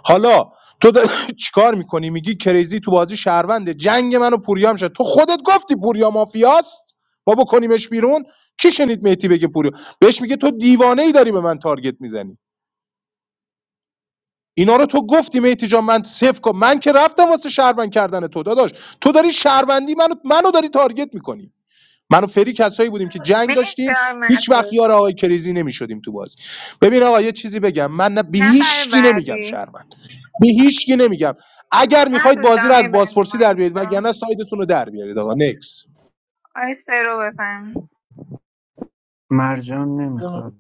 [SPEAKER 6] حالا تو داری چیکار میکنی میگی کریزی تو بازی شهرونده جنگ منو پوریا هم شد تو خودت گفتی پوریا مافیاست ما بکنیمش بیرون کی شنید میتی بگه پوریا بهش میگه تو دیوانه ای داری به من تارگت میزنی اینا رو تو گفتی میتی جان من صفر کن من که رفتم واسه شهروند کردن تو داداش تو داری شهروندی منو منو داری تارگت میکنی من و فری کسایی بودیم که جنگ
[SPEAKER 4] مرسی
[SPEAKER 6] داشتیم
[SPEAKER 4] آقای
[SPEAKER 6] هیچ وقت
[SPEAKER 4] مهدی
[SPEAKER 6] یار آقای کریزی نمیشدیم تو بازی ببین آقا یه چیزی بگم من نه به
[SPEAKER 4] نفر
[SPEAKER 6] هیچ کی نمیگم
[SPEAKER 4] بعدی
[SPEAKER 6] شهروند به هیچ کی نمیگم اگر
[SPEAKER 4] نه
[SPEAKER 6] میخواید
[SPEAKER 4] تو
[SPEAKER 6] بازی
[SPEAKER 4] جمع
[SPEAKER 6] رو از
[SPEAKER 4] میبندی
[SPEAKER 6] بازپرسی
[SPEAKER 4] مایک
[SPEAKER 6] در بیارید
[SPEAKER 4] تو
[SPEAKER 6] وگرنه سایدتون رو در بیارید آقا نکس
[SPEAKER 4] آی سرو بفهم
[SPEAKER 23] مرجان نمیخواد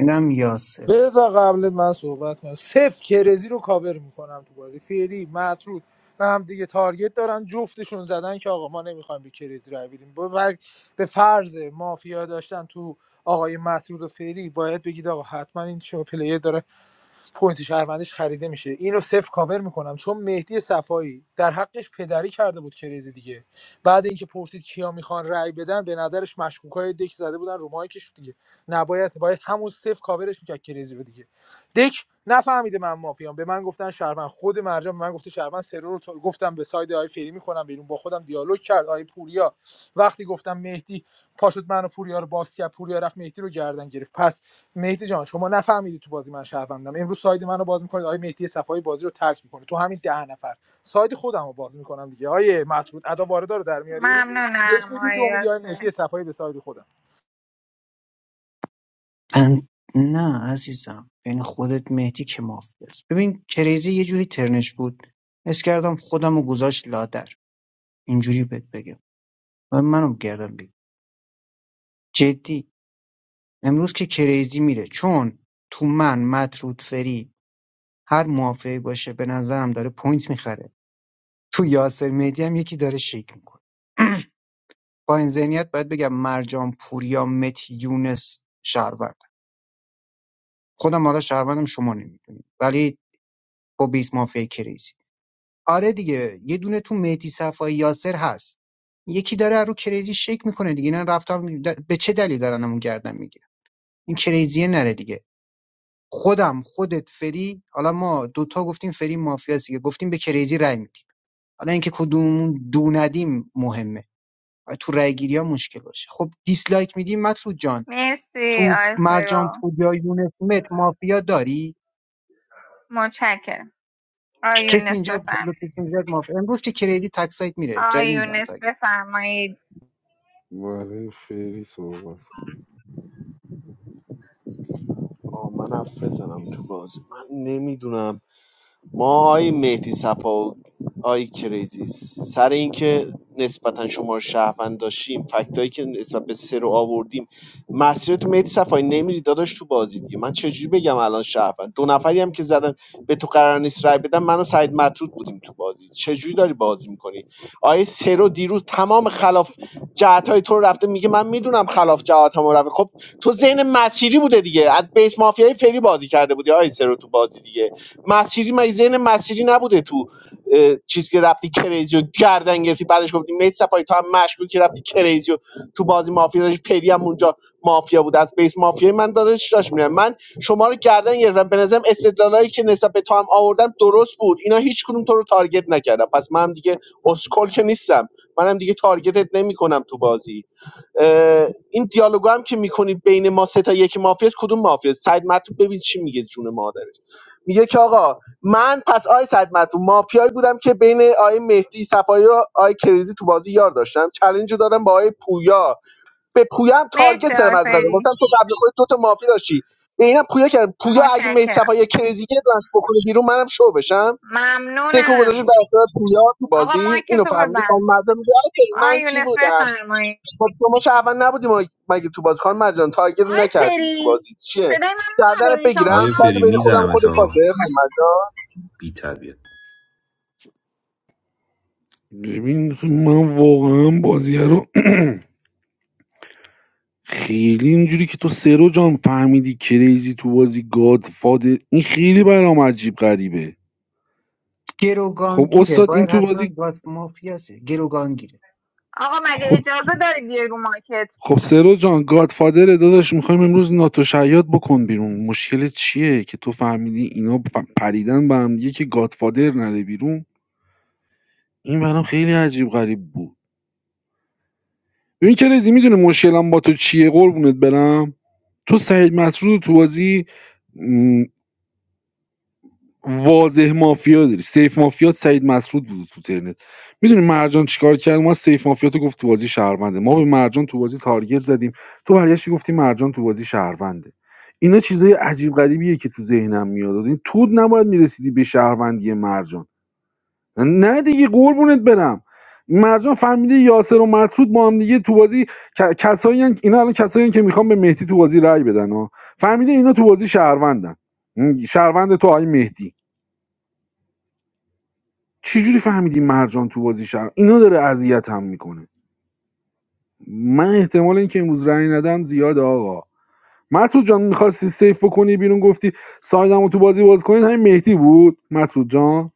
[SPEAKER 23] اینم یاسر
[SPEAKER 5] بذار قبل من صحبت کنم صفر کرزی رو کاور میکنم تو بازی فعلی مطرود و هم دیگه تارگت دارن جفتشون زدن که آقا ما نمیخوایم به کرزی رای بدیم به بر- به فرض مافیا داشتن تو آقای مطرود و فعلی باید بگید آقا حتما این شما پلیر داره پوینت شهروندیش خریده میشه اینو صفر کاور میکنم چون مهدی صفایی در حقش پدری کرده بود کریزی دیگه بعد اینکه پرسید کیا میخوان رأی بدن به نظرش مشکوکای دک زده بودن رو مایکش دیگه نباید باید همون صفر کاورش میکرد کریزی رو دیگه دک نفهمیده من مافیام به من گفتن شهروند خود مرجان به من گفته شهروند سرور رو تو- گفتم به ساید آی فری میکنم بیرون با خودم دیالوگ کرد آی پوریا وقتی گفتم مهدی پاشد منو پوریا رو باکس کرد پوریا رفت مهدی رو گردن گرفت پس مهدی جان شما نفهمیدی تو بازی من شهروندم امروز ساید منو باز میکنید آقای مهدی صفای بازی رو ترک میکنه تو همین ده نفر ساید خودم رو باز میکنم دیگه آیه مطرود ادا واردا رو در میاریم یک
[SPEAKER 4] ممنونم
[SPEAKER 5] میدی
[SPEAKER 4] آی
[SPEAKER 5] دو میدی آقای
[SPEAKER 4] یاسر
[SPEAKER 5] مهدی صفای به ساید خودم
[SPEAKER 23] ان- نه عزیزم بین خودت مهدی که مافیاست. ببین کریزی یه جوری ترنش بود حس کردم خودم رو گذاشت لادر اینجوری بهت بگم و منم گردم بگم جدی امروز که کریزی میره چون تو من مطرود فری هر موافقی باشه به نظرم داره پوینت میخره تو یاسر مهدی هم یکی داره شیک میکنه با این ذهنیت باید بگم مرجان پوریا متی یونس شهروند خودم حالا شهروندم شما نمیدونید ولی با 20 مافیای کریزی آره دیگه یه دونه تو مهدی صفای یاسر هست یکی داره رو کریزی شیک میکنه دیگه اینا رفتم به چه دلیل دارن همون گردن میگیرن این کریزیه نره دیگه خودم خودت فری حالا ما دوتا گفتیم فری مافیاست دیگه گفتیم به کریزی رای میدیم حالا اینکه کدوممون دو ندیم مهمه و تو رای گیری ها مشکل باشه خب دیسلایک میدیم مطرود جان
[SPEAKER 4] مرسی
[SPEAKER 23] تو
[SPEAKER 4] آی
[SPEAKER 23] مرجان
[SPEAKER 4] سرو
[SPEAKER 23] پوریا یونس مت مافیا داری
[SPEAKER 4] متشکرم آی
[SPEAKER 23] کسی
[SPEAKER 4] یونس
[SPEAKER 23] اینجا
[SPEAKER 4] بفرمایید
[SPEAKER 23] لوکیشن زد مافیا امروز که کریزی تکسایت میره جایی
[SPEAKER 4] آی
[SPEAKER 23] نمیدونم
[SPEAKER 4] یونس
[SPEAKER 23] تا اگه
[SPEAKER 4] بفرمایید
[SPEAKER 22] برای فعلی صحبت
[SPEAKER 3] آه، من حرف بزنم تو بازی من نمیدونم ما آی مهدی صفا و آی کریزی سر اینکه نسبتا شما رو شهروند داشتیم فکتایی که نسبت به سه رو آوردیم مسیر تو مهدی صفایی نمیری داداش تو بازی دیگه من چجوری بگم الان شهروند دو نفری هم که زدن به تو قرار نیست رای بدن من و سعید مطرود بودیم تو بازی چجوری داری بازی میکنی آیه سه رو دیروز تمام خلاف جهت تو رو رفته میگه من میدونم خلاف جهت رفته خب تو ذهن مسیری بوده دیگه از بیس مافیای فری بازی کرده بودی آیه سه رو تو بازی دیگه مسیری مگه ذهن مسیری نبوده تو اه، چیز که رفتی کریزیو گردن گرفتی بعدش گفتی میت سپاهی تو هم مشکوکی رفتی کریزیو تو بازی مافیا داشت پری هم اونجا مافیا بود از بیس مافیا من داداش داشت میرم من شما رو گردن گرفتم به نظرم استدلالایی که نسبت به تو هم آوردم درست بود اینا هیچ کدوم تو رو تارگت نکردم پس منم دیگه اسکل که نیستم منم دیگه تارگتت نمیکنم تو بازی اه، این دیالوگ هم که میکنید بین ما سه تا یک مافیاست کدوم مافیاست سعید مطلب ببین چی میگه جون مادر میگه که آقا من پس آی صد مافیایی بودم که بین آی مهدی صفایی و آی کریزی تو بازی یار داشتم چلنج رو دادم با آی پویا به پویا هم تارگت
[SPEAKER 4] مرسی
[SPEAKER 3] سرم
[SPEAKER 4] آی
[SPEAKER 3] از قبل گفتم
[SPEAKER 4] فری
[SPEAKER 3] تو قبل خودت دو تا مافیا داشتی به اینم پویا کرد پویا اگه مهدی
[SPEAKER 4] متشکرم
[SPEAKER 3] صفایی کریزی یه دانش بکنه بیرون منم شو بشم دکو گذاشت
[SPEAKER 4] ممنونم
[SPEAKER 3] در اختیار پویا تو
[SPEAKER 4] آقا
[SPEAKER 3] بازی
[SPEAKER 4] مایک
[SPEAKER 3] اینو
[SPEAKER 4] تو
[SPEAKER 3] فهمیدی خانم
[SPEAKER 4] ببند
[SPEAKER 3] مرزا میگه آکی
[SPEAKER 4] آی
[SPEAKER 3] من چی
[SPEAKER 4] یونس
[SPEAKER 3] بودم
[SPEAKER 4] بفرمایید
[SPEAKER 3] خب شما چه اول نبودیم مگه تو بازی خانم مرزا جان، تارگت
[SPEAKER 4] آی
[SPEAKER 3] نکردیم تو
[SPEAKER 4] فری
[SPEAKER 3] بازی چیه
[SPEAKER 4] صدای من
[SPEAKER 3] گردنت
[SPEAKER 4] ندارین شما
[SPEAKER 3] بگیرم
[SPEAKER 8] آقای
[SPEAKER 3] ساید
[SPEAKER 8] فری
[SPEAKER 3] بین خودم و
[SPEAKER 8] میزنم
[SPEAKER 3] خودت باشه
[SPEAKER 8] تا
[SPEAKER 3] خانم مرزا.
[SPEAKER 8] بی تربیت
[SPEAKER 22] ببین خب من واقعا بازی رو خیلی اینجوری که تو سرو جان فهمیدی کریزی تو بازی گاد فادر این خیلی برام عجیب غریبه خب
[SPEAKER 23] گروگانگیره
[SPEAKER 22] استاد این
[SPEAKER 23] باید
[SPEAKER 22] تو
[SPEAKER 23] حتما
[SPEAKER 22] بازی
[SPEAKER 23] باید مافیا سه گروگانگیره
[SPEAKER 4] آقا مگه
[SPEAKER 22] خب.
[SPEAKER 4] اجازه داری بیای رو مایکت
[SPEAKER 22] خب سرو جان گادفادر داداش میخوایم امروز ناتو شیاد بکن بیرون مشکل چیه که تو فهمیدی اینا ف- پریدن به هم دیگه که گادفادر نره بیرون این برام خیلی عجیب غریب بود ببین که رزی میدونه مشکلم با تو چیه قربونت برم تو سعید مسعود رو تو بازی واضح مافیا داری سیف مافیات سعید مسعود بود تو ترنت میدونی مرجان چیکار کرد ما سیف مافیاتو گفت تو بازی شهرونده ما به مرجان تو بازی تارگت زدیم تو برگشتی گفتی مرجان تو بازی شهرونده اینا چیزای عجیب غریبیه که تو ذهنم میاد این تو نباید میرسیدی به شهروندی مرجان نه دیگه قربونت برم مرجان فهمیده یاسر و مسعود با هم دیگه تو بازی ک- کسایی هن- اینا الان کسایی هن که میخوام به مهدی تو بازی رأی بدن ها فهمیده اینا تو بازی شهروندن شهروند تو آقای مهدی چجوری فهمیدی مرجان تو بازی شر اینا داره اذیت هم میکنه من احتمال اینکه امروز رأی ندم زیاد آقا مطرود جان میخواستی سیف بکنی بیرون گفتی سایدم رو تو بازی باز کنید همین مهدی بود مطرود جان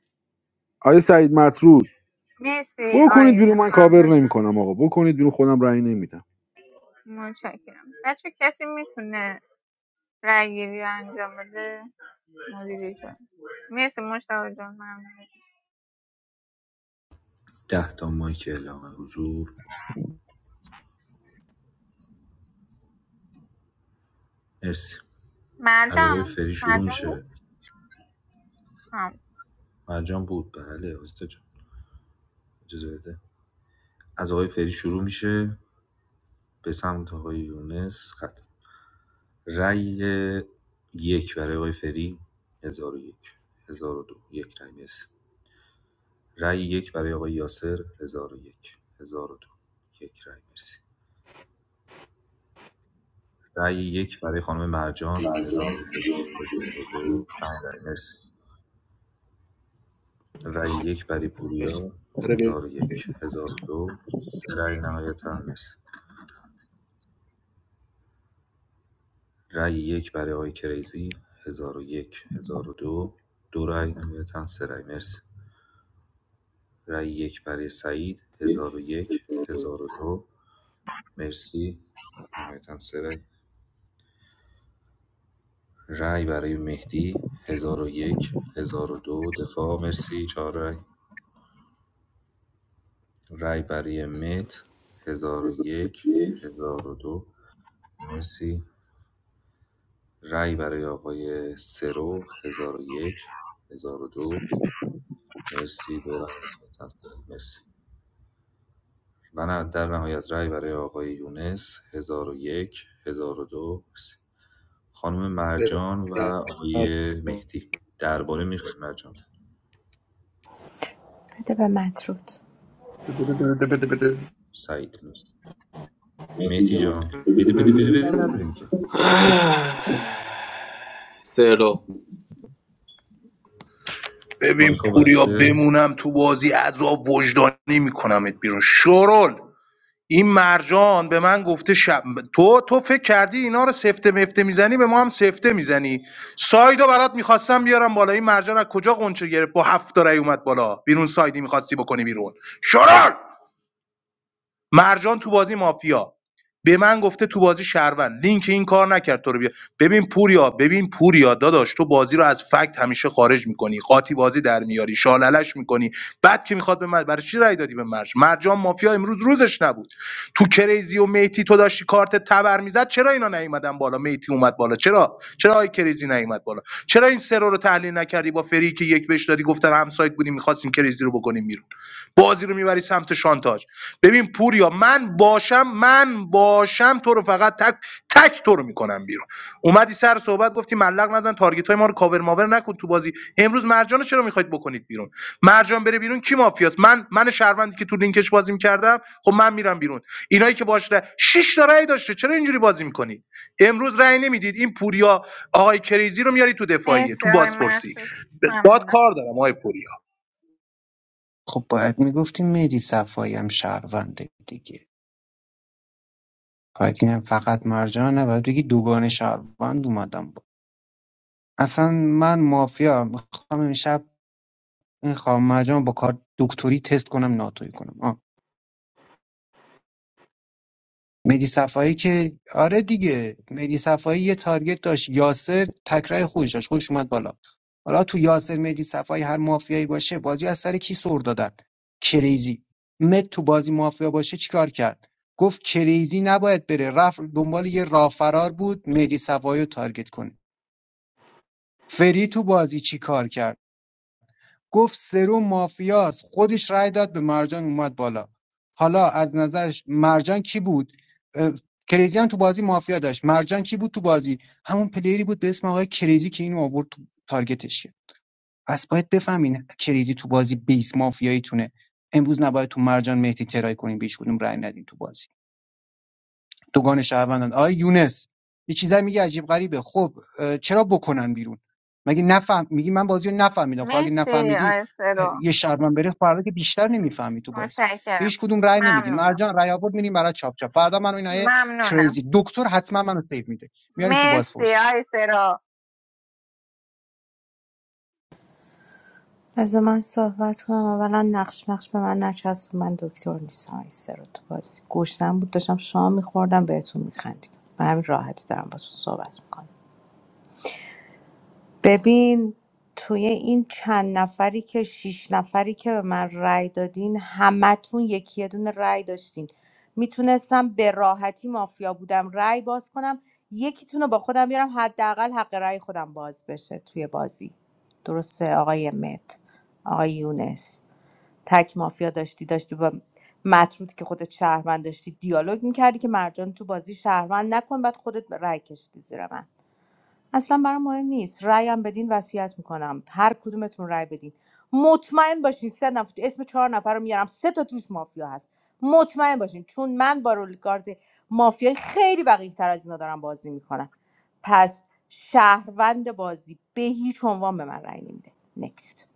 [SPEAKER 22] آیا سعید مطرود
[SPEAKER 4] مرسی آی
[SPEAKER 22] بکنید بیرون
[SPEAKER 4] یونس
[SPEAKER 22] من کاور
[SPEAKER 4] ممنونم
[SPEAKER 22] نمیکنم آقا بکنید بیرون خودم رأی نمیدم
[SPEAKER 4] متشکرم بچه کسی میتونه رأیگیری رو انجام بده مدیری شد مرسی مشتاق جان ممنون
[SPEAKER 8] ده تا مایک اعلام حضور مرسی از آقای
[SPEAKER 4] مرجان
[SPEAKER 8] فری شروع
[SPEAKER 4] مرجان
[SPEAKER 8] میشه
[SPEAKER 4] بود آه.
[SPEAKER 8] مرجان بود بله استاد جان اجازه بده از آقای فری شروع میشه به سمت آقای یونس خط رأی یک برای آقای فری هزار و یک هزار و دو، یک رأی مرسی رأی یک برای آقای یاسر هزار و یک هزار و دو، یک رأی مرسی رأی یک برای خانم مرجان هزار هزار و یک هزار و دو پنج رأی مرسی رأی یک برای پوریا 1001 1002 سه رأی نهایتا مرسی رأی یک برای آقای کریزی 1001 1002 دو دو رأی نهایتا سه رأی مرسی رای یک برای سعید هزار هزار و یک هزار و دو مرسی نهایتا سه رای رای برای مهدی هزار هزار و یک هزار و دو دفاع مرسی چهار رای رای برای مت هزار و یک، هزار و دو مرسی رای برای آقای سرو هزار هزار و یک هزار و دو مرسی دو رای نهایتاً سه رای. مرسی و نه- در نهایت رای برای آقای یونس ۱۰۰۱ ۱۰۰۲ خانم مرجان و آقای مهدی درباره میخوای مرجان
[SPEAKER 7] بده به مطرود
[SPEAKER 8] سعید نیست
[SPEAKER 18] مهدی
[SPEAKER 8] مهدی
[SPEAKER 18] جان
[SPEAKER 8] جان بده بده بده بده نداریم که
[SPEAKER 18] سلو
[SPEAKER 6] ببین
[SPEAKER 8] مایکا
[SPEAKER 6] پوریا
[SPEAKER 8] بسته
[SPEAKER 6] بمونم تو بازی عذاب وجدانی میکنمت بیرون شرول این مرجان به من گفته شب تو تو فکر کردی اینا رو سفته مفته میزنی به ما هم سفته میزنی سایدو برات میخواستم بیارم بالا این مرجان از کجا قنچه گرفت با هفت تا رأی اومد بالا بیرون سایدی میخواستی بکنی بیرون شرار مرجان تو بازی مافیا به من گفته تو بازی شهروند لینک این کار نکرد تو رو بیا ببین پوریا ببین پوریا داداش تو بازی رو از فکت همیشه خارج میکنی قاطی بازی در میاری شاللش میکنی بعد که میخواد به من برای چی رأی دادی به مرج مرجان مافیا امروز روزش نبود تو کریزی و میتی تو داشتی کارت تبر میزد چرا اینا نیومدن بالا میتی اومد بالا چرا چرا آی کریزی نیومد بالا چرا این سرو رو تحلیل نکردی با فری که یک بهش دادی گفتن همسایت بودیم میخواستیم کریزی رو بکنیم بیرون بازی رو میبری سمت شانتاج ببین پوریا من باشم من باشم تو رو فقط تک تک تو رو میکنم بیرون اومدی سر صحبت گفتی ملق نزن تارگت های ما رو کاور ماور نکن تو بازی امروز مرجان رو چرا میخواید بکنید بیرون مرجان بره بیرون کی مافیاست من من شهروندی که تو لینکش بازی میکردم خب من میرم بیرون اینایی که باشه شش تا رأی داشته چرا اینجوری بازی میکنید امروز رأی نمیدید این پوریا آقای کریزی رو میاری تو دفاعیه
[SPEAKER 4] مرسی
[SPEAKER 6] تو
[SPEAKER 4] آقای
[SPEAKER 6] بازپرسی
[SPEAKER 4] مسعود
[SPEAKER 6] باد
[SPEAKER 4] ممنونم
[SPEAKER 6] کار دارم آقای پوریا
[SPEAKER 23] خب باید میگفتیم مهدی صفایی هم شهرونده دیگه کاترین فقط مرجان نباید بگی دوگان شهروند اومدم با. اصلا من مافیا میخوام امشب این خواهم مرجان با کار دکتری تست کنم ناتوی کنم آه. مهدی صفایی که آره دیگه مهدی صفایی یه تارگت داشت یاسر تکرای خودش داشت خودش اومد بالا حالا تو یاسر مهدی صفایی هر مافیایی باشه بازی از سر کی سر دادن کریزی مت تو بازی مافیا باشه چیکار کرد گفت کریزی نباید بره رفت دنبال یه راه فرار بود مهدی صفایی رو تارگت کنه فری تو بازی چی کار کرد گفت سرو مافیاست خودش رأی داد به مرجان اومد بالا حالا از نظرش مرجان کی بود اه، کریزی هم تو بازی مافیا داشت مرجان کی بود تو بازی همون پلیری بود به اسم آقای کریزی که اینو آورد تو تارگتش کرد پس باید بفهمین کریزی تو بازی بیس مافیایی تونه امروز نباید تو مرجان مهدی ترای کنین به هیچ کدوم رأی ندین تو بازی دوگان شهروندان آقای یونس یه چیزایی میگه عجیب غریبه خب اه، چرا بکنن بیرون مگه نفهم میگی من بازی رو نفهمیدم خب اگه
[SPEAKER 4] مرسی
[SPEAKER 23] نفهمیدی
[SPEAKER 4] آقای
[SPEAKER 23] اه،
[SPEAKER 4] سرو
[SPEAKER 23] یه شهروند بره فردا که بیشتر نمیفهمی تو بازی به
[SPEAKER 4] متشکرم
[SPEAKER 23] هیچ کدوم رأی نمیدین
[SPEAKER 4] ممنونم
[SPEAKER 23] مرجان رأی آورد میریم برای چاپ چاپ فردا منو اینا
[SPEAKER 4] ممنونم
[SPEAKER 23] کریزی دکتر حتما منو سیو میده میارین تو
[SPEAKER 4] مرسی
[SPEAKER 23] بازپرسی
[SPEAKER 4] آقای سرو
[SPEAKER 7] از من صحبت کنم اولا نقش نقش به من نچسب من دکتر نیستم این سر رو تو بازی گشنم بود داشتم شام میخوردم بهتون میخندیدم به همین راحتی دارم باتون صحبت میکنم ببین توی این چند نفری که شیش نفری که به من رأی دادین همتون یکی یه دونه رأی داشتین میتونستم به راحتی مافیا بودم رأی باز کنم یکیتون رو با خودم بیارم حداقل حق رأی خودم باز بشه توی بازی درسته آقای مت آقای یونس تک مافیا داشتی داشتی با مطرود که خودت شهروند داشتی دیالوگ میکردی که مرجان تو بازی شهروند نکن بعد خودت رأی کشیدی زیر من اصلا برام مهم نیست رأیم بدین وصیت میکنم هر کدومتون رأی بدین مطمئن باشین سه نفر اسم چهار نفر رو میارم سه تا توش مافیا هست مطمئن باشین چون من با رولگارد مافیای خیلی بقیه تر از اینا دارم بازی میکنم پس شهروند بازی به هیچ عنوان به من رأی نمیده نکست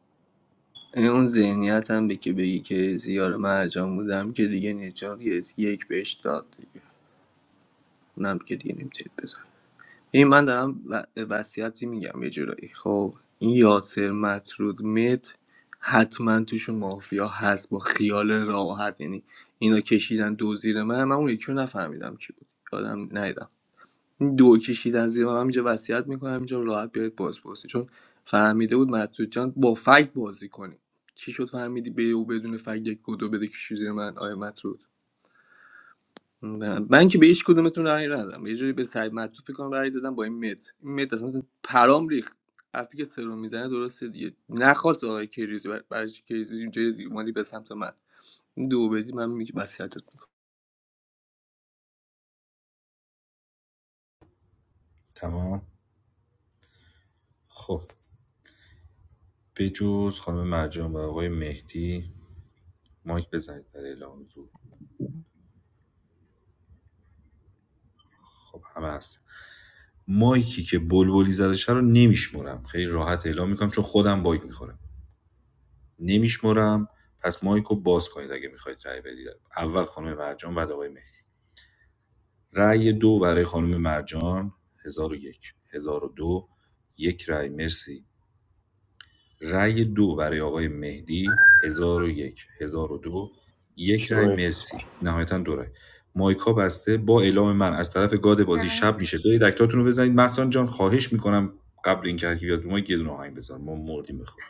[SPEAKER 18] اون ذهنیت هم به که بگی کیزی یار مرجان بودم که دیگه نجات یک بهش داد دیگه اونم که دیگه نمیتونید این من دارم و... وصیتی میگم یه جورایی خب این یاسر مطرود مت حتما توشون مافیا هست با خیال راحت یعنی اینا کشیدن دو زیر من من اون یکی رو نفهمیدم کی بود یادم نیدم این دو کشیدن زیر من من اینجا وصیت میکنم اینجا راحت بیاید باز پرسی چون فهمیده بود مطرود جان با فکت بازی کنی چی شد فهمیدی به او بدون فکت یک کدو بده کشی زیر من آیا مطرود نه، من که به هیچ کدومتون رأی ندادم یه جوری به سعید مطلوب فکر کنم رأی دادم با این مت این مت اصلا پرام ریخت حرفی که سرم میزنه درسته دیگه نخواست آقای کریزی بر- برای چی کریزی اینجا مالی به سمت من این دو بدی من میگم وصیتت میکنم
[SPEAKER 8] تمام خب بجز خانم مرجان و آقای مهدی مایک بزنید برای اعلام زور خب همه هست مایکی که بلبلی زدشه رو نمیشمرم خیلی راحت اعلام میکنم چون خودم باگ میخورم نمیشمرم پس مایکو باز کنید اگه میخواید رای بدید اول خانم مرجان بعد آقای مهدی رأی دو برای خانم مرجان 1001 1002 یک هزار و دو، یک رأی مرسی رأی دو برای آقای مهدی 1001 1002 یک هزار و دو، یک رأی
[SPEAKER 15] شوه
[SPEAKER 8] مرسی نهایتا دو رأی مایکا بسته با اعلام من از طرف گاد بازی شب میشه برید اکتاتون رو بزنید محسان جان خواهش میکنم قبل این که بیاد رو ما یه دونه آهنگ بزن ما مردیم بخواد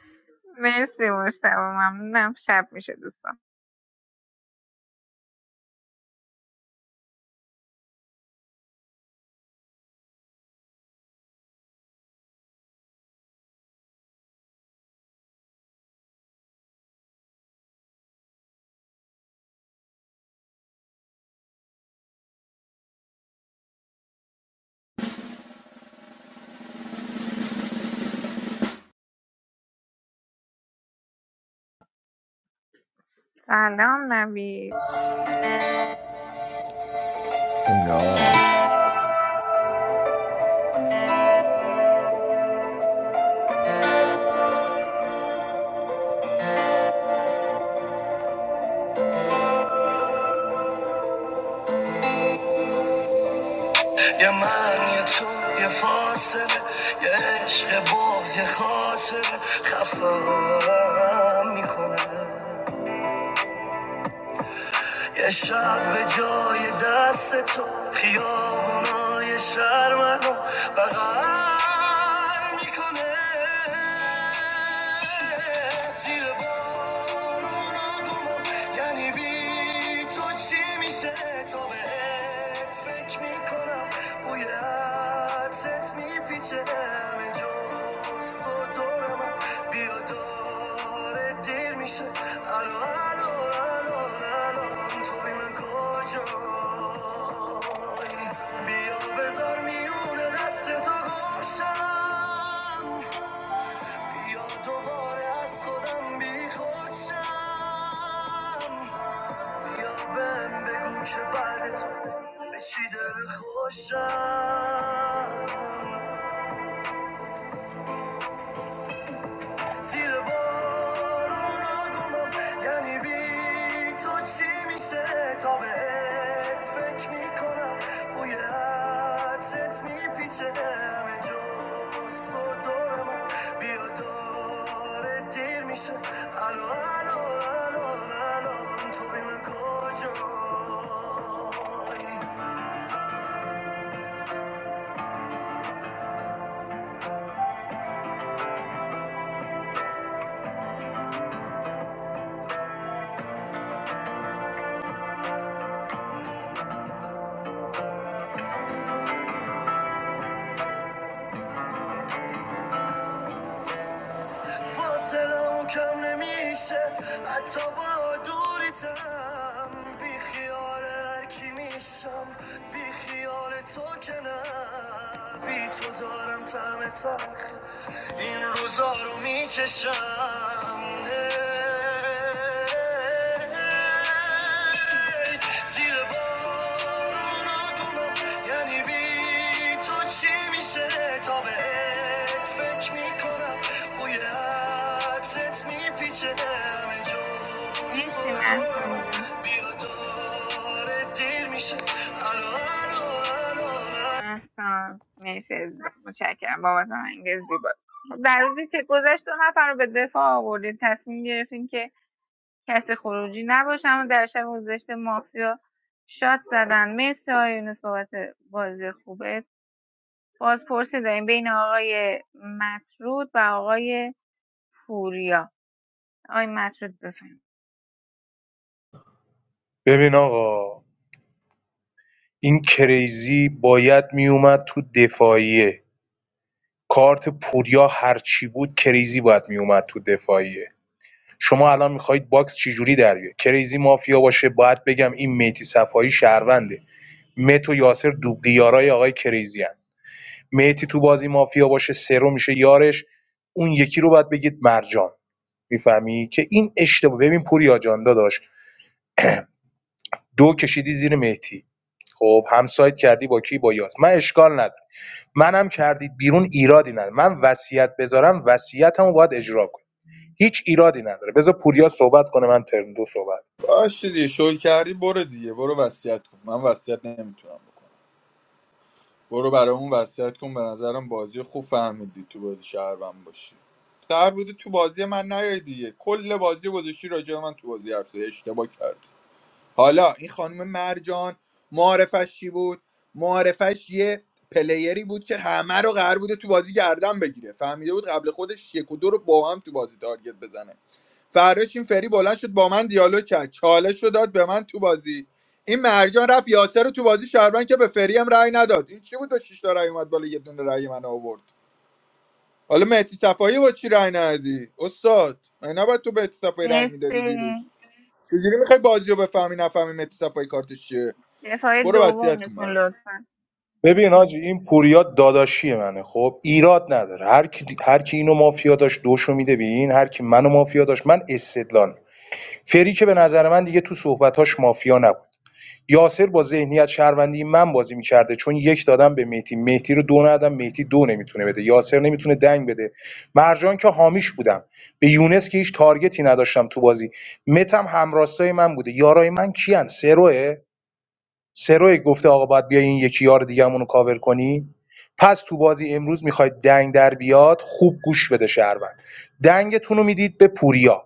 [SPEAKER 4] مرسی مشتاق ممنونم شب میشه دوستان سلام نوید
[SPEAKER 25] No.
[SPEAKER 11] یه من یه تو یه فاصله یه عشق باز یه خاطر خفم میکنه یه شب به جای دست تو خیابونای شهر منو بغل میکنه زیر بارونا دومم یعنی بی تو چی میشه تو بهت فکر میکنم بوی عطرت میپیچه جز تو دور من دیر میشه الو الو الو الو تو من کجایی بیا بذار میونه دست تو گمشم بیا دوباره از خودم بی خودشم بهم بگو که بعد تو به چی دل خوشم زیر بارون آدمم یعنی بی تو چی میشه تا بهت فکر میکنم بوی عطرت میپیچه همه جز تو دور من بیا داره دیر میشه الو الو الو الو تو بی من کجایی فاصله کم نمیشه حتی با دوریتم بی خیال هر کی میشم بی خیال تو که نه بی تو دارم تعم تلخ این روزا رو میچشم زیر بارون آدونا یعنی بی تو چی میشه تا بهت فکر میکنم بوی عطرت میپیچه همه جا
[SPEAKER 4] مرسی
[SPEAKER 11] سر دور
[SPEAKER 4] محسن جون
[SPEAKER 11] بیا داره دیر میشه الو الو الو
[SPEAKER 4] احسان مرسی عزیزم. متشکرم بابت آهنگ زیبا خب، در روزی که گذشت دو نفر رو به دفاع آوردیم تصمیم گرفتیم که کسی خروجی نباشه اما در شب گذشت مافیا شاد زدن مرسی آقای یونس بابت بازی خوبه باز پرسی داریم بین آقای مطرود و آقای پوریا آقای مطرود بفهم
[SPEAKER 6] ببین آقا این کریزی باید میومد تو دفاعیه کارت پوریا هرچی بود کریزی باید میومد تو دفاعیه شما الان میخواید باکس چجوری در بیاد کریزی مافیا باشه باید بگم این میتی صفایی شهرونده مت و یاسر دوبلیارای آقای کریزی هن. میتی تو بازی مافیا باشه سرو میشه یارش اون یکی رو باید بگید مرجان میفهمی که این اشتباه ببین پوریا جان داداش دو کشیدی زیر مهدی خب همسایت کردی با کی با یاس من اشکال ندارم منم کردید بیرون ایرادی نداره من وصیت بذارم وصیتمو باید اجرا کنی هیچ ایرادی نداره بذار پوریا صحبت کنه من ترم دو صحبت
[SPEAKER 15] باشه دیگه شل کردی برو دیگه برو وصیت کن من وصیت نمیتونم بکنم برو برای اون وصیت کن به نظرم بازی خوب فهمیدی تو بازی شهروند باشی قرار بوده تو بازی من نیای دیگه کل بازی گذاشتی راجع به من تو بازی حرف زدی. اشتباه کردی حالا این خانم مرجان معارفش چی بود معارفش یه پلیری بود که همه رو قرار بوده تو بازی گردن بگیره فهمیده بود قبل خودش یک و دو رو با هم تو بازی تارگت بزنه فراش این فری بلند شد با من دیالوگ کرد چالش رو داد به من تو بازی این مرجان رفت یاسر رو تو بازی شهروند که به فری هم رأی نداد این چی بود دو شیش تا رأی اومد بالا یه دونه رأی من آورد حالا مهدی صفایی با چی رأی ندادی استاد من نباید تو به مهدی صفایی رأی میدادی
[SPEAKER 4] مرسی
[SPEAKER 15] دیروز چجوری میخوای بازی رو بفهمی نفهمی متی صفایی کارتش چیه
[SPEAKER 4] دفاع
[SPEAKER 15] برو وصیت کن
[SPEAKER 4] دومتون
[SPEAKER 15] برام
[SPEAKER 4] لطفا
[SPEAKER 6] ببین حاجی این پوریا داداشی منه خب ایراد نداره هر کی هر کی اینو مافیا داشت دوشو میده به هر کی منو مافیا داشت من استدلال فری که به نظر من دیگه تو صحبتاش مافیا نبود یاسر با ذهنیت شهروندی من بازی میکرده چون یک دادم به مهدی مهدی رو دو ندادم مهدی دو نمیتونه بده یاسر نمیتونه دنگ بده مرجان که حامیش بودم به یونس که هیچ تارگتی نداشتم تو بازی متم همراستای من بوده یارای من کیان سروه سروه گفته آقا باید بیای این یکی یار دیگه‌مون رو کاور کنی پس تو بازی امروز میخواید دنگ در بیاد خوب گوش بده شهروند دنگتون رو میدید به پوریا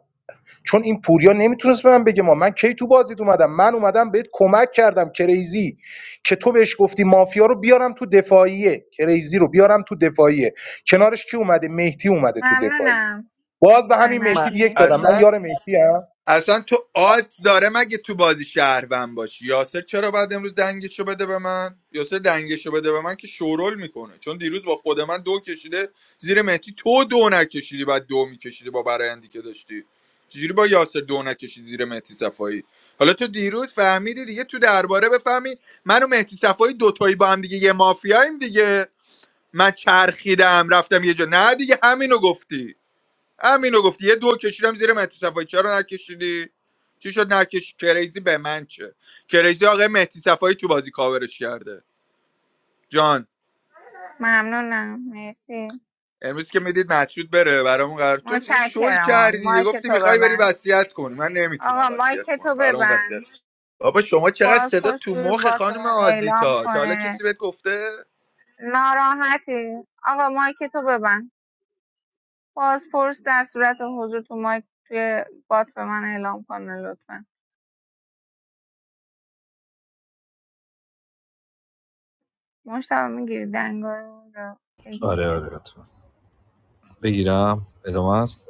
[SPEAKER 6] چون این پوریا نمیتونست به من بگه ما من کی تو بازیت اومدم من اومدم بهت کمک کردم کریزی که تو بهش گفتی مافیا رو بیارم تو دفاعیه کریزی رو بیارم تو دفاعیه کنارش کی اومده مهدی اومده تو دفاعیه
[SPEAKER 4] ممنونم
[SPEAKER 6] باز به
[SPEAKER 4] آقای
[SPEAKER 6] همین
[SPEAKER 15] من
[SPEAKER 4] مطرود
[SPEAKER 6] مهدی یک دادم من
[SPEAKER 4] مرسی
[SPEAKER 15] اصلا
[SPEAKER 6] یار مهدی هم
[SPEAKER 15] اصلا تو آت داره مگه تو بازی شهروند باشی یاسر چرا بعد امروز دنگشو بده به من یاسر دنگشو بده به من که شورول میکنه چون دیروز با خود من دو کشیده زیر مهدی تو دو نکشیدی بعد دو میکشیدی با برایندی که داشتی چجوری با یاسر دو نکشید زیر مهدی صفایی حالا تو دیروز فهمیدی دیگه تو درباره بفهمی من و مهدی صفایی دوتایی با هم دیگه یه مافیاییم دیگه من چرخیدم رفتم یه جا نه دیگه همینو گفتی همینو گفتی یه دو کشیدم زیر مهدی صفایی چرا نکشیدی چی شد نکش کریزی به من چه کریزی آقای مهدی صفایی تو بازی کاورش کرده جان
[SPEAKER 4] ممنونم مرسی
[SPEAKER 15] امروز که میدید مسعود بره برامون قرار تو یه شل
[SPEAKER 4] متشکرم آقا
[SPEAKER 15] کردی دیگه
[SPEAKER 4] مایک
[SPEAKER 15] گفتی
[SPEAKER 4] تو
[SPEAKER 15] میخوای بری
[SPEAKER 4] ببند
[SPEAKER 15] وصیت کنی من
[SPEAKER 4] آقا
[SPEAKER 15] نمیتونم وصیت
[SPEAKER 4] مایک
[SPEAKER 15] کنم
[SPEAKER 4] تو
[SPEAKER 15] برامون وصیت
[SPEAKER 4] ببند
[SPEAKER 15] بابا شما چقدر صدا
[SPEAKER 4] بازپرس
[SPEAKER 15] تو
[SPEAKER 4] روی
[SPEAKER 15] مخ
[SPEAKER 4] بات
[SPEAKER 15] خانم
[SPEAKER 4] من اعلام
[SPEAKER 15] آزیتا تا حالا
[SPEAKER 4] کنه
[SPEAKER 15] کسی بهت گفته
[SPEAKER 4] ناراحتی آقا مایک تو ببند بازپرس در صورت حضور تو مایک توی بات به من اعلام کنه لطفا مشتبه میگیری دنگارو رو بگیرم
[SPEAKER 8] آره آره حتما بگیرم ادامه است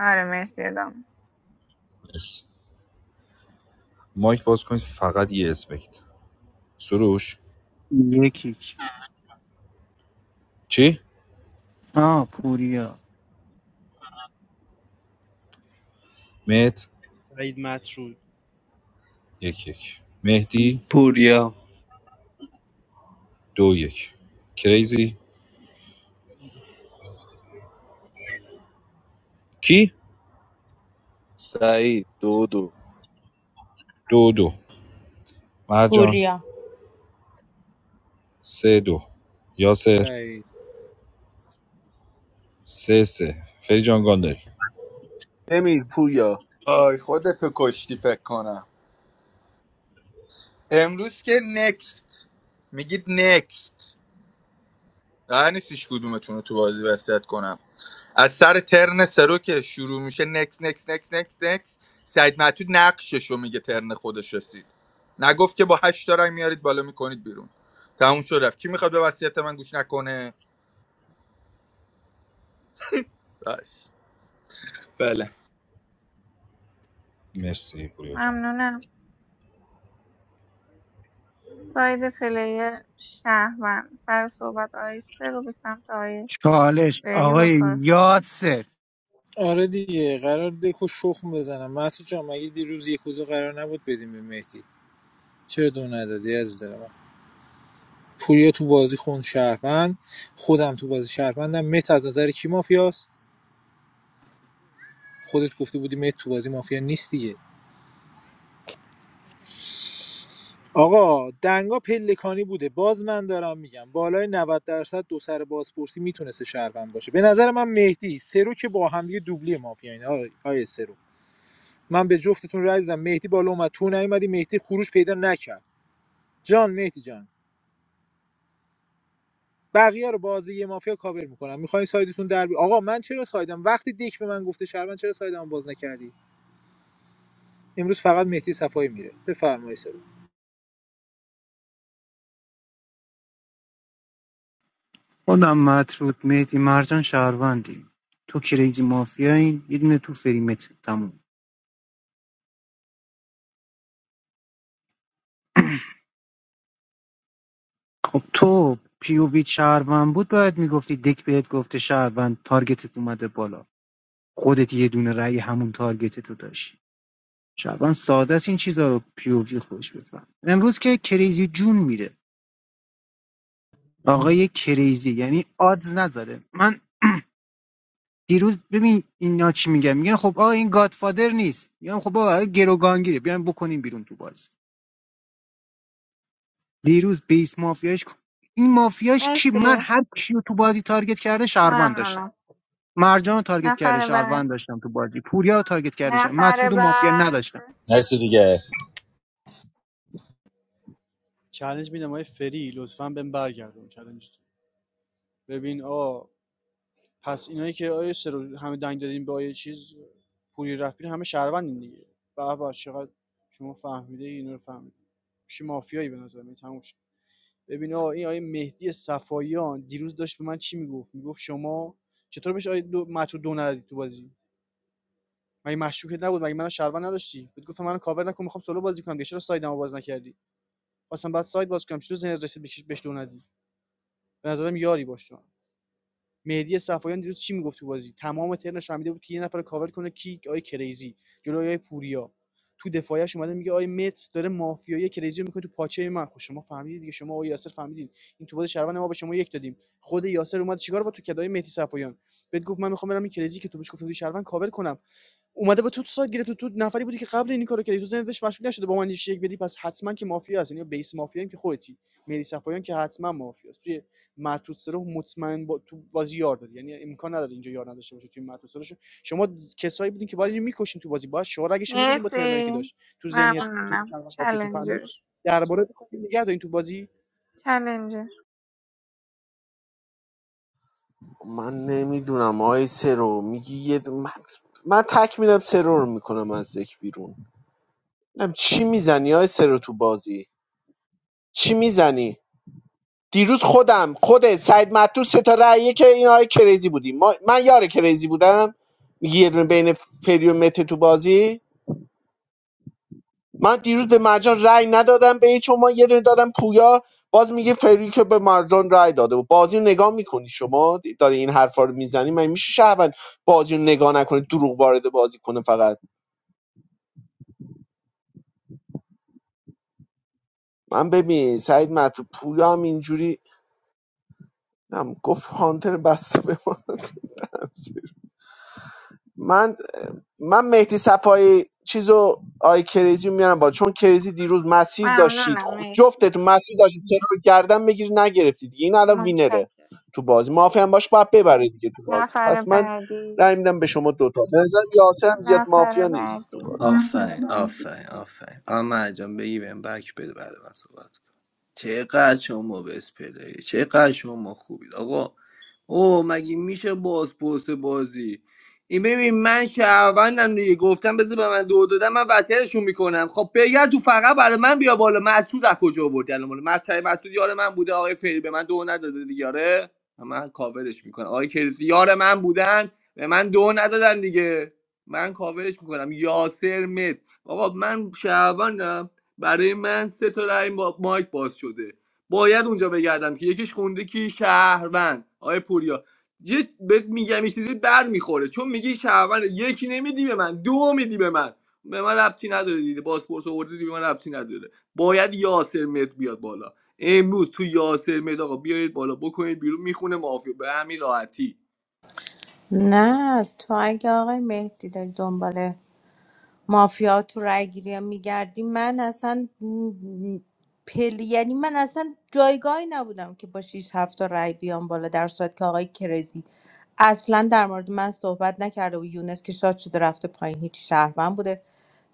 [SPEAKER 4] آره مرسی ادامه
[SPEAKER 8] مرسی مایک باز کنید فقط یه اسم بگید سروش
[SPEAKER 23] یکی
[SPEAKER 8] چی؟
[SPEAKER 23] آه پوریا
[SPEAKER 8] مت
[SPEAKER 19] سعید مطرود
[SPEAKER 8] یک یک مهدی
[SPEAKER 18] پوریا
[SPEAKER 8] دو یک کریزی کی
[SPEAKER 21] سعید دو دو
[SPEAKER 8] دو دو مرجان
[SPEAKER 7] پوریا
[SPEAKER 8] سه دو یاسر سه سه فری جان گانداری
[SPEAKER 3] نمیری پوریا
[SPEAKER 15] آی خودتو کشتی فکر کنم امروز که نکست میگید نکست قرار نیستش کدومتون رو تو بازی وسط کنم از سر ترن سرو که شروع میشه نکس نکس نکس نکس نکس سعید معتود نقشش رو میگه ترن خودش رسید نگفت که با هشت تا رای میارید بالا میکنید بیرون تموم شد رفت کی میخواد به وصیت من گوش نکنه بس بله
[SPEAKER 8] مرسی پوریا جان
[SPEAKER 4] ممنونم ساید پلیر شهروند سر صحبت آیسته رو به سمت آیه
[SPEAKER 23] چالش
[SPEAKER 4] فری با
[SPEAKER 23] آقای
[SPEAKER 4] طرف
[SPEAKER 23] یاسر
[SPEAKER 5] آره دیگه قرار دکو شخم بزنم مهدی جان مگه دیروز یک و دو قرار نبود بدیم به مهدی چرا دو ندادی از دل من پوریا تو بازی خون شهروند خودم تو بازی شهروندم مت از نظر کی مافیاست خودت گفته بودی مت تو بازی مافیا نیست دیگه آقا دنگا پلکانی بوده باز من دارم میگم بالای 90 درصد دو سر بازپرسی میتونسته شهروند باشه به نظر من مهدی سرو که با هم دیگه دوبلی مافیا اینا آقای سرو من به جفتتون رای دادم مهدی بالا اومد تو نیومدی مهدی خروش پیدا نکرد جان مهدی جان بقیه رو بازی یه مافیا کاور میکنم میخوای سایدتون در بی... آقا من چرا سایدم وقتی دیک به من گفته شهروند چرا سایدمو باز نکردی امروز فقط مهدی صفایی میره بفرمایید سرو
[SPEAKER 23] خودم مطرود مهدی مرجان شهروندیم تو کریزی مافیاییم یه دونه تو فریمت تموم خب تو پی او ویت شهروند بود باید میگفتی دک بهت گفته شهروند تارگتت اومده بالا خودت یه دونه رأی همون تارگتت رو داشتی شهروند ساده است این چیزا رو پی او وی خوش بفهم امروز که کریزی جون میره آقای کریزی یعنی آدز نذاره من دیروز ببین اینا چی میگن میگن خب آقا این گادفادر نیست میگن خب آقا گروگانگیره بیایم بکنیم بیرون تو بازی دیروز بیس مافیاش این مافیاش کی من
[SPEAKER 4] مرسی
[SPEAKER 23] هر کیو تو بازی تارگت کرده شهروند
[SPEAKER 4] ممنونم
[SPEAKER 23] مرجان رو تارگت کرده
[SPEAKER 4] نفر بعد
[SPEAKER 23] شهروند داشتم تو بازی پوریا رو تارگت کرده شهروند.
[SPEAKER 4] نفر
[SPEAKER 23] مطرود و مافیا
[SPEAKER 4] بعد
[SPEAKER 23] نداشتم
[SPEAKER 8] مرسی دیگه
[SPEAKER 19] چالش میدم آقای فری لطفا بهم برگردون چالش ببین آ پس اینایی که آیه سرو همه دنگ دادین به آیه چیز پوری رفیق همه شهروندین دیگه به چقدر شما فهمیده اینا رو فهمیده کی مافیایی به نظر من ببین آقا این آیه مهدی صفاییان دیروز داشت به من چی میگفت میگفت شما چطور بهش آیه دو مچو دو ندادی تو بازی مگه مشکوکت نبود مگه منو شهروند نداشتی بهت گفتم منو کاور نکن میخوام سولو بازی کنم دیگه چرا سایدمو باز نکردی خواستم بعد ساید باز کنم چطور ذهنت رسید بهش دو ندی به نظرم یاری باش تو مهدی صفایان دیروز چی میگفت تو بازی تمام ترنش فهمیده بود که یه نفر کاور کنه کیک آی کریزی جلوی آی پوریا تو دفاعش اومده میگه آی مت داره مافیایی کریزی رو میکنه تو پاچه من خب شما فهمیدید دیگه شما آی یاسر فهمیدید این تو بازی شهروند ما به شما یک دادیم خود یاسر اومد چیکار با تو کدای مهدی صفایان بهت گفت من میخوام برم این کریزی که تو بهش گفته بودی شهروند کاور کنم اومده به تو تو سایت گرفته تو نفری بودی که قبل این کارو کردی تو ذهنت بهش مشکوک نشده با من یه یک بدی پس حتما که مافیا هست یعنی بیس مافیا هم که خودتی مهدی صفایان که حتما مافیا است توی مطرود سرو مطمئن با تو بازی یار داری یعنی امکان نداره اینجا یار نداشته باشه توی مطرود سرو شما کسایی بودین که باید اینو میکشین تو بازی باید شورگشو میزدین با ترنایی که
[SPEAKER 4] مرسی
[SPEAKER 19] داشت تو ذهنیت تو
[SPEAKER 4] ممنونم
[SPEAKER 19] مشابه مافیاتون فهمیدین
[SPEAKER 4] چلنجر
[SPEAKER 19] که درباره بخواید نگه دارین تو
[SPEAKER 4] چلنجر
[SPEAKER 3] من نمیدونم آی سرو میگی یه د- من, من تک میدم سرو رو میکنم از ذک بیرون نم چی میزنی آی سرو تو بازی چی میزنی دیروز خودم خودت سعید مطلوب سه تا رأیه که این آی کریزی بودی ما... من یار کریزی بودم میگی یه دونه بین فری و مته تو بازی من دیروز به مرجان رأی ندادم به هیچ ما یه دونه دادم پویا باز میگه فری که به مرجان رأی داده بود بازی رو نگاه میکنی شما داری این حرفا رو میزنی من میشه شهروند بازی رو نگاه نکنه دروغ وارد بازی کنه فقط من ببین سعید مطلوب پویا هم اینجوری نم گفت هانتر بسته به ما. من من مهدی صفایی چیزو آی کریزی رو میارم بالا چون کریزی دیروز مسیر داشتید
[SPEAKER 4] ممنونم
[SPEAKER 3] خود
[SPEAKER 4] مرسی
[SPEAKER 3] جفتتون مسیر داشتید چرا رو گردن بگیری نگرفتید این الان وینره
[SPEAKER 4] متشکرم
[SPEAKER 3] تو بازی مافیا هم باش باید ببره دیگه تو بازی
[SPEAKER 4] نفر
[SPEAKER 3] پس من
[SPEAKER 4] بعدی
[SPEAKER 3] رأی میدم به شما دوتا به نظرم یاسر هم زیاد
[SPEAKER 4] نفر
[SPEAKER 3] مافیا نیست تو
[SPEAKER 4] بعدی
[SPEAKER 3] بازی
[SPEAKER 18] آفرین آفرین آفرین آمه جان بگی بهم بک بده بعد من صحبت کن. چقدر شما بس پلیه چقدر شما خوبید آقا اوه مگه میشه باز پست بازی این ببین من شهروندم دیگه گفتم بذار به من دو دادم من وصیتشون میکنم خب بگر تو فقط برای من بیا بالا معطول از کجا آوردی الان بالا مطلب معطول یار من بوده آقای فری به من دو نداده دیگه آره من کاورش میکنم آقای کریزی یار من بودن به من دو ندادن دیگه من کاورش میکنم یاسر مت بابا من شهروندم برای من سه تا رای ما- مایک باز شده باید اونجا بگردم که یکیش خونده کی شهروند آقای پوریا یه بهت میگم یه چیزی بر میخوره چون میگی شهروند یکی نمیدی به من دو میدی به من به من ربطی نداره دیگه پاسپورت آوردی دیگه به من ربطی نداره باید یاسر مت بیاد بالا امروز تو یاسر مت آقا بیارید بالا بکنید بیرون میخونه مافیا به همین راحتی
[SPEAKER 7] نه تو اگه آقای مهدی داری دنبال مافیا تو رأیگیری میگردی من اصلا م- پل یعنی من اصلا جایگاهی نبودم که با 6 7 تا رای بیام بالا در صورت که آقای کرزی اصلا در مورد من صحبت نکرده و یونس که شاد شده رفته پایین هیچ شهروند بوده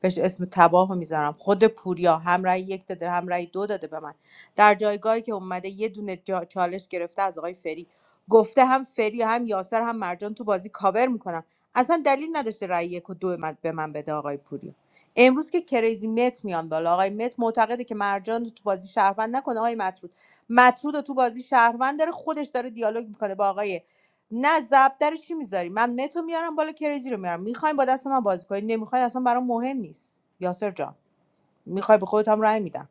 [SPEAKER 7] بهش اسم تباه رو میذارم خود پوریا هم رای یک داده هم رای دو داده به من در جایگاهی که اومده یه دونه جا- چالش گرفته از آقای فری گفته هم فری هم یاسر هم مرجان تو بازی کاور میکنم اصلا دلیل نداشته رأی یک و دو من به من بده آقای پوری امروز که کریزی مت میان بالا آقای مت معتقده که مرجان رو تو بازی شهروند نکنه آقای مطرود مطرود رو تو بازی شهروند داره خودش داره دیالوگ میکنه با آقای نه زب در چی میذاری من مت رو میارم بالا کریزی رو میارم میخواین با دست من بازی کنید نمیخواین اصلا برام مهم نیست یاسر جان میخوای به خودت هم رأی میدم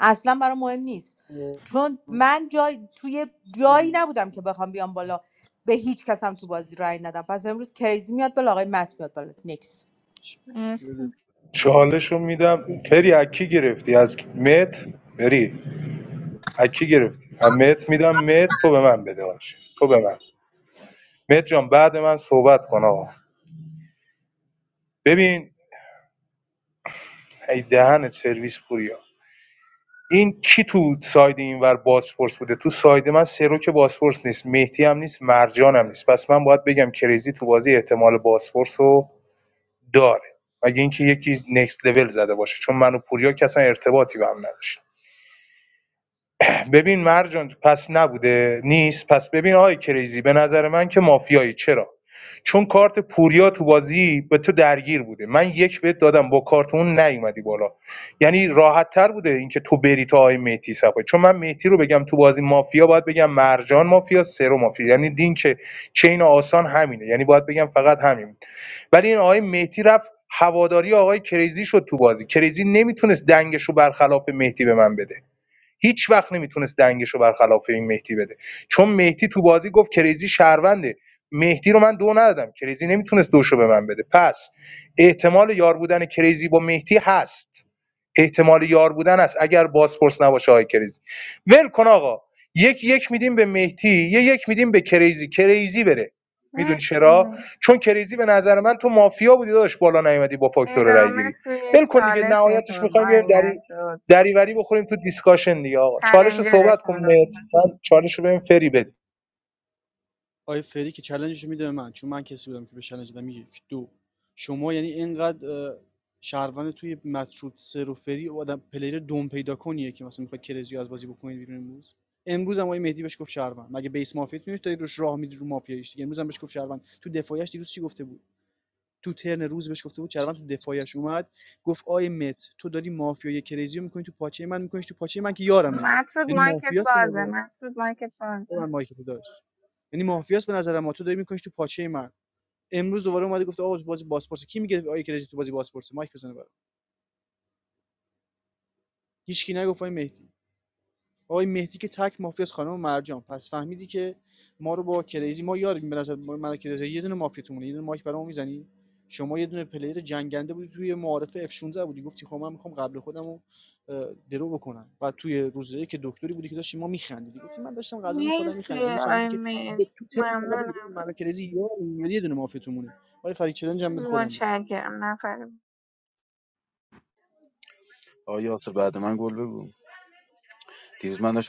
[SPEAKER 7] اصلا برام مهم نیست چون من جای توی جایی
[SPEAKER 19] بازی
[SPEAKER 7] نبودم که بخوام بیام بالا به هیچ کس هم تو بازی رأی ندم پس امروز کریزی میاد بالا آقای مت میاد بالا نکست
[SPEAKER 4] مرسی
[SPEAKER 6] چالشو میدم فری اکی گرفتی از مت فری اکی گرفتی از مت میدم مت تو به من بده باشه تو به من مت جان بعد من صحبت کن آقا ببین ای دهن سرویس پوریا. این کی تو ساید اینور بازپرس بوده تو ساید من سرو که بازپرس نیست مهدی هم نیست مرجان هم نیست پس من باید بگم کریزی تو بازی احتمال بازپرس رو داره مگه اینکه یکی نکست لول زده باشه چون من و پوریا که اصلا ارتباطی به هم نداشت ببین مرجان پس نبوده نیست پس ببین آقای کریزی به نظر من که مافیایی چرا چون کارت پوریا تو بازی به تو درگیر بوده من یک بهت دادم با کارت اون نیومدی بالا یعنی راحت تر بوده اینکه تو بری تا آقای مهدی صفایی چون من مهدی رو بگم تو بازی مافیا باید بگم مرجان مافیا سرو مافیا یعنی دین که چین آسان همینه یعنی باید بگم فقط همین ولی این آقای مهدی رفت هواداری آقای کریزی شد تو بازی کریزی نمیتونست دنگش رو برخلاف مهدی به من بده هیچ وقت نمیتونست دنگش رو برخلاف این مهدی بده چون مهدی تو بازی گفت کریزی شهرونده مهدی رو من دو ندادم کریزی نمیتونست دوشو به من بده پس احتمال یار بودن کریزی با مهدی هست احتمال یار بودن است اگر بازپرس نباشه های کریزی ول کن آقا یک یک میدیم به مهدی یه یک میدیم به کریزی کریزی بره میدونی چرا
[SPEAKER 4] مرسی
[SPEAKER 6] چون کریزی به نظر من تو مافیا بودی داداش بالا نیومدی با فاکتور رای
[SPEAKER 4] ادامه
[SPEAKER 6] گیری
[SPEAKER 4] توی
[SPEAKER 6] ول کن دیگه نهایتش
[SPEAKER 4] چالشتون
[SPEAKER 6] میخوایم
[SPEAKER 4] آی
[SPEAKER 6] بریم در
[SPEAKER 4] مطرود
[SPEAKER 6] دریوری بخوریم تو دیسکاشن دیگه آقا چالش رو صحبت کن
[SPEAKER 4] چلنجرشون لطف
[SPEAKER 6] مهدی. من چالش رو بریم فری بدیم
[SPEAKER 19] آقای فری که چلنجش رو میده به من چون من کسی بودم که به چلنج دادم یک دو شما یعنی اینقدر اه، شهروند توی مطرود سر و فری و آدم پلیر دوم پیدا کنیه که مثلا میخواد کرزیو از بازی بکنید بیرون امروز امروز هم آقای مهدی بهش گفت شهروند مگه بیس مافیات میشه داری روش راه میدی رو مافیایش دیگه امروز هم بهش گفت شهروند تو دفاعش دیروز چی گفته بود تو ترن روز بهش گفته بود شهروند تو دفاعش اومد گفت آی مت تو داری مافیای کرزیو میکنی تو پاچه من میکنیش تو پاچه من که یارمه
[SPEAKER 4] مطرود
[SPEAKER 19] یعنی
[SPEAKER 4] مایکت
[SPEAKER 19] مافیاس به
[SPEAKER 4] بازه
[SPEAKER 19] نظر
[SPEAKER 4] مطرود مایکت بازه
[SPEAKER 19] ببند مایکتو داداش یعنی مافیاس به نظر ما تو داری میکنیش تو پاچه من امروز دوباره اومده گفته آقا تو بازی باسپورس کی میگه آیه کرجی تو بازی باسپورس مایک بزنه برام هیچکی نگفت آقای مهدی آقای مهدی که تک مافیا از خانم مرجان پس فهمیدی که ما رو با کریزی ما یاریم به نظر ما من و کریزی یه دونه مافیاتونه یه دونه مایک برامو میزنی شما یه دونه پلیر جنگنده بودی توی معارف F 16 بودی گفتی خب من میخوام قبل خودمو درو بکنم و توی روزایی که دکتری بودی که داشتی ما میخندیدی گفتی من داشتم غذا میخوردم میخندیدم
[SPEAKER 4] مرسی
[SPEAKER 19] امروز فهمیدی
[SPEAKER 4] آی
[SPEAKER 19] که
[SPEAKER 4] مت
[SPEAKER 19] به تو ترم فقط بگو
[SPEAKER 4] ممنونم
[SPEAKER 19] من و کریزی یاریم یاری یه دونه مافیاتونه آقای فرید چلنج هم بده خودم بزن
[SPEAKER 4] متشکرم نفر بعد.
[SPEAKER 21] آیا یاسر بعد بگو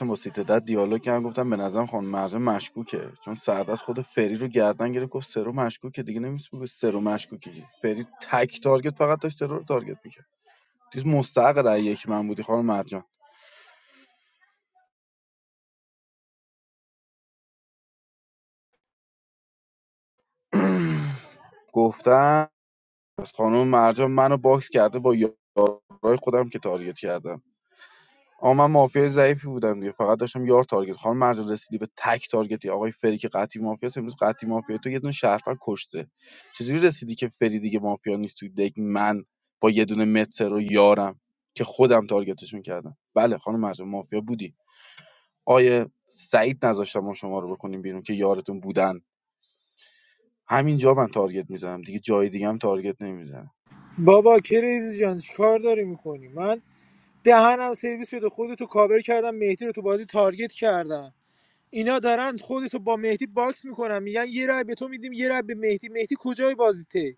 [SPEAKER 21] بعد دیالوگ کردم گفتم به نظرم خانم مرجان مشکوکه چون سردست خود فری رو گردن گرفت گفت سرو مشکوکه دیگه نمیتونی به سرو مشکوکه که. فری تک تارگت فقط داشت سرو رو تارگت میکرد چیز مستحق رأی یک من بودی خانم مرجان گفتم پس خانم مرجان منو باکس کرده با یارای خودم که تارگت کردم آقا من مافیای ضعیفی بودم دیگه فقط داشتم یار تارگت خانم مرجان رسیدی به تک تارگتی آقای فری که قطعی مافیاست امروز قطعی مافیا تو یه دونه شهروند کشته چجوری رسیدی که فری دیگه مافیا نیست توی دک من با یه دونه متر و یارم که خودم تارگتشون کردم بله خانم مرجان مافیا بودی آیه سعید نذاشتم ما شما رو بکنیم بیرون که یارتون بودن همینجا من تارگت میزنم دیگه جای دیگه هم تارگت نمیزنم
[SPEAKER 5] بابا کریزی جان چیکار داری میکنی من دهنم سرویس شده خودتو کاور کردم مهدی رو تو بازی تارگت کردم اینا دارن خودتو با مهدی باکس میکنن میگن یه رای به تو میدیم یه رای به مهدی مهدی کجای بازیته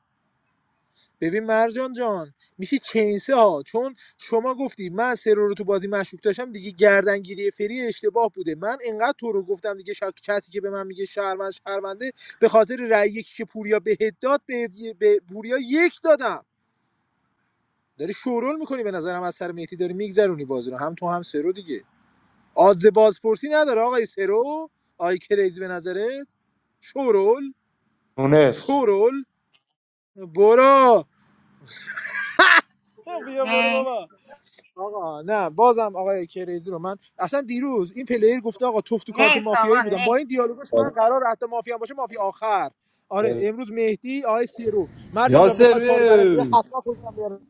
[SPEAKER 5] ببین مرجان جان میشه چینسه ها چون شما گفتی من سرو رو تو بازی مشکوک داشتم دیگه گردنگیری فری اشتباه بوده من انقدر تو رو گفتم دیگه شا... کسی که به من میگه شهروند شهرونده به خاطر رأی یکی که پوریا بهت داد به, به پوریا یک دادم داری شورول میکنی به نظرم از سر مهدی داری میگذرونی بازی رو هم تو هم سرو دیگه آدز بازپرسی نداره آقای سرو آی کریزی به نظرت شورول
[SPEAKER 6] مونس
[SPEAKER 5] شورول برو نه بیا برو
[SPEAKER 4] نیست
[SPEAKER 5] بابا آقا نه بازم آقای کریزی رو من اصلا دیروز این پلیر گفته آقا توف تو کارت
[SPEAKER 4] نیست
[SPEAKER 5] مافیایی
[SPEAKER 4] آقا
[SPEAKER 5] بودم با
[SPEAKER 4] نیست
[SPEAKER 5] این دیالوگش من قرار حتی مافیا باشه مافیا آخر آره امروز مهدی آقای سرو مرجان جان
[SPEAKER 8] یاسر
[SPEAKER 5] بخوای پارو برعکس
[SPEAKER 8] اه.
[SPEAKER 5] حتما خودت هم بیاره.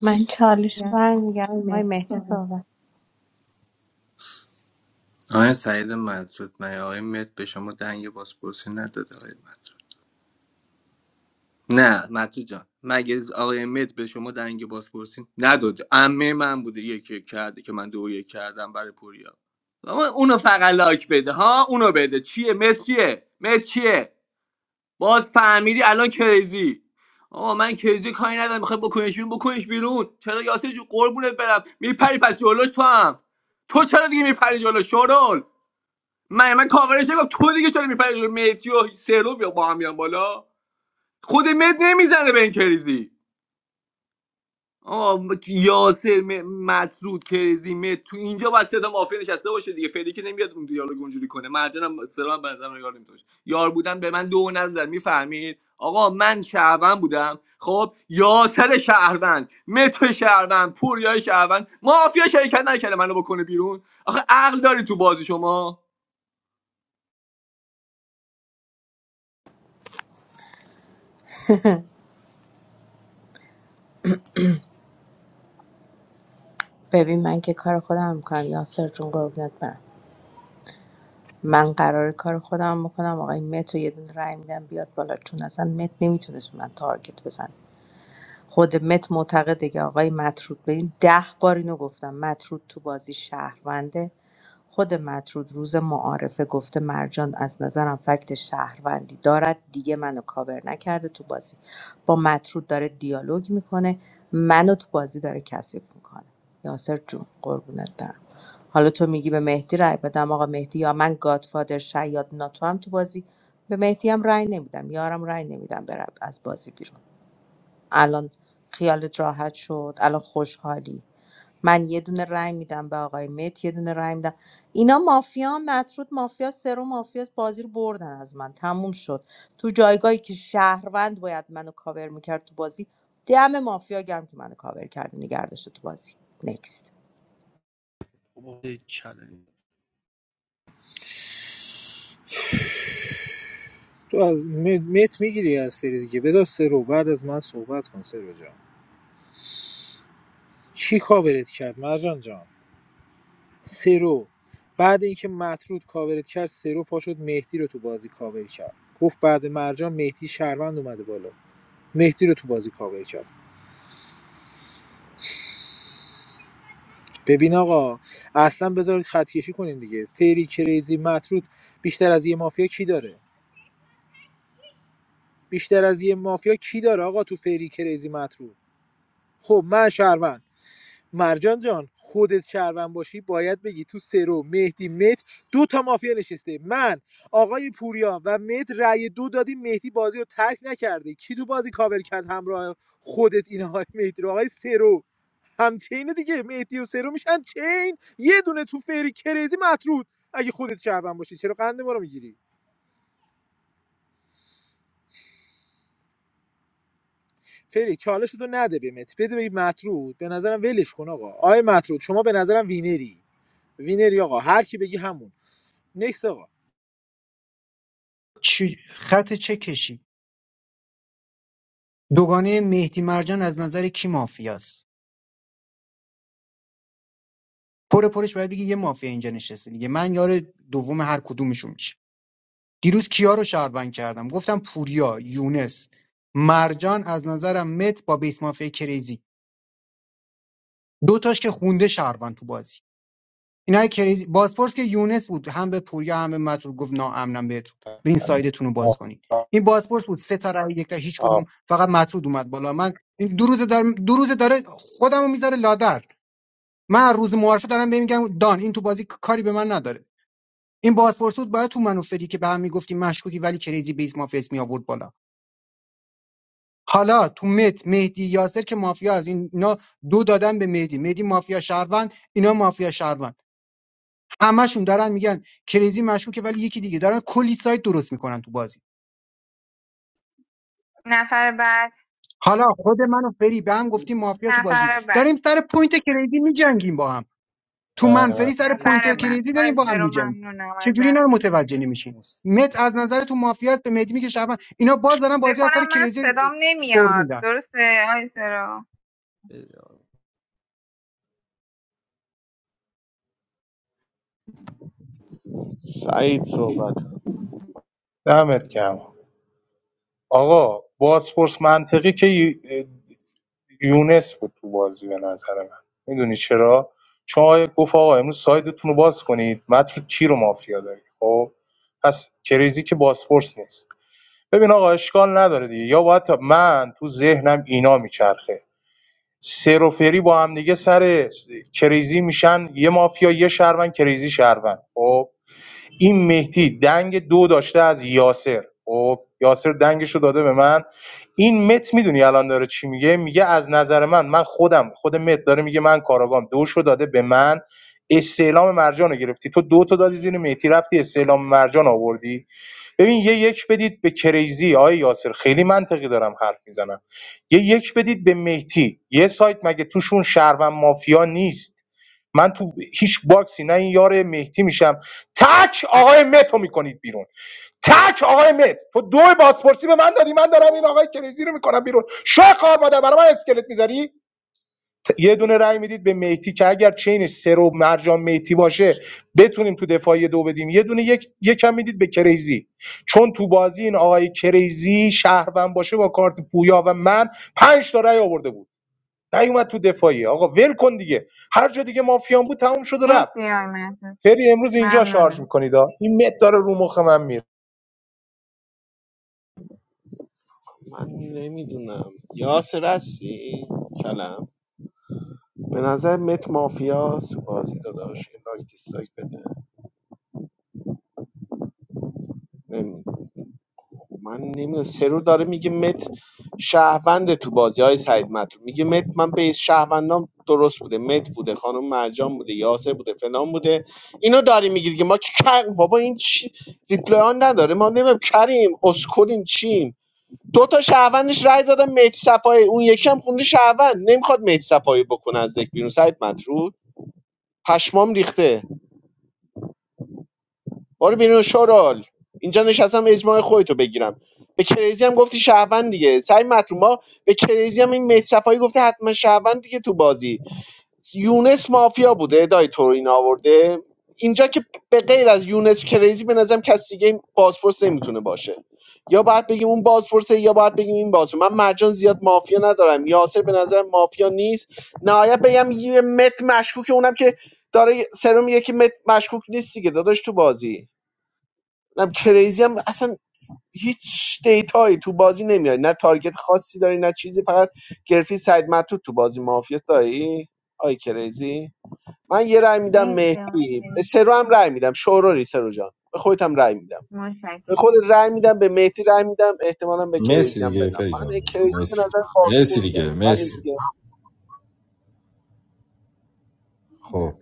[SPEAKER 7] من چالش
[SPEAKER 18] ممنونم.
[SPEAKER 7] برمیگردم
[SPEAKER 18] آقای
[SPEAKER 7] آقای
[SPEAKER 18] مهدی
[SPEAKER 7] مهدی
[SPEAKER 18] صحبت.
[SPEAKER 7] صحبت
[SPEAKER 18] آقای سعید مدرود من آقای مت به شما دنگ بازپرسی نداد آقای مدرود. نه متو جان مگه آقای مت به شما دنگ بازپرسی نداد امه من بوده یکی یک کرده که من دو یک کردم برای پوریا آقا اونو فقط لایک بده ها اونو بده چیه مت چیه مت چیه باز فهمیدی الان کریزی آقا من کریزی کاری ندارم میخوای بکنش بیرون بکنش بیرون چرا یاسه جو قربونت برم میپری پس جلوش تو هم تو چرا دیگه میپری جلو شورول من من کاورش نگم تو دیگه چرا میپری جلو متیو و سلو بیا با هم میان بالا خود مت نمیزنه به این کریزی آه م- یاسر م- مطرود کرزی مت تو اینجا باید صدا مافیا نشسته باشه دیگه فعلی که نمیاد اون دیالوگ اونجوری کنه مرجانم سلام به نظرم یار نمیتونش یار بودن به من دو نظر میفهمید آقا من شهروند بودم خب یاسر شهروند متر شهروند پوریای شهروند مافیا شرکت نکرده منو بکنه بیرون آخه عقل داری تو بازی شما
[SPEAKER 7] ببین من که کار خودم میکنم یاسر جون قربونت برم من قرار کار خودم میکنم آقای مت رو یه دونه رای میدم بیاد بالا چون اصلا مت نمیتونست به من تارگت بزنه خود مت معتقده که آقای مطرود ببین ده بار اینو گفتم مطرود تو بازی شهرونده خود مطرود روز معارفه گفته مرجان از نظرم فکت شهروندی دارد دیگه منو کاور نکرده تو بازی با مطرود داره دیالوگ میکنه منو تو بازی داره کثیف میکنه یاسر جون قربونت برم حالا تو میگی به مهدی رای بدم آقا مهدی یا من گادفادر شیاد ناتو هم تو بازی به مهدی هم رای نمیدم یارم رای نمیدم برم از بازی بیرون الان خیالت راحت شد الان خوشحالی من یه دونه رای میدم به آقای مت یه دونه رای میدم اینا مافیا مطرود مافیا سرو مافیا بازی رو بردن از من تموم شد تو جایگاهی که شهروند باید منو کاور میکرد تو بازی دم مافیا گرم که منو کاور کرده نگه داشته تو بازی نکست
[SPEAKER 19] بابا چالش
[SPEAKER 5] تو از م- مت میگیری از فری دیگه بذار سرو بعد از من صحبت کن سرو جان کی کاورت کرد مرجان جان سرو بعد اینکه مطرود کاورت کرد سرو پاشد مهدی رو تو بازی کاور کرد گفت بعد مرجان مهدی شهروند اومده بالا مهدی رو تو بازی کاور کرد ببین آقا اصلا بذارید خط کشی کنیم دیگه فری کریزی مطرود بیشتر از یه مافیا کی داره بیشتر از یه مافیا کی داره آقا تو فری کریزی مطرود خب من شهروند مرجان جان خودت شهروند باشی باید بگی تو سرو مهدی مت دو تا مافیا نشسته من آقای پوریا و مت رأی دو دادیم مهدی بازی رو ترک نکرده کی تو بازی کاور کرد همراه خودت این آقای مهدی رو آقای سرو همچینه دیگه مهدی و سرو میشن چین یه دونه تو فری کریزی مطرود اگه خودت شهروند باشی چرا قند ما رو میگیری فری چالش تو نده به مت بده به مطرود به نظرم ولش کن آقا آقای مطرود شما به نظرم وینری وینری آقا هر کی بگی همون نکس آقا
[SPEAKER 23] چی- خط چه کشی دوگانه مهدی مرجان از نظر کی مافیاست پر پرش باید بگی یه مافیا اینجا نشسته دیگه من یار دوم هر کدومشون میشه دیروز کیا رو شهروند کردم گفتم پوریا یونس مرجان از نظرم مت با بیس مافیا کریزی دو تاش که خونده شهروند تو بازی اینا کریزی بازپرس که یونس بود هم به پوریا هم به مترو گفت ناامنم بهتون برین سایدتون رو باز کنین این بازپرس بود سه تا رای یک تا هیچ کدوم فقط مطرود اومد بالا من این دو روز دار دو روز داره خودمو میذاره لادر من هر روز معارفه دارم بهم میگم دان این تو بازی کاری به من نداره این بازپرس بود باید تو منو فری که به هم میگفتیم مشکوکی ولی کریزی بیس مافیاس می آورد بالا حالا تو مت مهدی یاسر که مافیا از این اینا دو دادن به مهدی مهدی مافیا شهروند اینا مافیا شهروند همشون دارن میگن کریزی مشکوکه ولی یکی دیگه دارن کلی سایت درست میکنن تو بازی
[SPEAKER 4] نفر بعد
[SPEAKER 23] حالا خود من و فری به هم گفتیم مافیا تو بازی
[SPEAKER 4] نفر
[SPEAKER 23] داریم
[SPEAKER 4] بعد
[SPEAKER 23] سر پوینت کریزی میجنگیم با هم تو من فری سر
[SPEAKER 4] نفر
[SPEAKER 23] پوینت
[SPEAKER 19] من-
[SPEAKER 4] بعد
[SPEAKER 23] کریزی
[SPEAKER 4] آی
[SPEAKER 23] داریم با هم
[SPEAKER 4] سرو
[SPEAKER 23] میجنگیم
[SPEAKER 4] ممنونم
[SPEAKER 23] چجوری اینا
[SPEAKER 4] ازت
[SPEAKER 23] رو متوجه نمیشین مت از نظر تو مافیا است به مدی میگه شهروند. اینا باز دارن
[SPEAKER 4] فکر
[SPEAKER 23] بازی از سر
[SPEAKER 4] کنم من
[SPEAKER 23] کریزی
[SPEAKER 4] صدام
[SPEAKER 23] سر
[SPEAKER 4] نمیاد
[SPEAKER 23] میدن
[SPEAKER 4] درسته آی سرو
[SPEAKER 3] سعید صحبت کن.
[SPEAKER 6] دمت گرم آقا بازپرس منطقی که یونس بود تو بازی به نظر من میدونی چرا چون آقا گفت آقا امروز سایدتون رو باز کنید متر کی رو مافیا داری خب پس کریزی که بازپرس نیست ببین آقا اشکال نداره دیگه یا باید تا من تو ذهنم اینا میچرخه سر و فری با هم دیگه سر س- کریزی میشن یه مافیا یه شهروند کریزی شهروند خب این مهدی دنگ دو داشته از یاسر خب یاسر دنگش رو داده به من این مت میدونی الان داره چی میگه میگه از نظر من من خودم خود مت داره میگه من کاراگام دوش رو داده به من استعلام مرجان رو گرفتی تو دو تا دادی زیر مهدی رفتی استعلام مرجان آوردی ببین یه یک بدید به کریزی آقای یاسر خیلی منطقی دارم حرف میزنم یه یک بدید به مهدی یه سایت مگه توشون شهروند مافیا نیست من تو هیچ باکسی نه این یار مهدی میشم تک آقای مت رو میکنید بیرون تک آقای مت تو دو بازپرسی به من دادی من دارم این آقای کریزی رو میکنم بیرون شو خار مادر برای من اسکلت میذاری یه دونه رای میدید به میتی که اگر چینش سرو مرجان میتی باشه بتونیم تو دفاعی دو بدیم یه دونه یک یکم میدید به کریزی چون تو بازی این آقای کریزی شهروند باشه با کارت پویا و من پنج تا رأی آورده بود نیومد تو دفاعی آقا ول کن دیگه هر جا دیگه مافیان بود تموم شد و رفت
[SPEAKER 4] مرسی آی مهناز.
[SPEAKER 6] فری امروز اینجا شارژ
[SPEAKER 4] ممنونم
[SPEAKER 6] میکنید ها این مت داره رو مخ من میره
[SPEAKER 3] من نمیدونم یاسر هستی کلم به نظر مت مافیاست تو بازی داداش یه لایک دیسلایک بده نمی‌دونم. من نمیدونم سرو داره میگه مت شهروند تو بازی های سعید مطلوب میگه مت من به شهروندام درست بوده مت بوده خانم مرجان بوده یاسر بوده فلان بوده اینو داری میگی دیگه ما که کر بابا این چی ریپلای آن نداره ما نمیدونم کریم اسکلیم چیم دو تا شهروندش رای دادن مت صفای اون یکی هم خونده شهروند نمیخواد مت صفای بکنه از ذکر بیرون سعید مطرود پشمام ریخته برو بیرون شورال اینجا نشستم اجماع خودتو بگیرم به کریزی هم گفتی شهروند دیگه سعی مطلوب به کریزی هم این مهدی صفایی گفته حتما شهروند دیگه تو بازی یونس مافیا بوده ادای تو رو این آورده اینجا که به غیر از یونس کریزی به نظرم کسی دیگه این بازپرس نمیتونه باشه یا باید بگیم اون بازپرسه یا باید بگیم این بازپرسه من مرجان زیاد مافیا ندارم یاسر به نظرم مافیا نیست نهایت بگم یه مت مشکوک اونم که داره سرم یکی مت مشکوک نیستی که داداش تو بازی نم کریزی هم اصلا هیچ دیتایی تو بازی نمیاری نه تارگت خاصی داری نه چیزی فقط گرفتی سعید مطرود تو بازی مافیا داری آی کریزی من یه رأی میدم
[SPEAKER 4] مرسی آی
[SPEAKER 3] مهدی به
[SPEAKER 4] فری.
[SPEAKER 3] سرو هم رأی میدم شوروری سرو جان به خودت هم رأی میدم به
[SPEAKER 4] متشکرم
[SPEAKER 3] خود رأی میدم به مهدی رأی میدم احتمالا به
[SPEAKER 8] مرسی
[SPEAKER 3] کریزی هم
[SPEAKER 8] دیگه
[SPEAKER 3] بدم
[SPEAKER 8] فری
[SPEAKER 3] من
[SPEAKER 8] جان
[SPEAKER 3] این کریزی به
[SPEAKER 8] مرسی
[SPEAKER 3] نظر
[SPEAKER 8] مرسی
[SPEAKER 3] خاصه
[SPEAKER 8] دیگه
[SPEAKER 3] من این
[SPEAKER 8] مرسی
[SPEAKER 3] دیگه
[SPEAKER 8] خب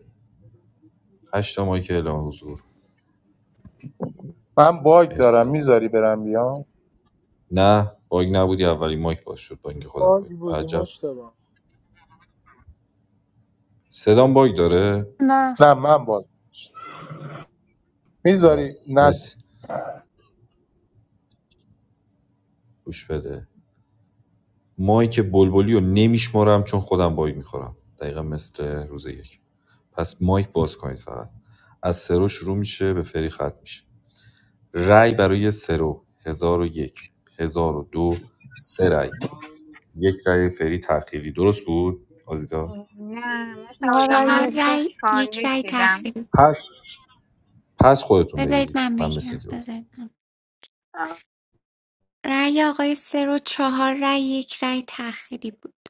[SPEAKER 8] هشت تا مایک اعلام حضور
[SPEAKER 6] من باگ دارم
[SPEAKER 8] مرسی
[SPEAKER 6] میذاری برم بیام
[SPEAKER 8] نه باگ نبودی اولی مایک باز شد با اینکه خودم
[SPEAKER 5] باگ
[SPEAKER 8] بود
[SPEAKER 5] بودی
[SPEAKER 8] عجب
[SPEAKER 5] مشتبه
[SPEAKER 8] صدام باگ داره
[SPEAKER 26] No, I
[SPEAKER 6] نه من باگ
[SPEAKER 8] نه
[SPEAKER 6] میذاری نس
[SPEAKER 8] مرسی گوش بده ماهی که بلبلی رو نمیشمارم چون خودم باگ میخورم دقیقا مثل روز یک پس مایک باز کنید فقط از سرو شروع میشه به فری ختم میشه رای برای سرو هزار و یک هزار و دو سه رأی یک رای فری تأخیری درست بود آزیتا
[SPEAKER 4] نه مشتاق جان
[SPEAKER 1] چهار
[SPEAKER 4] من
[SPEAKER 26] don't.
[SPEAKER 1] رای
[SPEAKER 4] چهار
[SPEAKER 1] یک
[SPEAKER 4] یک
[SPEAKER 1] رای
[SPEAKER 4] دیدم
[SPEAKER 1] تخریب
[SPEAKER 8] پس پس خودتون
[SPEAKER 1] بذارید
[SPEAKER 8] بگیرید
[SPEAKER 1] من
[SPEAKER 8] من مثل
[SPEAKER 1] بگیرم
[SPEAKER 8] اینکه باگ
[SPEAKER 1] بذارید رأی آقای سه و چهار رأی یک رأی تأخیری بود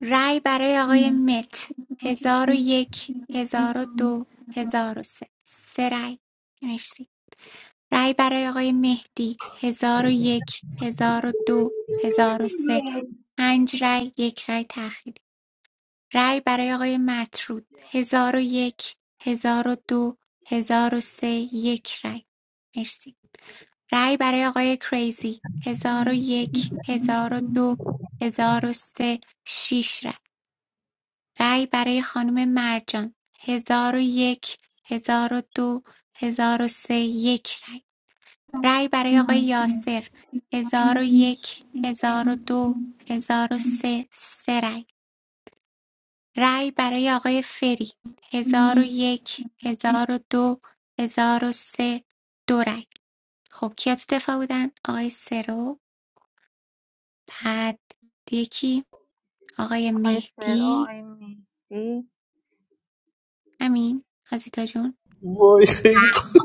[SPEAKER 1] رأی برای آقای مت هزار و یک هزار و دو هزار و سه سه رأی مرسی رأی برای آقای مهدی هزار و یک هزار و دو هزار و سه پنج رأی یک رأی تأخیری رأی برای آقای مطرود هزار و یک هزار و دو هزار و سه یک رأی مرسی رای برای آقای کریزی ۱۰۰۱ ۱۰۰۲ ۱۰۰۳ ۶ رای رای برای خانم مرجان ۱۰۰۱ ۱۰۰۲ ۱۰۰۳ یک رای رای برای آقای یاسر ۱۰۰۱ ۱۰۰۲ ۱۰۰۳ سه سه رای رای برای آقای فری ۱۰۰۱ ۱۰۰۲ ۱۰۰۳ دو هزار و سه، دو رای خب کیا تو دفاع بودن؟ آقای سرو پد یکی آقای
[SPEAKER 4] آی سرو
[SPEAKER 1] مهدی
[SPEAKER 4] آی مهدی
[SPEAKER 1] همین آزیتا جون
[SPEAKER 8] وای خیلی خوب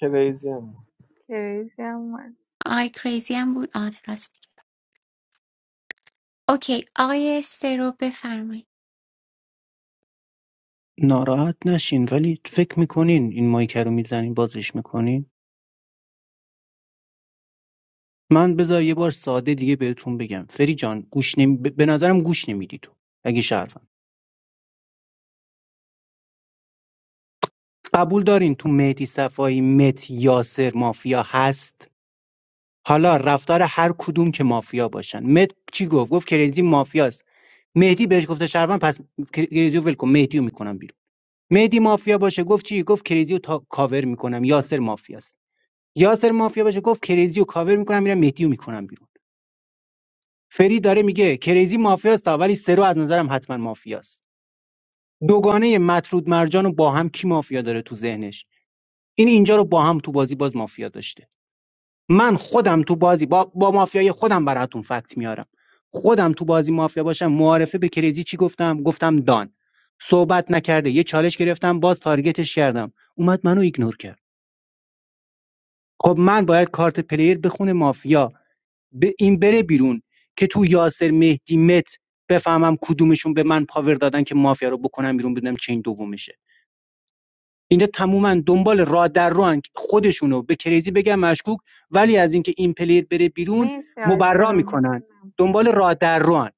[SPEAKER 3] کریزی هم
[SPEAKER 4] کریزی هم اومد.
[SPEAKER 1] آقای کریزی هم بود آره راست میگی اوکی آقای سرو بفرمایید
[SPEAKER 23] ناراحت نشین ولی فکر میکنین این مایک رو میزنین بازش میکنین من بذار یه بار ساده دیگه بهتون بگم فری جان گوش نمی... به به نظرم گوش نمیدی تو اگه شهروندی. قبول دارین تو مهدی صفایی مت یاسر مافیا هست حالا رفتار هر کدوم که مافیا باشن مت چی گفت گفت کریزی مافیاست مهدی بهش گفته شهروند پس کریزیو رو ول کن مهدی میکنم بیرون مهدی مافیا باشه گفت چی گفت کریزیو تا کاور میکنم یاسر مافیاست یاسر مافیا باشه گفت کریزیو کاور میکنم میرم مهدی میکنم بیرون فری داره میگه کریزی مافیاست آ، ولی سرو از نظرم حتما مافیاست دوگانه مطرود مرجان رو با هم کی مافیا داره تو ذهنش این اینجا رو با هم تو بازی باز مافیا داشته من خودم تو بازی با, با مافیای خودم براتون فکت میارم خودم تو بازی مافیا باشم معارفه به کریزی چی گفتم گفتم دان صحبت نکرده یه چالش گرفتم باز تارگتش کردم اومد منو ایگنور کرد خب من باید کارت پلیر بخونه مافیا به این بره بیرون که تو یاسر مهدی مت بفهمم کدومشون به من پاور دادن که مافیا رو بکنم بیرون بدونم چین دومشه اینا تماما دنبال راه در ران خودشونو به کریزی بگن مشکوک ولی از اینکه این پلیر بره بیرون
[SPEAKER 4] مرسی آی
[SPEAKER 23] مبرا
[SPEAKER 4] سرو
[SPEAKER 23] میکنن
[SPEAKER 4] ممنونم
[SPEAKER 23] دنبال راه در ران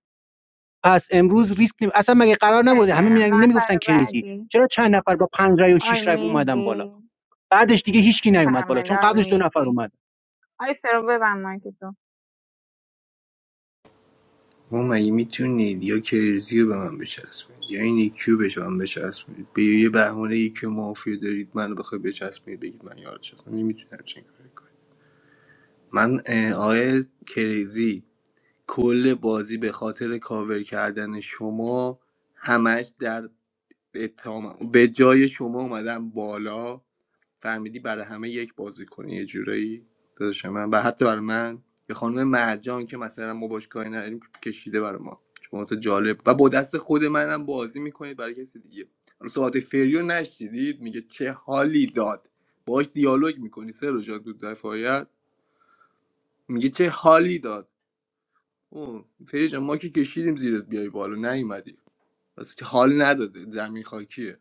[SPEAKER 23] پس امروز ریسک نیم اصلا مگه قرار نبوده همه میگن
[SPEAKER 4] متشکرم
[SPEAKER 23] نمیگفتن
[SPEAKER 4] نفر
[SPEAKER 23] کریزی
[SPEAKER 4] بعدی
[SPEAKER 23] چرا چند نفر با پنج رای و
[SPEAKER 4] آی
[SPEAKER 23] شش رای اومدن بالا
[SPEAKER 4] مهدی
[SPEAKER 23] بعدش دیگه هیچکی نیومد بالا
[SPEAKER 4] بفرمایید
[SPEAKER 23] چون
[SPEAKER 4] آی
[SPEAKER 23] قبلش دو نفر
[SPEAKER 4] مهدی
[SPEAKER 23] اومد
[SPEAKER 4] آی سرو ببند مایک تو
[SPEAKER 18] آقا مگه میتونید یا کریزی رو به من بچسبونید یا این یکی رو به من بچسبونید به یه بهونه یکی مافیا دارید منو بخوای بچسبونید بگید من یار چسبم نمیتونم چنین کاری کنم من اه، آقای کریزی کل بازی به خاطر کاور کردن شما همش در اتهامم به جای شما اومدم بالا فهمیدی برای همه یک بازی کنی یه جورایی داداش من و حتی برای من یه خانم مرجان که مثلا ما باش کاری نداریم کشیده برای ما شما تو جالب و با دست خود منم بازی میکنید برای کسی دیگه حالا صحبت فریو نشدید میگه چه حالی داد باش دیالوگ میکنی سر جان تو دفاعیت میگه چه حالی داد اوه، فری جان ما که کشیدیم زیرت بیای بالا نیومدی بس که حال نداده زمین خاکیه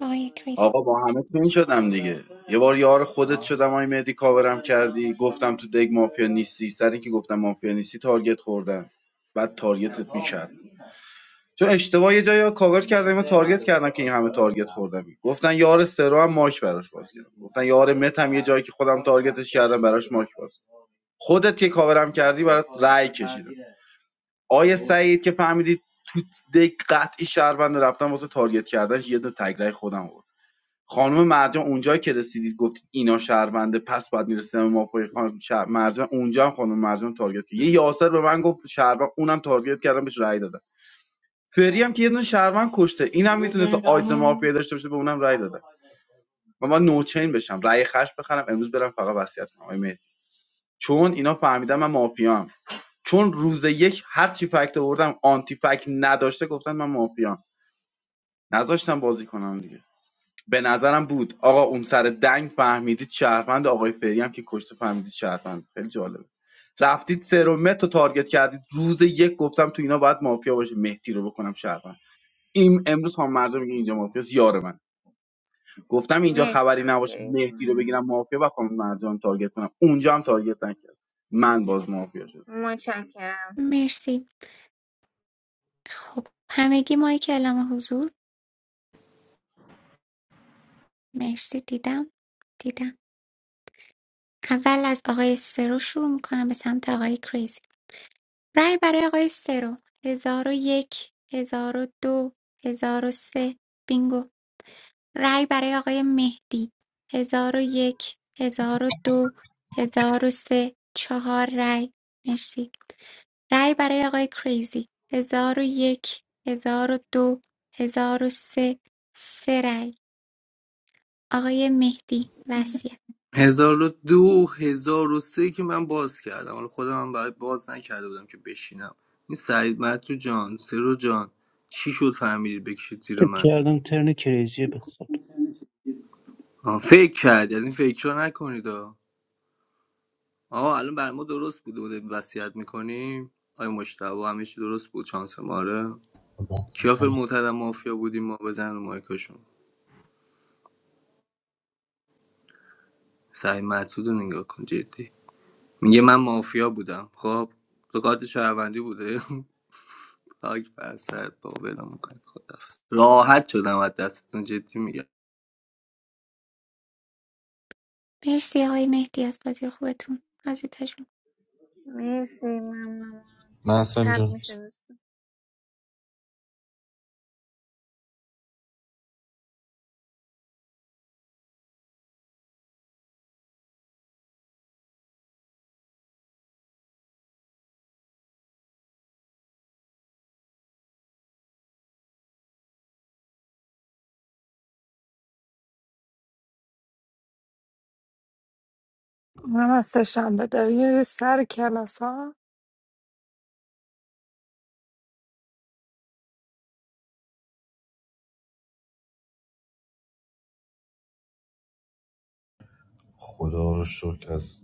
[SPEAKER 1] آقای کریزی
[SPEAKER 21] آقا با همه تیم شدم دیگه یه بار یار خودت شدم آی مهدی کاورم کردی گفتم تو دگ مافیا نیستی سری که گفتم مافیا نیستی تارگت خوردم بعد تارگتت میکرد چون اشتباه یه جایی کاور کردم و تارگت کردم که این همه تارگت خوردم گفتن یار سرو هم ماک براش باز کردم گفتن یار مت هم یه جایی که خودم تارگتش کردم براش ماک باز خودت که کاورم کردی برات رأی کشیدم آیه سعید که فهمیدید دگ قطعی شهروند رفتم واسه تارگت کردنش یه دو تگرای خودم آوردم. خانم مرجان اونجایی که رسیدید گفتید اینا شهرونده پس باید میرسه مافای خانم شهر مرجان اونجا هم خانم مرجان تارگت کرد. یه یاسر به من گفت شهروند اونم تارگت کردم بهش رأی دادم فری هم که یه دونه شهروند کشته اینم میتونست آیز مافیا داشته باشه به اونم رأی دادم من باید نوچین بشم رأی خش بخرم امروز برم فقط وصیت کنم چون اینا فهمیدن من مافیام چون روز یک هر چی فکت آوردم آنتی فکت نداشته گفتن من مافیام نذاشتم بازی کنم دیگه به نظرم بود آقا اون سر دنگ فهمیدید شهروند آقای فری هم که کشته فهمیدید شهروند خیلی جالبه رفتید سرومت رو تارگت کردید روز یک گفتم تو اینا باید مافیا باشه مهدی رو بکنم شهروند این امروز خانم مرجان میگه اینجا مافیاست یار من گفتم اینجا
[SPEAKER 4] مرسی
[SPEAKER 21] خبری
[SPEAKER 4] آی
[SPEAKER 21] نباشه
[SPEAKER 4] کریزی
[SPEAKER 21] مهدی رو
[SPEAKER 4] ممنون
[SPEAKER 21] بگیرم مافیا و خانم مرجان تارگت کنم اونجا هم تارگت نکرد من باز مافیا شدم.
[SPEAKER 4] متشکرم
[SPEAKER 1] مرسی خب همگی مایک اعلام حضور مرسی دیدم دیدم اول از آقای سرو شروع میکنم به سمت آقای کریزی رای برای آقای سرو هزار و یک هزار و دو هزار و سه بینگو رای برای آقای مهدی ۱۰۰۱ ۱۰۰۲ ۱۰۰۳ چهار رای مرسی رای برای آقای کریزی ۱۰۰۱ ۱۰۰۲ ۱۰۰۳ سه سه رای آقای مهدی وصیت
[SPEAKER 18] هزار و دو هزار و سه که من باز کردم حالا خودم هم برای باز نکرده بودم که بشینم این سعید مطرو جان سرو جان چی شد فهمیدید بکشید زیر
[SPEAKER 23] فکر
[SPEAKER 18] من
[SPEAKER 23] کردم ترن کریزی به خود
[SPEAKER 18] آه، فکر کردی از این فکرها نکنید آه آه، الان بر ما درست بوده بوده وصیت میکنیم آیا مشتبه همه چی درست بود چانس ماره کیافر معتدم مافیا بودیم ما بزن رو مایکاشون سعید مطرود رو نگاه کن جدی میگه من مافیا بودم خب تو کارت شهروندی بوده خاک بر سرت با ولم میکنی خدافز راحت شدم از دستتون جدی میگم
[SPEAKER 1] مرسی آقای مهدی از بازی خوبتون آزیتا جون
[SPEAKER 4] مرسی ممنون
[SPEAKER 8] محسن
[SPEAKER 4] شب
[SPEAKER 8] جون
[SPEAKER 4] میشه دوستان
[SPEAKER 26] I'm not sure.
[SPEAKER 8] خدا رو شکر از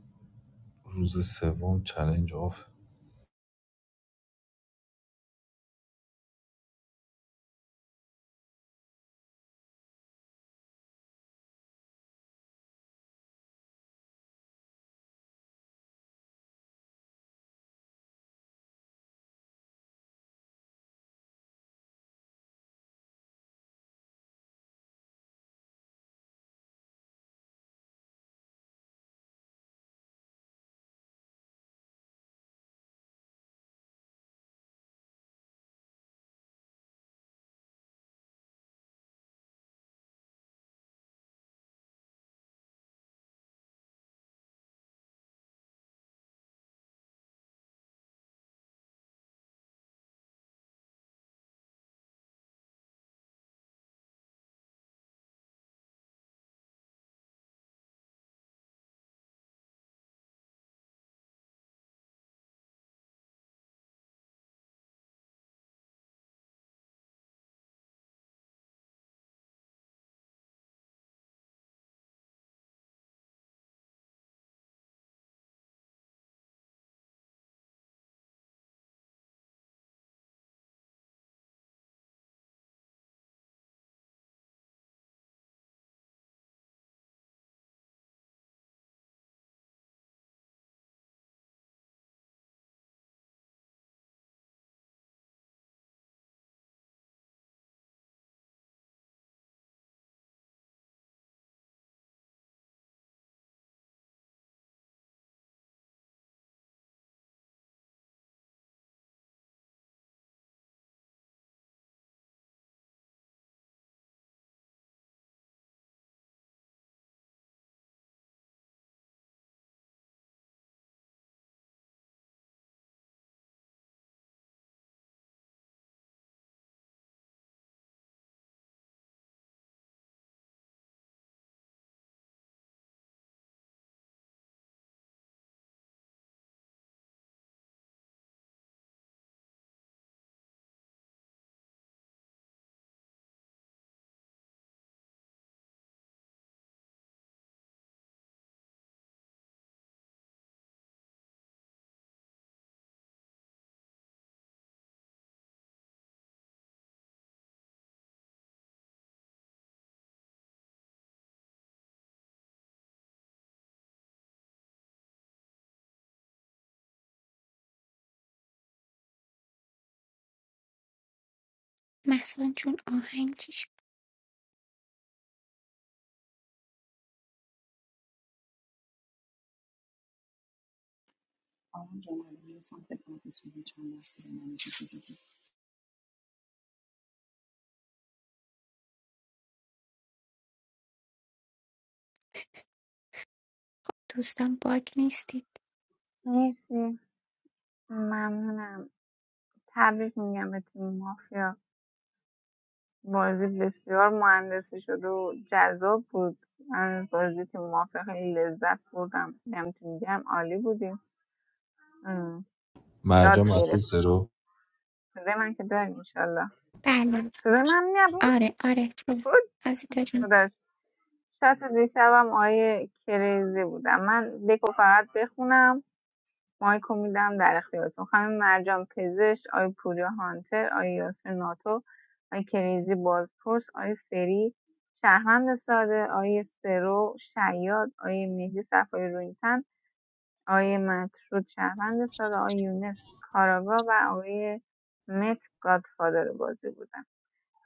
[SPEAKER 8] روز سوم چلنج آف
[SPEAKER 1] محسن جون آهنگ چی شد؟
[SPEAKER 11] الو.
[SPEAKER 1] دوستان باگ نیستید
[SPEAKER 4] مرسی ممنونم تبریک میگم به تیم مافیا بازی بسیار مهندسی شده و جذاب بود من از بازی تیم مافیا خیلی لذت بردم میگم تو میگم عالی بودیم ام. یاد
[SPEAKER 8] مرجا مسئول
[SPEAKER 4] گرفتیم
[SPEAKER 8] سرو
[SPEAKER 4] صدای من که داریم انشالله
[SPEAKER 1] بله
[SPEAKER 4] صدای من نبود
[SPEAKER 1] آره آره جون آزیتا جون
[SPEAKER 4] بود شات دیشبم آیه کریزی بودم من دکو فقط بخونم مایکو میدم در اختیارتون خانم مرجان پزشک آی پوریا هانتر آی یاسر ناتو آی کریزی بازپرس آی فری شهروند ساده آی سرو شیاد آی مهدی صفای روینتن آی مطرود شهروند ساده آی یونس کاراگا و آقای مت گادفادر بازی بودن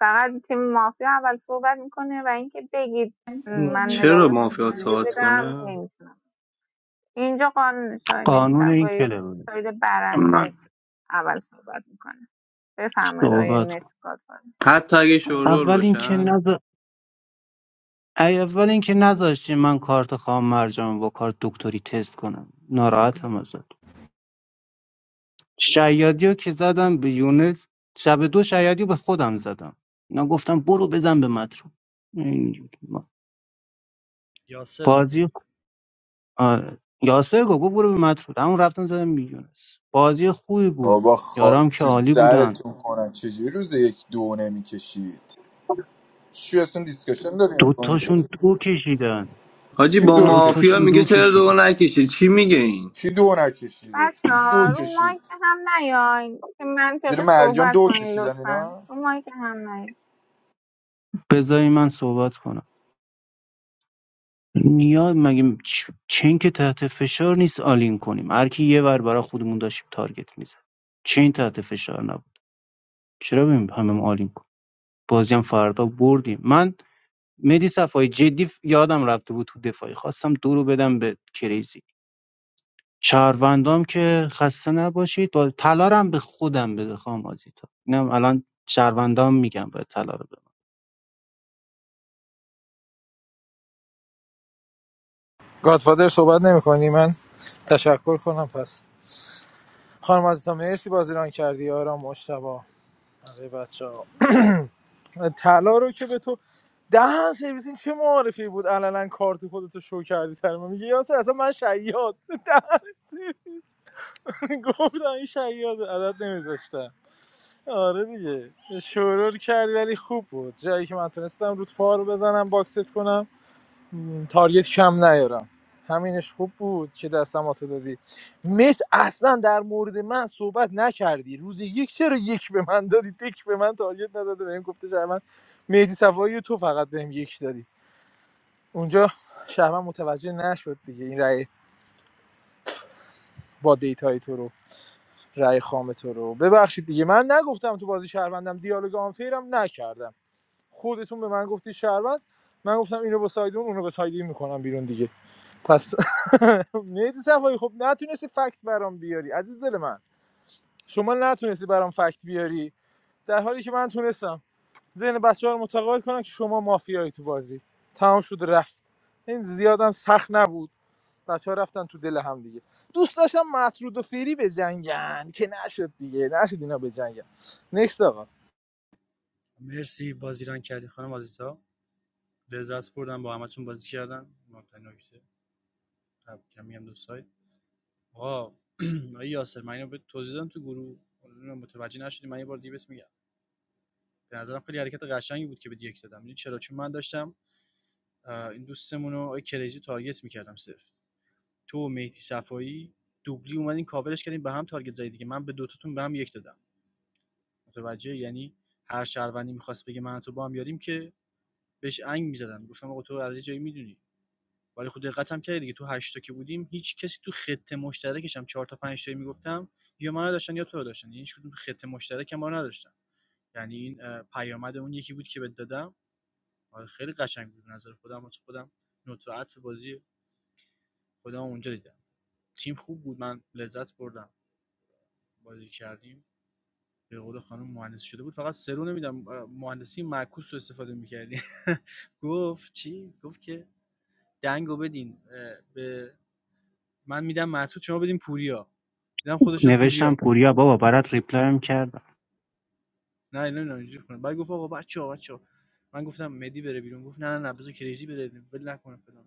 [SPEAKER 4] فقط تیم مافیا اول صحبت میکنه و اینکه بگید م، من
[SPEAKER 18] چرا
[SPEAKER 4] مدالاتون
[SPEAKER 18] مافیا
[SPEAKER 4] چجوری
[SPEAKER 18] تاعت
[SPEAKER 4] بدم
[SPEAKER 18] کنه
[SPEAKER 4] نمیتونم اینجا قانون شاه ملی
[SPEAKER 23] قانون این
[SPEAKER 4] صفایی
[SPEAKER 23] کله بود
[SPEAKER 4] ساید
[SPEAKER 23] من
[SPEAKER 4] برنده اول صحبت میکنه بفرمایید آقای
[SPEAKER 23] صحبت
[SPEAKER 4] متر
[SPEAKER 23] کنم.
[SPEAKER 18] حتی اگه شورول
[SPEAKER 23] اول اینکه
[SPEAKER 18] باشن
[SPEAKER 23] نظر اول اینکه نذاشتی من کارت خواهم مرجان با کارت دکتری تست کنم ناراحتم ازت شیادی رو که زدم به یونس شب دو شیادی رو به خودم زدم اینا گفتم برو بزن به مترو این
[SPEAKER 19] یاسر
[SPEAKER 23] بازی آره. یاسر گفت برو به مترو همون رفتم زدم به یونس بازی خوبی بود
[SPEAKER 15] بابا خاک
[SPEAKER 23] یارام که
[SPEAKER 15] تو
[SPEAKER 23] عالی بودن
[SPEAKER 15] سرتون کنن چجوری روز یک دو نمیکشید چی اصلا دیسکشن داری میکنی تو
[SPEAKER 23] دوتاشون دو کشیدن
[SPEAKER 18] حاجی با
[SPEAKER 15] دو کشید
[SPEAKER 18] مافیا
[SPEAKER 23] دوتاشون
[SPEAKER 18] میگه
[SPEAKER 23] دو
[SPEAKER 18] چرا دو
[SPEAKER 23] کشیدن
[SPEAKER 18] نکشی چی میگه این
[SPEAKER 15] کی دو نکشیده
[SPEAKER 4] بچه
[SPEAKER 15] کی دو
[SPEAKER 4] ها رو
[SPEAKER 15] کشید
[SPEAKER 4] مایک هم نیاین که
[SPEAKER 15] زیر
[SPEAKER 4] منطقی
[SPEAKER 15] مرجان
[SPEAKER 4] صحبت
[SPEAKER 15] دو
[SPEAKER 4] کنین
[SPEAKER 15] کشیدن
[SPEAKER 4] لطفا
[SPEAKER 15] اینا
[SPEAKER 4] رو مایک هم نیاین
[SPEAKER 23] بذاری من صحبت کنم نیاز مگه چ- چین که تحت فشار نیست آلین کنیم هر کی یه ور برای خودمون داشتیم تارگت میزد چین تحت فشار نبود چرا بیم همه ما آلین کن بازی هم فردا بردیم من مدی صفایی جدی ف- یادم رفته بود تو دفاعی خواستم دو رو بدم به کریزی شهروندام که خسته نباشید با تلارم به خودم بده خواهم آزیتا اینم الان شهروندام میگم باید طلا رو بدم
[SPEAKER 5] گادفادر صحبت نمیکنی من تشکر کنم پس خانم عزیزم مرسی بازی ران کردی آرام مشتبا بقیه بچه ها طلا رو که به تو دهن سرویس این چه معارفی بود علنا کارت خودتو شو کردی سر من میگه یاسر اصلا من شیاد دهن سرویس. گفتم این شیاد عدد نمیذاشتم آره دیگه شورور کردی ولی خوب بود جایی که من تونستم رود پا رو بزنم باکست کنم م، تارگت کم نیارم همینش خوب بود که دستم آتو دادی مت اصلا در مورد من صحبت نکردی روز یک چرا یک به من دادی تک به من تارگت نداده بهم گفته شهروند مهدی صفایی و تو فقط بهم یک دادی اونجا شهروند متوجه نشد دیگه این رأی با دیتای تو رو رأی خام تو رو ببخشید دیگه من نگفتم تو بازی شهروندم دیالوگ آنفیرم نکردم خودتون به من گفتی شهروند من گفتم اینو با سایدون اونو با سایدی میکنم بیرون دیگه پس مهدی صفایی خب نتونستی فکت برام بیاری عزیز دل من شما نتونستی برام فکت بیاری در حالی که من تونستم ذهن بچه ها رو متقاعد کنم که شما مافیایی تو بازی تمام شد رفت این زیادم سخت نبود بچه رفتن تو دل هم دیگه دوست داشتم مطرود و فیری بجنگن که نشد دیگه نشد اینا بجنگن نکست آقا
[SPEAKER 19] مرسی بازی ران کردی خانم عزیزا لذت بردم با همتون بازی کردم مهمترین نکته خب، کمی میگم دوستای آقا آقای یاسر من اینو به توضیح دادم تو گروه نمیدونم متوجه نشدی من یه بار دیگه بهت میگم به نظرم خیلی حرکت قشنگی بود که به یک دادم میدونی چرا چون من داشتم اه، این دوستمون رو آقای کریزی تارگت میکردم صفر تو و مهدی صفایی دوبلی اومدین کاورش کردین به هم تارگت زدید دیگه من به دوتاتون به هم یک دادم متوجه یعنی هر شهروندی میخواست بگه من تو با هم یاریم که بهش انگ میزدن گفتم آقا تو از یه جایی میدونی ولی خب دقتم کردی دیگه تو هشت تا که بودیم هیچ کسی تو خط مشترکش هم 4 تا پنج تایی میگفتم یا منو داشتن یا تو رو داشتن یعنی هیچ کدوم تو خط مشترک ما رو نداشتن یعنی این اه، پیامد اون یکی بود که بهت دادم آره، خیلی قشنگ بود به نظر خودم واسه خودم نوت بازی خودم اونجا دیدم تیم خوب بود من لذت بردم بازی کردیم به قول خانم مهندس شده بود فقط سرو نمیدم مهندسی معکوس رو استفاده میکردی گفت چی گفت که دنگو بدین اه، به من میدم مسعود شما بدین پوریا دیدم خودش شد
[SPEAKER 23] نوشتم
[SPEAKER 19] پوریا
[SPEAKER 23] پوریا بابا برات ریپلایم کردم
[SPEAKER 19] نه نه نه اینجوری کنه بعد گفت آقا بچه‌ها بچه‌ها من گفتم مدی بره بیرون گفت نه نه نه بذار کریزی بره ول نکنه فلان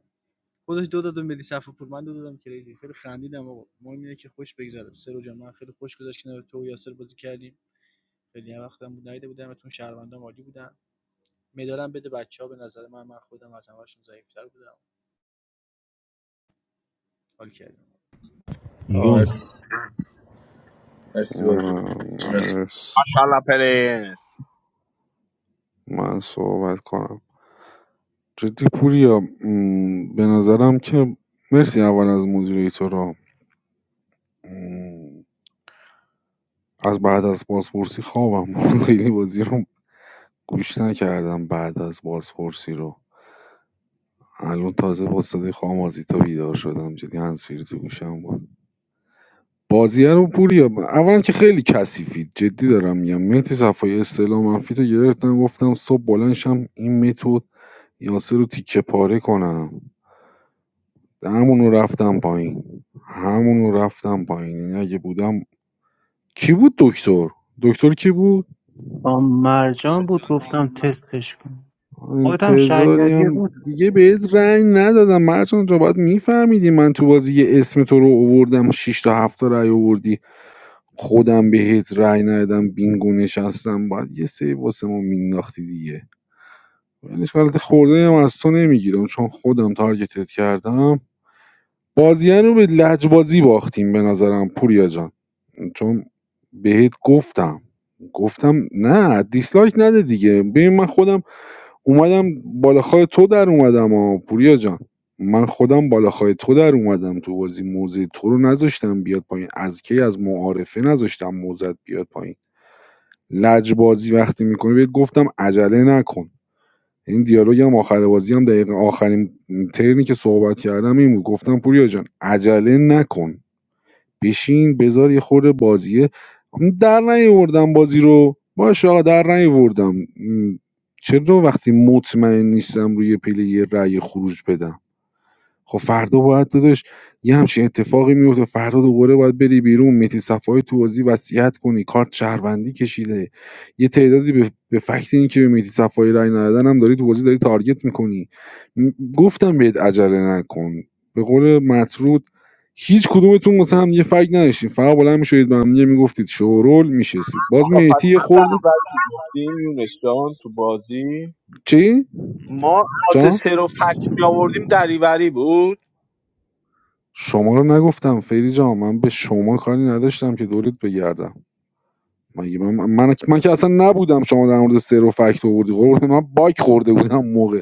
[SPEAKER 19] خودش دو دادم مدی صفاپور من دو دادم کریزی خیلی خندیدم آقا مهم اینه که خوش بگذره سرو جان من خیلی خوش گذشت کنار تو و یاسر بازی کردیم خیلی هم وقتم بود نیده بودم اتون شهروندان عالی بودن مدالم بده بچه‌ها به نظر من من خودم از همشون ضعیف‌تر بودم حال کردم
[SPEAKER 15] آقا مرسی
[SPEAKER 8] یونس
[SPEAKER 15] مرسی بازی
[SPEAKER 22] منم
[SPEAKER 15] مرسی.
[SPEAKER 22] مرس من صحبت کنم جدی پوریا م، به نظرم که مرسی اول از مدیره تو از بعد از بازپرسی خوابم بود. خیلی بازی رو گوش نکردم بعد از بازپرسی رو الان تازه با صدای خواهم آزیتا بیدار شدم جدی هنسفیری تو گوشم بود بازیه رو پوریا اولا که خیلی کثیفید جدی دارم میگم مهدی صفایی اصطلاح منفی تو گرفتم گفتم صبح بلنشم این متد یاسر رو تیکه پاره کنم همونو رفتم پایین همونو رفتم پایین یعنی اگه بودم کی بود دکتر دکتر کی بود
[SPEAKER 23] آ مرجان بود گفتم تستش کن خودت هم
[SPEAKER 22] انتظاری
[SPEAKER 23] شهریاری
[SPEAKER 22] هم
[SPEAKER 23] روز
[SPEAKER 22] دیگه بهت رنگ ندادم مرچان جا باید میفهمیدی من تو بازی یه اسم تو رو اووردم شش تا 7 تا رای اووردی خودم بهت رای ندادم بینگو نشستم باید یه سری واسه ما مینداختی دیگه ولش کن، البته خورده هم از تو نمیگیرم چون خودم تارگتت کردم بازی رو به لجبازی باختیم به نظرم پوریا جان چون بهت گفتم گفتم نه دیسلایک نده دیگه ببین من خودم اومدم بالاخای تو در اومدم ها پوریا جان من خودم بالاخای تو در اومدم تو بازی موزه تو رو نذاشتم بیاد پایین از کی از معارفه نذاشتم موزت بیاد پایین لج بازی وقتی میکنی بهت گفتم عجله نکن این دیالوگ هم آخر بازی هم دقیقه آخرین ترنی که صحبت کردم این بود گفتم پوریا جان عجله نکن بشین بذار یه خورده بازیه در نیاوردم بازی رو باشه آقا در نیاوردم م، چرا وقتی مطمئن نیستم روی پله یه رأی خروج بدم خب فردا باید داداش یه همچین اتفاقی میفته فردا دوباره باید بری بیرون مهدی صفایی تو بازی وصیت کنی کارت شهروندی کشیده یه تعدادی به, به فکت این که به مهدی صفایی رای ندادن هم داری تو بازی داری تارگت میکنی م- گفتم بهت عجله نکن به قول مطرود هیچ کدومتون مثلا هم یه فکت نداشتین فقط بلند میشدید به هم یه میگفتید شورول میشستید باز
[SPEAKER 3] آقا پس
[SPEAKER 22] مهدی یه خورده
[SPEAKER 3] من بعد گفتیم یونس جان تو بازی
[SPEAKER 22] چی
[SPEAKER 3] ما واسه
[SPEAKER 22] جان
[SPEAKER 3] سر و فک می آوردیم دریوری بود
[SPEAKER 22] شما رو نگفتم فری جان من به شما کاری نداشتم که دورت بگردم مگه من, من, من که اصلا نبودم شما در مورد سرو فکت آوردی قربون من باک خورده بودم اون موقع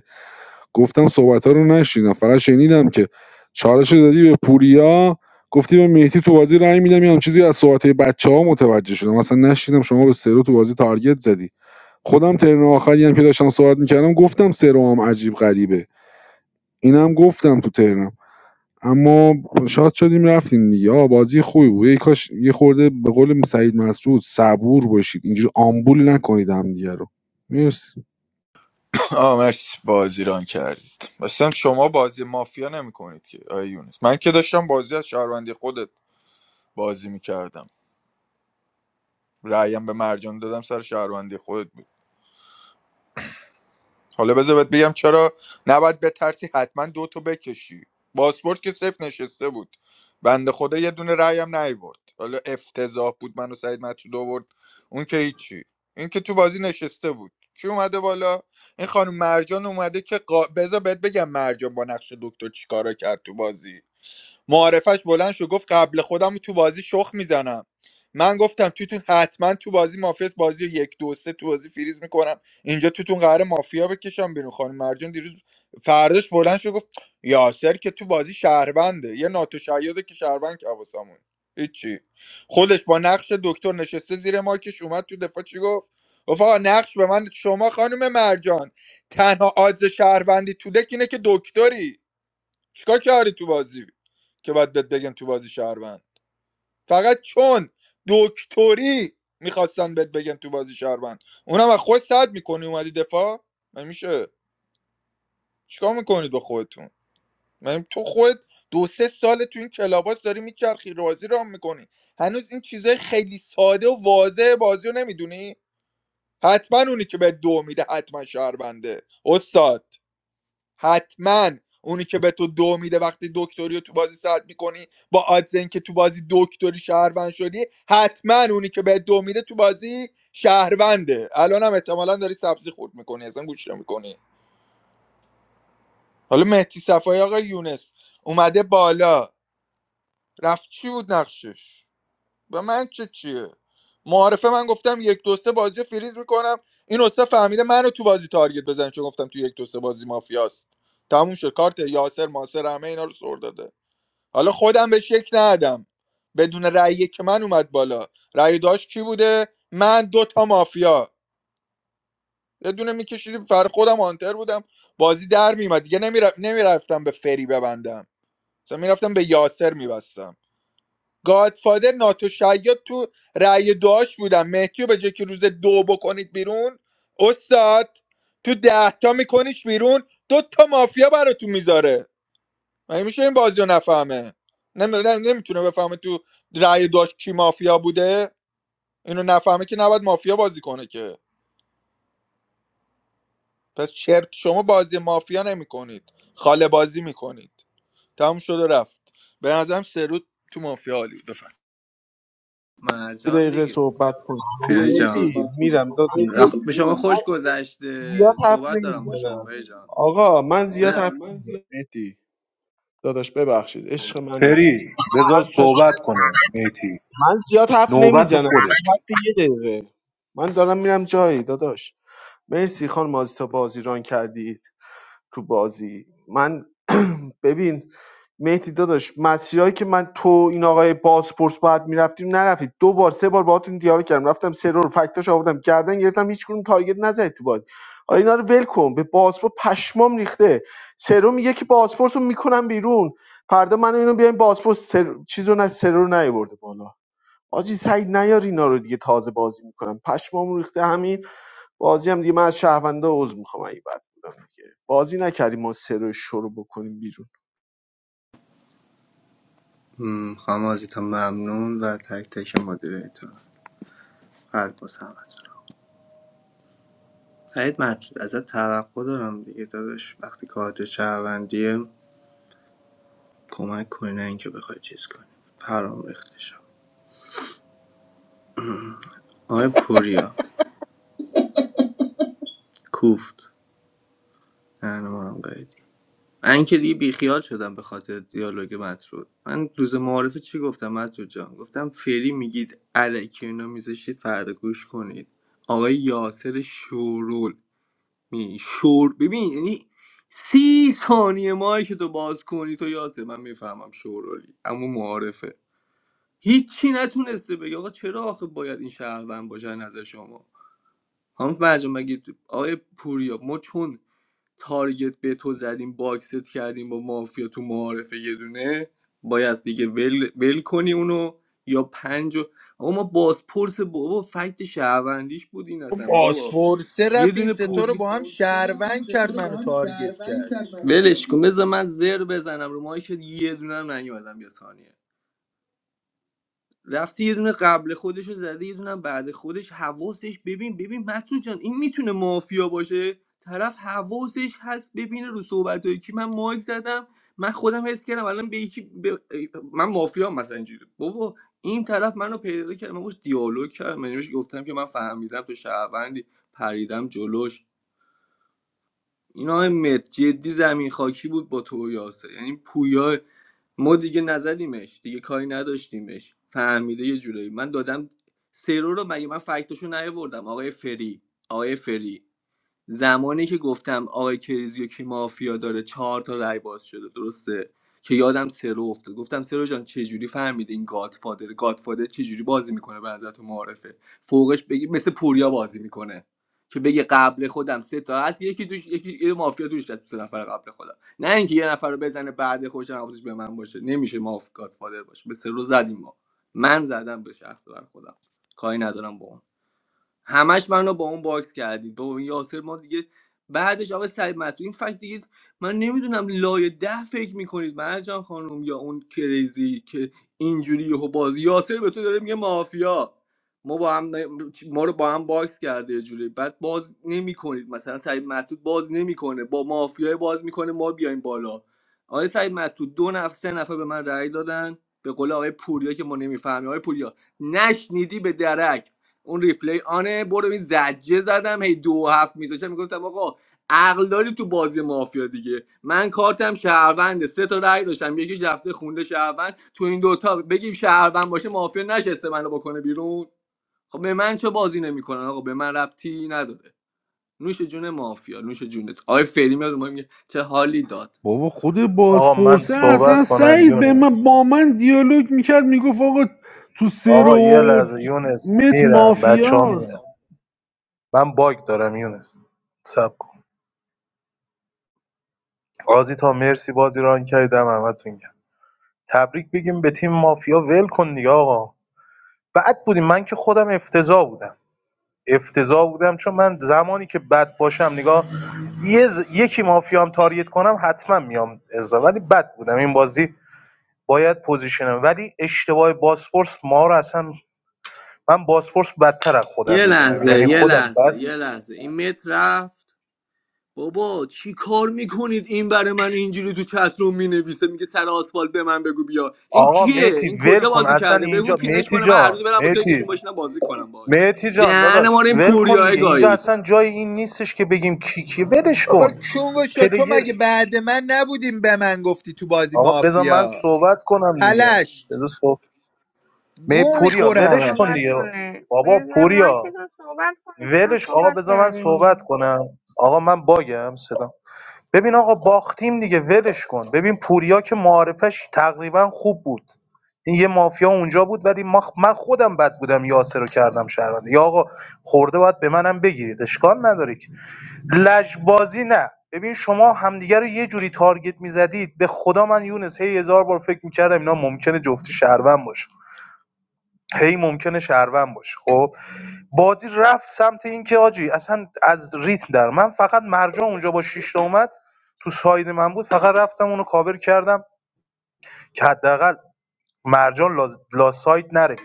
[SPEAKER 22] گفتم صحبت رو نشیدم فقط شنیدم که چالش رو دادی به پوریا گفتی به مهدی تو بازی رای میدم یه هم چیزی از صحبت بچه ها متوجه شدم اصلا نشیدم شما به سرو تو بازی تارگت زدی خودم ترن آخری هم که داشتم صحبت میکردم گفتم سر هم عجیب غریبه اینم گفتم تو ترنم اما شاد شدیم رفتیم دیگه بازی خوبی بود یه کاش یه خورده به قول سعید مسعود صبور باشید اینجوری آمبول نکنید همدیگه رو مرسی
[SPEAKER 15] آه مرسی بازی ران کردید مثلا شما بازی مافیا نمیکنید که آیه یونس من که داشتم بازی از شهروندی خودت بازی میکردم رأیم به مرجان دادم سر شهروندی خودت بود حالا بذار بهت بگم چرا نباید بترسی حتما دو تو بکشی پاسپورت که صفر نشسته بود بنده خدا یه دونه رأی هم نیورد حالا افتضاح بود منو سعید مطرود آورد اون که هیچی این که تو بازی نشسته بود کی اومده بالا این خانم مرجان اومده که قا... بذار بهت بگم مرجان با نقش دکتر چیکارا کرد تو بازی معارفش بلند شد گفت قبل خودم تو بازی شخ میزنم من گفتم توتون حتما تو بازی مافیاس بازی رو یک دو سه تو بازی فریز میکنم اینجا توتون قرار مافیا بکشم بیرون خانم مرجان دیروز فرداش بلند شد گفت یاسر که تو بازی شهربنده یه ناتوشیاده که شهربند که حواسمون هیچی خودش با نقش دکتر نشسته زیر ماکش اومد تو دفاع چی گفت گفت آقا نقش به من شما خانم مرجان تنها آدز شهروندی تو دک اینه که دکتری چیکار کردی تو بازی که باید بهت بگن تو بازی شهروند فقط چون دکتری میخواستن بهت بگن تو بازی شهروند اونم از خود صد میکنی اومدی دفاع من میشه چیکار میکنید با خودتون من تو خود دو سه سال تو این کلاباس داری میچرخی رازی رام میکنی هنوز این چیزای خیلی ساده و واضح بازی رو نمیدونی حتما اونی که به دو میده حتما شهرونده استاد حتما اونی که به تو دو میده وقتی دکتری رو تو بازی سلب میکنی با آدز اینکه تو بازی دکتری شهروند شدی حتما اونی که به دو میده تو بازی شهرونده الان هم احتمالا داری سبزی خورد میکنی اصلا گوش میکنی حالا مهدی صفایی آقا یونس اومده بالا رفت چی بود نقشش به من چه چیه معارفه من گفتم یک دو سه بازی رو فریز میکنم این استاد فهمیده منو تو بازی تارگت بزن چون گفتم تو یک دو سه بازی مافیاست تموم شد کارت یاسر ماسر همه اینا رو سر داده حالا خودم بهش یک ندادم بدون رأی یک که من اومد بالا رأی داشت کی بوده من دو تا مافیا یه دونه میکشیدیم فر خودم آنتر بودم بازی در میومد دیگه نمیرف... نمیرفتم به فری ببندم مثلا میرفتم به یاسر میبستم گادفادر ناتو شاید تو رأی دعاش بودم مهدیو به جای که روز دو بکنید بیرون استاد تو ده تا میکنیش بیرون دو تا مافیا براتون میذاره مگه میشه این بازی رو نفهمه نمی... نمیتونه بفهمه تو رأی داشت کی مافیا بوده اینو نفهمه که نباید مافیا بازی کنه که پس چرت شما بازی مافیا نمیکنید خاله بازی میکنید تموم شد و رفت به نظرم سرود تو مافیا عالی بود.
[SPEAKER 3] یه
[SPEAKER 18] مرجان
[SPEAKER 3] دقیقه
[SPEAKER 18] دیگه
[SPEAKER 3] صحبت کنم
[SPEAKER 18] فری جان
[SPEAKER 3] مهدی میرم داداش تو
[SPEAKER 18] وقت به شما خوش
[SPEAKER 3] زیاد
[SPEAKER 18] گذشته
[SPEAKER 3] حرف
[SPEAKER 18] صحبت دارم با شما
[SPEAKER 3] نمیزنم
[SPEAKER 18] فری جان
[SPEAKER 3] آقا من زیاد
[SPEAKER 18] نه.
[SPEAKER 3] حرف نمیزنم مهدی داداش ببخشید عشق منی
[SPEAKER 6] فری بذار صحبت کنه میتی
[SPEAKER 3] من زیاد حرف
[SPEAKER 6] نوبت
[SPEAKER 3] نمیزنم
[SPEAKER 6] خودت
[SPEAKER 3] حتی یه دقیقه من دارم میرم جایی داداش مرسی خانم آزیتا بازی ران کردید تو بازی من ببین مهدی داداش مسیرایی که من تو این آقای بازپرس باید میرفتیم نرفتید دو بار سه بار باهاتون دیالوگ کردم رفتم سرور فکتاش آوردم گردن گرفتم هیچ کدوم تارگت نزدید تو بازی حالا اینا رو ول کن به بازپرس پشمام ریخته سرور میگه که بازپرس رو میکنم بیرون فردا من اینو بیایم بازپرس سر... چیزو نه سرور نیورده بالا آجی سعید نیار اینا رو دیگه تازه بازی میکنم پشمام ریخته همین بازی هم دیگه من از شهروندا عذر میخوام اگه بد بودم دیگه بازی نکردیم ما سرور شروع بکنیم بیرون
[SPEAKER 18] م، خانم آزیتا ممنون و تک تک مدیره ایتون قلب با سمت سعید مطرود ازت توقع دارم دیگه داداش وقتی کارت شهروندیه کمک کنی نه اینکه بخوای چیز کنی پرام ریخته شد آقای پوریا کوفت نه نمارم قیدی من که دیگه بیخیال شدم به خاطر دیالوگ مطرود من روز معارفه چی گفتم مطرود جان گفتم فری میگید الکی اینا میذاشید فردا گوش کنید آقای یاسر شورول می شور ببین یعنی سی ثانیه مایی که تو باز کنی تو یاسر من میفهمم شورولی اما معارفه هیچی نتونسته بگه آقا چرا آخه باید این شهروند باشه از نظر شما هم مرجان مگه آقای پوریا ما چون تارگت به تو زدیم باکست کردیم با مافیا تو معارفه یه دونه باید دیگه ول, ول کنی اونو یا پنج و... آقا ما بازپرس بابا فکت شهروندیش بود این اصلا بابا
[SPEAKER 15] پاسپورسه
[SPEAKER 18] یه
[SPEAKER 15] رفت این
[SPEAKER 18] دونه
[SPEAKER 15] ستا رو
[SPEAKER 18] پوری
[SPEAKER 15] با هم
[SPEAKER 18] بازپرسه رفت این
[SPEAKER 15] شهروند
[SPEAKER 18] ستا
[SPEAKER 15] کرد
[SPEAKER 18] رو با
[SPEAKER 15] منو
[SPEAKER 18] هم
[SPEAKER 15] تارگت
[SPEAKER 18] شهروند
[SPEAKER 15] کرد
[SPEAKER 18] کرد من ولش کن بذار من زر بزنم رو ماهی که یه دونه هم نیومدم یه ثانیه رفته یه دونه قبل خودش رو زده یه دونه هم بعد خودش حواسش ببین ببین مطرود جان این میتونه مافیا باشه طرف حواسش هست ببینه رو صحبت های کی من مایک زدم من خودم حس کردم الان به یکی به- من مافیا مثلا اینجوری بابا این طرف منو پیدا کرد من باش دیالوگ کردم من بهش گفتم که من فهمیدم تو شهروندی پریدم جلوش این آقای مرد جدی زمین خاکی بود با تو و یاسر یعنی پویا ما دیگه نزدیمش دیگه کاری نداشتیمش فهمیده یه جورایی من دادم سرو رو مگه من فکتاشو نیاوردم آقای فری آقای فری زمانی که گفتم آقای کریزیو که مافیا داره چهار تا رای باز شده درسته که یادم سرو افتاد گفتم سرو جان چجوری فهمیده این گادفادر گادفادر چجوری بازی میکنه به نظر تو معارفه فوقش بگی مثل پوریا بازی میکنه که بگه قبل خودم سه تا هست یکی دوش یکی یه مافیا دوش داد، سه نفر قبل خودم نه اینکه یه نفر رو بزنه بعد خودش هم حواسش به من باشه نمیشه ماف گادفادر باشه به سرو زدیم ما من زدم به شخص بر خودم کاری ندارم با اون. همش منو با اون باکس کردید با اون یاسر ما دیگه بعدش آقا سعید مطلوب این فکت دیگه من نمیدونم لایه ده فکر میکنید مرجان خانم یا اون کریزی که اینجوری یهو بازی یاسر به تو داره میگه مافیا ما با هم ما رو با هم باکس کرده یه جوری بعد باز نمیکنید مثلا سعید مطلوب باز نمیکنه با مافیای باز میکنه ما بیایم بالا آقای سعید مطلوب دو نفر سه نفر به من رأی دادن به قول آقای پوریا که ما نمیفهمیم آقای پوریا نشنیدی به درک اون ریپلی آنه برو این زجه زدم هی دو و هفت میذاشتم میگفتم آقا عقل داری تو بازی مافیا دیگه من کارتم شهرونده سه تا رأی داشتم یکیش رفته خونده شهروند تو این دوتا بگیم شهروند باشه مافیا نشسته منو بکنه بیرون خب به من چه بازی نمیکنن آقا به من ربطی نداره نوش جون مافیا نوش جونت آقای فری میاد و موقع میگه چه حالی داد
[SPEAKER 22] بابا خود
[SPEAKER 6] آقا من
[SPEAKER 22] بازپرسه اصلا
[SPEAKER 6] صحبت کنم
[SPEAKER 22] سعید به من
[SPEAKER 6] یونس
[SPEAKER 22] با من دیالوگ میکرد میگفت آقا تو سر
[SPEAKER 6] آقا یه
[SPEAKER 22] و
[SPEAKER 6] لحظه یونس
[SPEAKER 22] مت
[SPEAKER 6] میرم بچه ها
[SPEAKER 22] مافیاست
[SPEAKER 6] میرم من باگ دارم یونس سب کن قاضی تا مرسی بازی ران کردم همتون گرم تبریک بگیم به تیم مافیا ول کن دیگه آقا بعد بودیم من که خودم افتضاح بودم افتضاح بودم چون من زمانی که بد باشم نگاه یه ز- یکی مافیام تاریت کنم حتما میام ازا ولی بد بودم این بازی باید پوزیشنم ولی اشتباه باسپورس ما رو اصلا من باسپورس بدتر از خودم
[SPEAKER 18] یه
[SPEAKER 6] میدونم
[SPEAKER 18] لحظه
[SPEAKER 6] یعنی
[SPEAKER 18] یه
[SPEAKER 6] خودم
[SPEAKER 18] لحظه
[SPEAKER 6] بد
[SPEAKER 18] یه لحظه این متر رفت بابا چی کار میکنید این برای من اینجوری تو چتروم مینویسه میگه سر آسفالت به من بگو بیا این
[SPEAKER 6] آقا
[SPEAKER 18] کیه
[SPEAKER 6] میتی
[SPEAKER 18] این
[SPEAKER 6] ول
[SPEAKER 18] کجا
[SPEAKER 6] کن
[SPEAKER 18] بازی
[SPEAKER 6] اصلا
[SPEAKER 18] کرده بگو
[SPEAKER 6] اینجا
[SPEAKER 18] پینش
[SPEAKER 6] میتی
[SPEAKER 18] کنه من هر روز
[SPEAKER 6] جان
[SPEAKER 18] برم با تو
[SPEAKER 6] میتی
[SPEAKER 18] یکیشون باشینم بازی کنم باش
[SPEAKER 6] میتی جان
[SPEAKER 18] دهن ما
[SPEAKER 6] داداش
[SPEAKER 18] رو این
[SPEAKER 6] ول کن
[SPEAKER 18] پوریای
[SPEAKER 6] دیگه اینجا
[SPEAKER 18] گایید
[SPEAKER 6] اصلا جای این نیستش که بگیم کی کی ولش
[SPEAKER 15] بابا
[SPEAKER 6] کن
[SPEAKER 15] کونگو شد تو
[SPEAKER 6] پلیر
[SPEAKER 15] مگه بعد من نبودیم به من گفتی تو بازی
[SPEAKER 6] آقا بذار من
[SPEAKER 15] مافیا
[SPEAKER 6] صحبت کنم دیگه
[SPEAKER 15] پلشت
[SPEAKER 6] بذار صحبت می
[SPEAKER 15] گو
[SPEAKER 6] پوریا
[SPEAKER 4] بذار
[SPEAKER 15] میخورم
[SPEAKER 6] ولش کن
[SPEAKER 4] صحبت
[SPEAKER 6] دیگه
[SPEAKER 15] میخورمش
[SPEAKER 4] کنه
[SPEAKER 6] بابا
[SPEAKER 4] بذار
[SPEAKER 6] پوریا
[SPEAKER 4] مایکتون صحبت کنه شما
[SPEAKER 6] ولش آقا
[SPEAKER 4] صحبت
[SPEAKER 6] بذار من صحبت
[SPEAKER 4] کردین
[SPEAKER 6] کنم آقا من باگم صدا ببین آقا باختیم دیگه ولش کن ببین پوریا که معارفش تقریبا خوب بود این یه مافیا اونجا بود ولی ما من خودم بد بودم یاسر رو کردم شهرونده یا آقا خورده باید به منم بگیرید اشکال نداره که لجبازی نه ببین شما همدیگه رو یه جوری تارگت میزدید به خدا من یونس هی هزار بار فکر میکردم اینا ممکنه جفتی شهروند باشن هی ممکنه شهروند باشه خب بازی رفت سمت اینکه آجی اصلا از ریتم در من فقط مرجان اونجا با شیش تا اومد تو ساید من بود فقط رفتم اونو کاور کردم که حداقل مرجان لا, لا ساید نره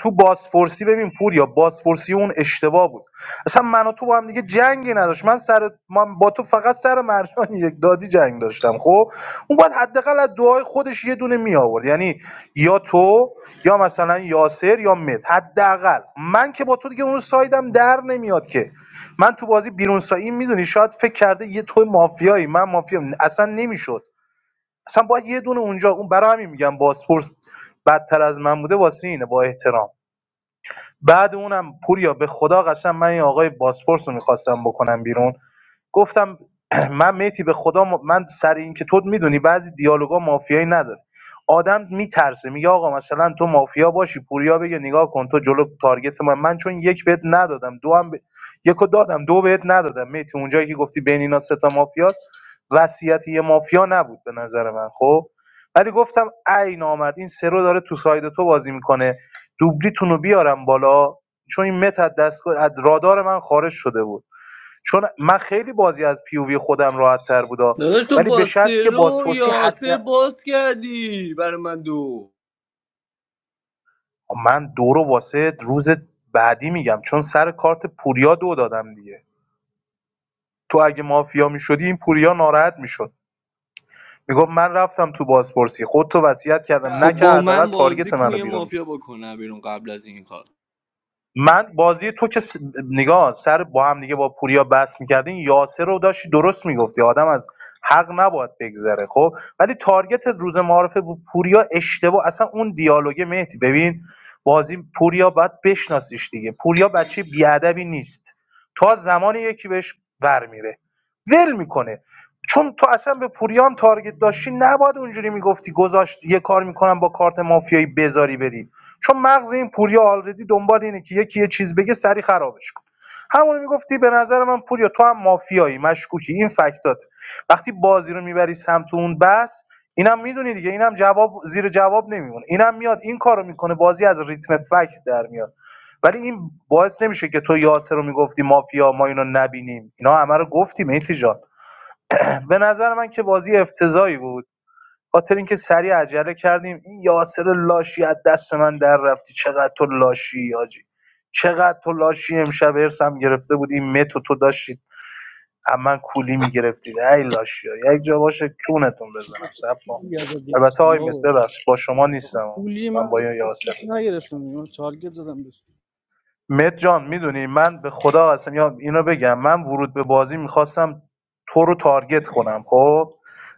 [SPEAKER 6] تو بازپرسی ببین پوریا بازپرسی اون اشتباه بود اصلا من و تو با هم دیگه جنگی نداشت من سر من با تو فقط سر مرجان یک دادی جنگ داشتم خب اون باید حداقل از دعای خودش یه دونه می آورد یعنی یا تو یا مثلا یاسر یا مت حداقل من که با تو دیگه اون سایدم در نمیاد که من تو بازی بیرون سایی میدونی شاید فکر کرده یه تو مافیایی من مافیام اصلا نمیشد اصلا باید یه دونه اونجا اون برای همین میگم بازپرس بدتر از من بوده واسه اینه با احترام بعد اونم پوریا به خدا قسم من این آقای بازپرس رو می‌خواستم بکنم بیرون گفتم من میتی به خدا م- من سر این که تو میدونی بعضی دیالوگا مافیایی نداره آدم میترسه میگه آقا مثلا تو مافیا باشی پوریا بگه نگاه کن تو جلو تارگت من من چون یک بهت ندادم دو هم ب... یکو دادم دو بهت ندادم میتی اونجایی که گفتی بین اینا سه تا مافیاست وصیت یه مافیا نبود به نظر من خب ولی گفتم عین آمد این سرو داره تو ساید تو بازی میکنه دوبلیتون رو بیارم بالا چون این مت از دستگاه از رادار من خارج شده بود چون من خیلی بازی از پیووی خودم راحت تر بودا
[SPEAKER 18] داداش تو
[SPEAKER 6] ولی به
[SPEAKER 18] با
[SPEAKER 6] شرطی که
[SPEAKER 18] سرو
[SPEAKER 6] بازپرسی حد
[SPEAKER 18] یاسر باز کردی برای من دو
[SPEAKER 6] من دو رو واسه روز بعدی میگم چون سر کارت پوریا دو دادم دیگه تو اگه مافیا میشدی این پوریا ناراحت میشد میگفت من رفتم تو بازپرسی خودتو تو وصیت کردم
[SPEAKER 18] خب با
[SPEAKER 6] نکرد حداقل
[SPEAKER 18] من
[SPEAKER 6] تارگت
[SPEAKER 18] بازی کن
[SPEAKER 6] منو
[SPEAKER 18] یه
[SPEAKER 6] بیرون
[SPEAKER 18] مافیا بکنم بیرون قبل از این کار
[SPEAKER 6] من بازی تو که س- نگاه سر با هم دیگه با پوریا بحث میکردین یاسر رو داشتی درست میگفتی آدم از حق نباید بگذره خب ولی تارگت روز معارفه بود پوریا اشتباه اصلا اون دیالوگ مهدی ببین بازی پوریا باید بشناسیش دیگه پوریا بچه بیادبی نیست تا زمان یکی بهش ور میره ول میکنه چون تو اصلا به پوریا هم تارگت داشتی نباید اونجوری میگفتی گذاشت یه کار میکنم با کارت مافیایی بذاری بری چون مغز این پوریا آلردی دنبال اینه که یکی یه چیز بگه سری خرابش کن همونو میگفتی به نظر من پوریا تو هم مافیایی مشکوکی این فکتات وقتی بازی رو میبری سمت اون بس اینم میدونی دیگه اینم جواب زیر جواب نمیمونه اینم میاد این کارو میکنه بازی از ریتم فکت در میاد ولی این باعث نمیشه که تو یاسر رو میگفتی مافیا ما اینو نبینیم اینا همه رو گفتیم ایتی به نظر من که بازی افتضاحی بود خاطر اینکه سریع عجله کردیم این یاسر لاشی از دست من در رفتی چقدر تو لاشی حاجی چقدر تو لاشی امشب ارسم گرفته بود این متو تو داشتید اما کولی میگرفتید ای لاشی ها یک جا باشه چونتون
[SPEAKER 19] ما
[SPEAKER 6] بزنم
[SPEAKER 19] چه
[SPEAKER 6] سب کن
[SPEAKER 19] پولی ازت
[SPEAKER 6] البته
[SPEAKER 19] گرفتیم
[SPEAKER 6] آی مت
[SPEAKER 19] بابا
[SPEAKER 6] ببخش با شما
[SPEAKER 19] آقا
[SPEAKER 6] نیستم
[SPEAKER 19] پولی من
[SPEAKER 6] من با
[SPEAKER 19] از
[SPEAKER 6] یاسر
[SPEAKER 19] دستت نگرفتم من تارگت زدم به
[SPEAKER 6] مت جان میدونی من به خدا قسم یا اینو بگم من ورود به بازی میخواستم تو رو تارگت کنم خب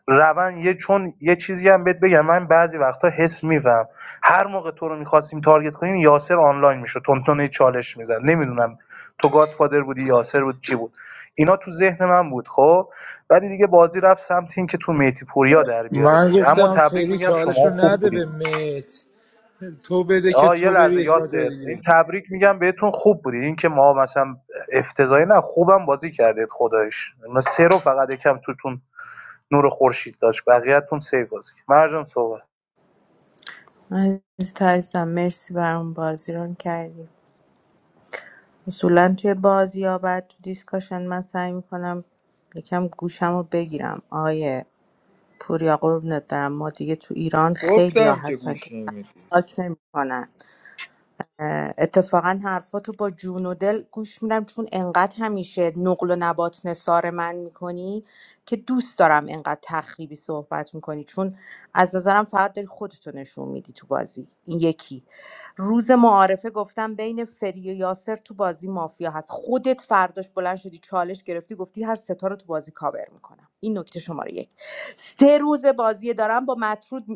[SPEAKER 6] روان یه چون یه چیزی هم بهت بگم من بعضی وقتا حس میفهم هر موقع تو رو میخواستیم تارگت کنیم یاسر آنلاین میشه تونتون چالش میزد نمیدونم تو گادفادر بودی یاسر بود کی بود اینا تو ذهن من بود خب ولی دیگه بازی رفت سمت این که تو میتی پوریا در بیاریم
[SPEAKER 5] من
[SPEAKER 6] دیگه اما
[SPEAKER 5] گفتم
[SPEAKER 6] تبریک
[SPEAKER 5] فری
[SPEAKER 6] میگم
[SPEAKER 5] چالش
[SPEAKER 6] شما
[SPEAKER 5] رو
[SPEAKER 6] خوب
[SPEAKER 5] نده
[SPEAKER 6] بودید
[SPEAKER 5] به مت تو بده که
[SPEAKER 6] آه یه
[SPEAKER 5] تو بری
[SPEAKER 6] لحظه
[SPEAKER 5] یک ما جای
[SPEAKER 6] یاسر
[SPEAKER 5] دیگه بریم.
[SPEAKER 6] این تبریک میگم بهتون خوب بودی این که ما مثلا افتضاحی نه خوبم بازی کردید خدایش ما سه رو فقط یکم توتون نور خورشید داشت بقیه‌تون سیف بازی کرد. مرجان صحبت
[SPEAKER 7] عزیز عزیزم مرسی برام بازی ران کردی اصولا توی بازی یا بعد تو دیسکاشن من سعی میکنم یکم گوشم رو بگیرم آقای پوریا قربونت برم ما دیگه تو ایران خیلیا
[SPEAKER 15] گفتم که
[SPEAKER 7] هستن که
[SPEAKER 15] گوش
[SPEAKER 7] سبزی
[SPEAKER 15] نمیدی
[SPEAKER 7] پاک اتفاقا حرفاتو با جون و دل گوش میدم چون انقدر همیشه نقل و نبات نثار من میکنی که دوست دارم انقدر تخریبی صحبت میکنی چون از نظرم فقط داری خودتو نشون میدی تو بازی این یکی روز معارفه گفتم بین فری و یاسر تو بازی مافیا هست خودت فرداش بلند شدی چالش گرفتی گفتی هر ستا رو تو بازی کاور میکنم این نکته شماره یک سه روز بازی دارم با مطرود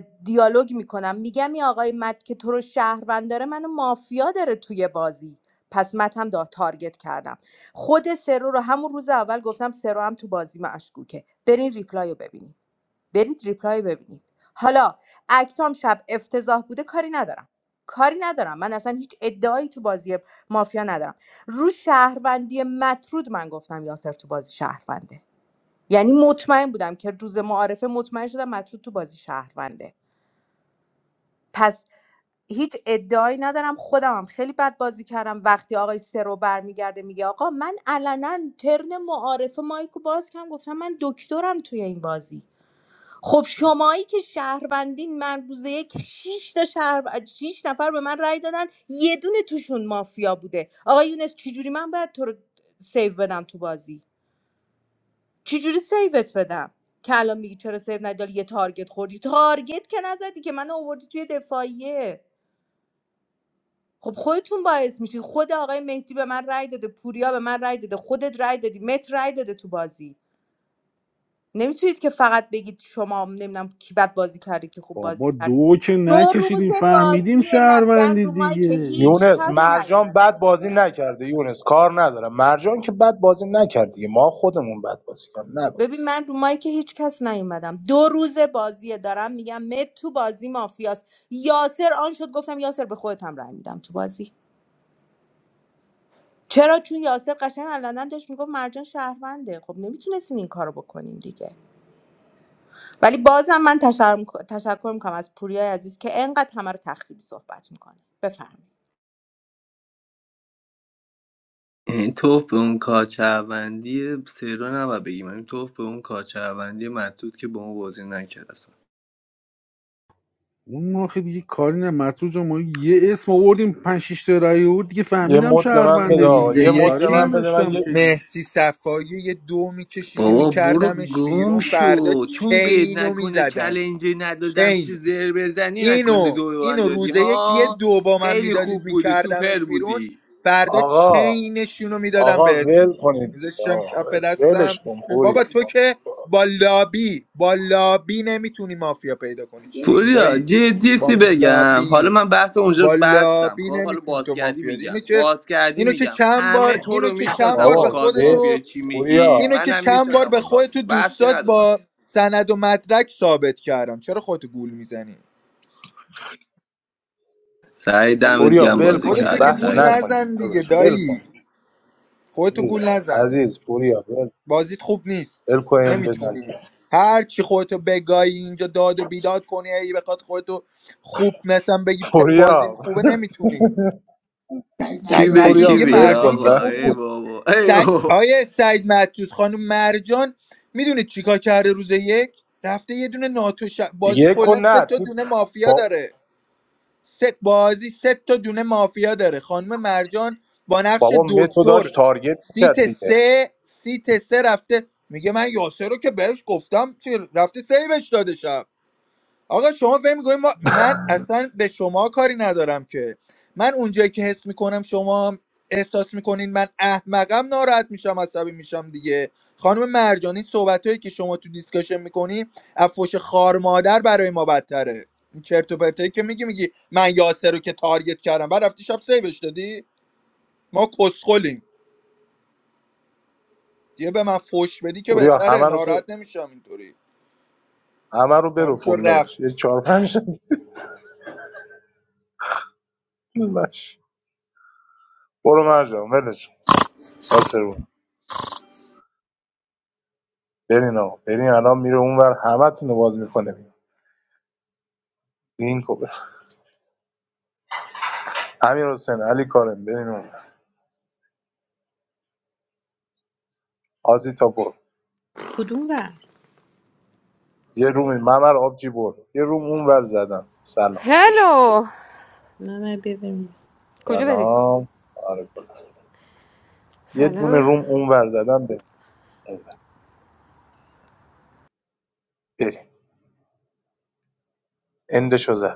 [SPEAKER 7] دیالوگ میکنم میگم این آقای مت که تو رو شهروند داره منو مافیا داره توی بازی پس مت هم دا تارگت کردم خود سرو رو همون روز اول گفتم سرو هم تو بازی مشکوکه برین ریپلای رو ببینید برید ریپلای رو ببینید حالا اکتام شب افتضاح بوده کاری ندارم کاری ندارم من اصلا هیچ ادعایی تو بازی مافیا ندارم رو شهروندی مطرود من گفتم یاسر تو بازی شهرونده یعنی مطمئن بودم که روز معارفه مطمئن شدم مطرود تو بازی شهرونده پس هیچ ادعایی ندارم خودم هم خیلی بد بازی کردم وقتی آقای سرو برمیگرده میگه آقا من علنا ترن معارفه مایکو باز کردم گفتم من دکترم توی این بازی خب شمایی که شهروندین من روز یک شیش تا شهر شیش نفر به من رای دادن یه دونه توشون مافیا بوده آقا یونس چجوری من باید تو رو سیو بدم تو بازی چجوری سیوت بدم که الان میگی چرا سیو نداری یه تارگت خوردی تارگت که نزدی که من آوردی توی دفاعیه خب خودتون باعث میشین خود آقای مهدی به من رأی داده پوریا به من رأی داده خودت رأی دادی مت رأی داده تو بازی نمیتونید که فقط بگید شما نمیدونم کی بد بازی کرده کی خوب بازی
[SPEAKER 22] بابا
[SPEAKER 7] کرده
[SPEAKER 22] دو که
[SPEAKER 7] دو روز
[SPEAKER 22] نکشیدیم فهمیدیم
[SPEAKER 7] بازی نبن
[SPEAKER 22] شهروندی
[SPEAKER 7] رو مایی که
[SPEAKER 22] دیگه
[SPEAKER 7] هیچ
[SPEAKER 6] یونس
[SPEAKER 7] کس
[SPEAKER 6] مرجان
[SPEAKER 7] نیومدن
[SPEAKER 6] بد بازی نکرده یونس کار نداره مرجان که بد بازی نکرد دیگه ما خودمون بد بازی کردیم نگو
[SPEAKER 7] ببین من رو مایی که هیچ کس نیومدم دو روز بازیه دارم میگم مت تو بازی مافیاست یاسر آن شد گفتم یاسر به خودت هم رأی میدم تو بازی چرا چون یاسر قشنگ علنا داشت میگفت مرجان شهرونده خب نمیتونستین این کارو بکنین دیگه ولی بازم من تشکر, می‌ک- تشکر میکنم از پوریا عزیز که انقدر همه رو تخریبی صحبت میکنه بفرمایید
[SPEAKER 18] این توف به اون کاچهوندی سرو نباید بگیم این توف به اون کاچهوندی مطرود که با اون بازی نکرد
[SPEAKER 22] اون آخه دیگه کاری نه مطرود جان، ما یه اسم آوردیم پنج شیش تا رأی بود دیگه
[SPEAKER 6] یه
[SPEAKER 22] فهمیدم
[SPEAKER 6] مد به من بده
[SPEAKER 22] شهرونده
[SPEAKER 6] آقا
[SPEAKER 15] روز
[SPEAKER 22] دیگه
[SPEAKER 6] یه مد
[SPEAKER 15] یک
[SPEAKER 22] کاری
[SPEAKER 6] به من
[SPEAKER 15] این
[SPEAKER 6] بده من
[SPEAKER 22] نداشتم
[SPEAKER 6] یه
[SPEAKER 22] که دیگه
[SPEAKER 15] مهدی صفایی یه دو میکشیدی
[SPEAKER 18] بابا برو
[SPEAKER 15] میکردمش
[SPEAKER 18] گم
[SPEAKER 15] بیرون فردا
[SPEAKER 18] شو چون بید
[SPEAKER 15] کینو
[SPEAKER 18] نکنه
[SPEAKER 15] میزدم
[SPEAKER 18] چلنجی ندادم
[SPEAKER 15] کین
[SPEAKER 18] چی زر بزنی نکنه
[SPEAKER 15] اینو
[SPEAKER 18] دو من
[SPEAKER 15] اینو
[SPEAKER 18] دادی
[SPEAKER 15] روزه یکی
[SPEAKER 18] ها
[SPEAKER 15] دو با من
[SPEAKER 18] خیلی
[SPEAKER 15] میدادید
[SPEAKER 18] خوب بودی سوپر
[SPEAKER 15] میکردمش بیرون
[SPEAKER 18] بودی
[SPEAKER 15] فردا
[SPEAKER 6] آقا
[SPEAKER 15] چینشون رو میدادم
[SPEAKER 6] آقا ول
[SPEAKER 15] بهتون
[SPEAKER 6] کنید دیگه
[SPEAKER 15] میذاشتم
[SPEAKER 6] آقا
[SPEAKER 15] کف
[SPEAKER 6] ول. ولش
[SPEAKER 15] دستم
[SPEAKER 6] کن پوری
[SPEAKER 15] بابا تو
[SPEAKER 6] آقا،
[SPEAKER 15] که با لابی با لابی نمیتونی مافیا پیدا کنی چی میگی
[SPEAKER 18] پوریا
[SPEAKER 15] دایی
[SPEAKER 18] جدی سی
[SPEAKER 15] با
[SPEAKER 18] بگم حالا
[SPEAKER 15] لابی
[SPEAKER 18] من بحث اونجا
[SPEAKER 15] با
[SPEAKER 18] بستم
[SPEAKER 15] لابی
[SPEAKER 18] خب حالا
[SPEAKER 15] نمیتونی
[SPEAKER 18] باز
[SPEAKER 15] تو
[SPEAKER 18] کردی
[SPEAKER 15] مافیا دی.
[SPEAKER 18] میگم
[SPEAKER 15] اینو که
[SPEAKER 18] باز کردی
[SPEAKER 15] اینو که
[SPEAKER 18] میگم
[SPEAKER 15] چند بار
[SPEAKER 18] همه تو
[SPEAKER 15] اینو
[SPEAKER 18] رو
[SPEAKER 15] که چند
[SPEAKER 18] میشناسم
[SPEAKER 15] بار
[SPEAKER 18] با
[SPEAKER 15] به
[SPEAKER 6] بابا
[SPEAKER 18] کارت
[SPEAKER 6] ول
[SPEAKER 18] مافیا
[SPEAKER 15] خودتو
[SPEAKER 18] چی میگی
[SPEAKER 6] پوریا
[SPEAKER 15] اینو که
[SPEAKER 18] منم
[SPEAKER 15] چند بار
[SPEAKER 18] میشناسم
[SPEAKER 15] به
[SPEAKER 18] با کارت
[SPEAKER 15] خودتو
[SPEAKER 18] بحثی
[SPEAKER 15] دوستات
[SPEAKER 18] ندارم
[SPEAKER 15] با سند و مدرک ثابت کردم چرا خودتو گول میزنی
[SPEAKER 18] سعی دمت
[SPEAKER 6] پوریا
[SPEAKER 18] گم
[SPEAKER 6] ول
[SPEAKER 18] بازی
[SPEAKER 6] کنید
[SPEAKER 15] خودتو
[SPEAKER 18] کردیم
[SPEAKER 15] که
[SPEAKER 6] بحث
[SPEAKER 18] سعی
[SPEAKER 15] گول
[SPEAKER 18] جان
[SPEAKER 6] نکنید
[SPEAKER 15] نزن دیگه
[SPEAKER 6] داداش ول کن
[SPEAKER 15] دایی خودتو
[SPEAKER 6] عزیز
[SPEAKER 15] گول نزن
[SPEAKER 6] عزیز پوریا ول
[SPEAKER 15] بازیت خوب نیست
[SPEAKER 6] ول کن این بزن
[SPEAKER 15] نمیتونی هر چی خودتو بگایی اینجا داد و بیداد کنی ای بخواد خودتو خوب مثلا بگی پ- بازیم
[SPEAKER 6] پوریا
[SPEAKER 15] خوبه نمیتونی
[SPEAKER 18] کی
[SPEAKER 15] سعید
[SPEAKER 18] به
[SPEAKER 15] معتود
[SPEAKER 6] پوریا
[SPEAKER 18] کی
[SPEAKER 15] میگه
[SPEAKER 18] میگه
[SPEAKER 6] ول کن
[SPEAKER 15] مرجان که
[SPEAKER 18] آقا
[SPEAKER 15] خوب
[SPEAKER 6] بس
[SPEAKER 18] ای
[SPEAKER 15] بود
[SPEAKER 18] بابا ای
[SPEAKER 15] سعی...
[SPEAKER 18] بابا
[SPEAKER 15] آیه سعید معتود خانم مرجان میدونه چیکار کرده روز یک رفته یه دونه ناتو ش- بازی
[SPEAKER 6] دیگه کن
[SPEAKER 15] کلا سه
[SPEAKER 6] نه
[SPEAKER 15] تا
[SPEAKER 6] تو
[SPEAKER 15] دونه مافیا
[SPEAKER 6] با
[SPEAKER 15] داره سه بازی سه تا دونه مافیا داره خانم مرجان با نقش
[SPEAKER 6] بابا متو
[SPEAKER 15] دکتر
[SPEAKER 6] داشت تارگت میکرد
[SPEAKER 15] سیت
[SPEAKER 6] دیگه
[SPEAKER 15] سه سیت سه رفته میگه من یاسر رو که بهش گفتم که رفته سیوش داده شب آقا شما فکر می‌کنید ما من اصلا به شما کاری ندارم که من اونجایی که حس میکنم شما هم احساس میکنین من احمقم ناراحت میشم عصبی میشم دیگه خانم مرجانی صحبتهایی که شما تو دیسکشن میکنی افوش خار مادر برای ما بدتره این چرت و پرتایی که میگی میگی من یاسر رو که تارگت کردم بعد رفتی شب سیوش دادی ما کسخلیم دیگه به من فوش بدی که
[SPEAKER 6] پوریا
[SPEAKER 15] بهتره
[SPEAKER 6] همه رو ب...
[SPEAKER 15] ناراحت نمیشم اینطوری
[SPEAKER 6] همه رو
[SPEAKER 15] تموم
[SPEAKER 6] برو
[SPEAKER 15] شد رفت
[SPEAKER 6] داداش یه چهار پنج تا دیگه باش. برو مرجان ولش کن. یاسر بود. برین آقا برین الان میره اونور همه تون رو باز میکنه این کوبه امیر حسین علی کارم برین اون آزی تا برو یه رومی ممر آبجی برد یه روم اونور زدم سلام خوش اومد.
[SPEAKER 27] Hello. Kujebiri.
[SPEAKER 6] سلام آره گلم. یه دونه
[SPEAKER 27] Salaam.
[SPEAKER 6] روم اونور زدم بریم اونور، بریم اندشو زدم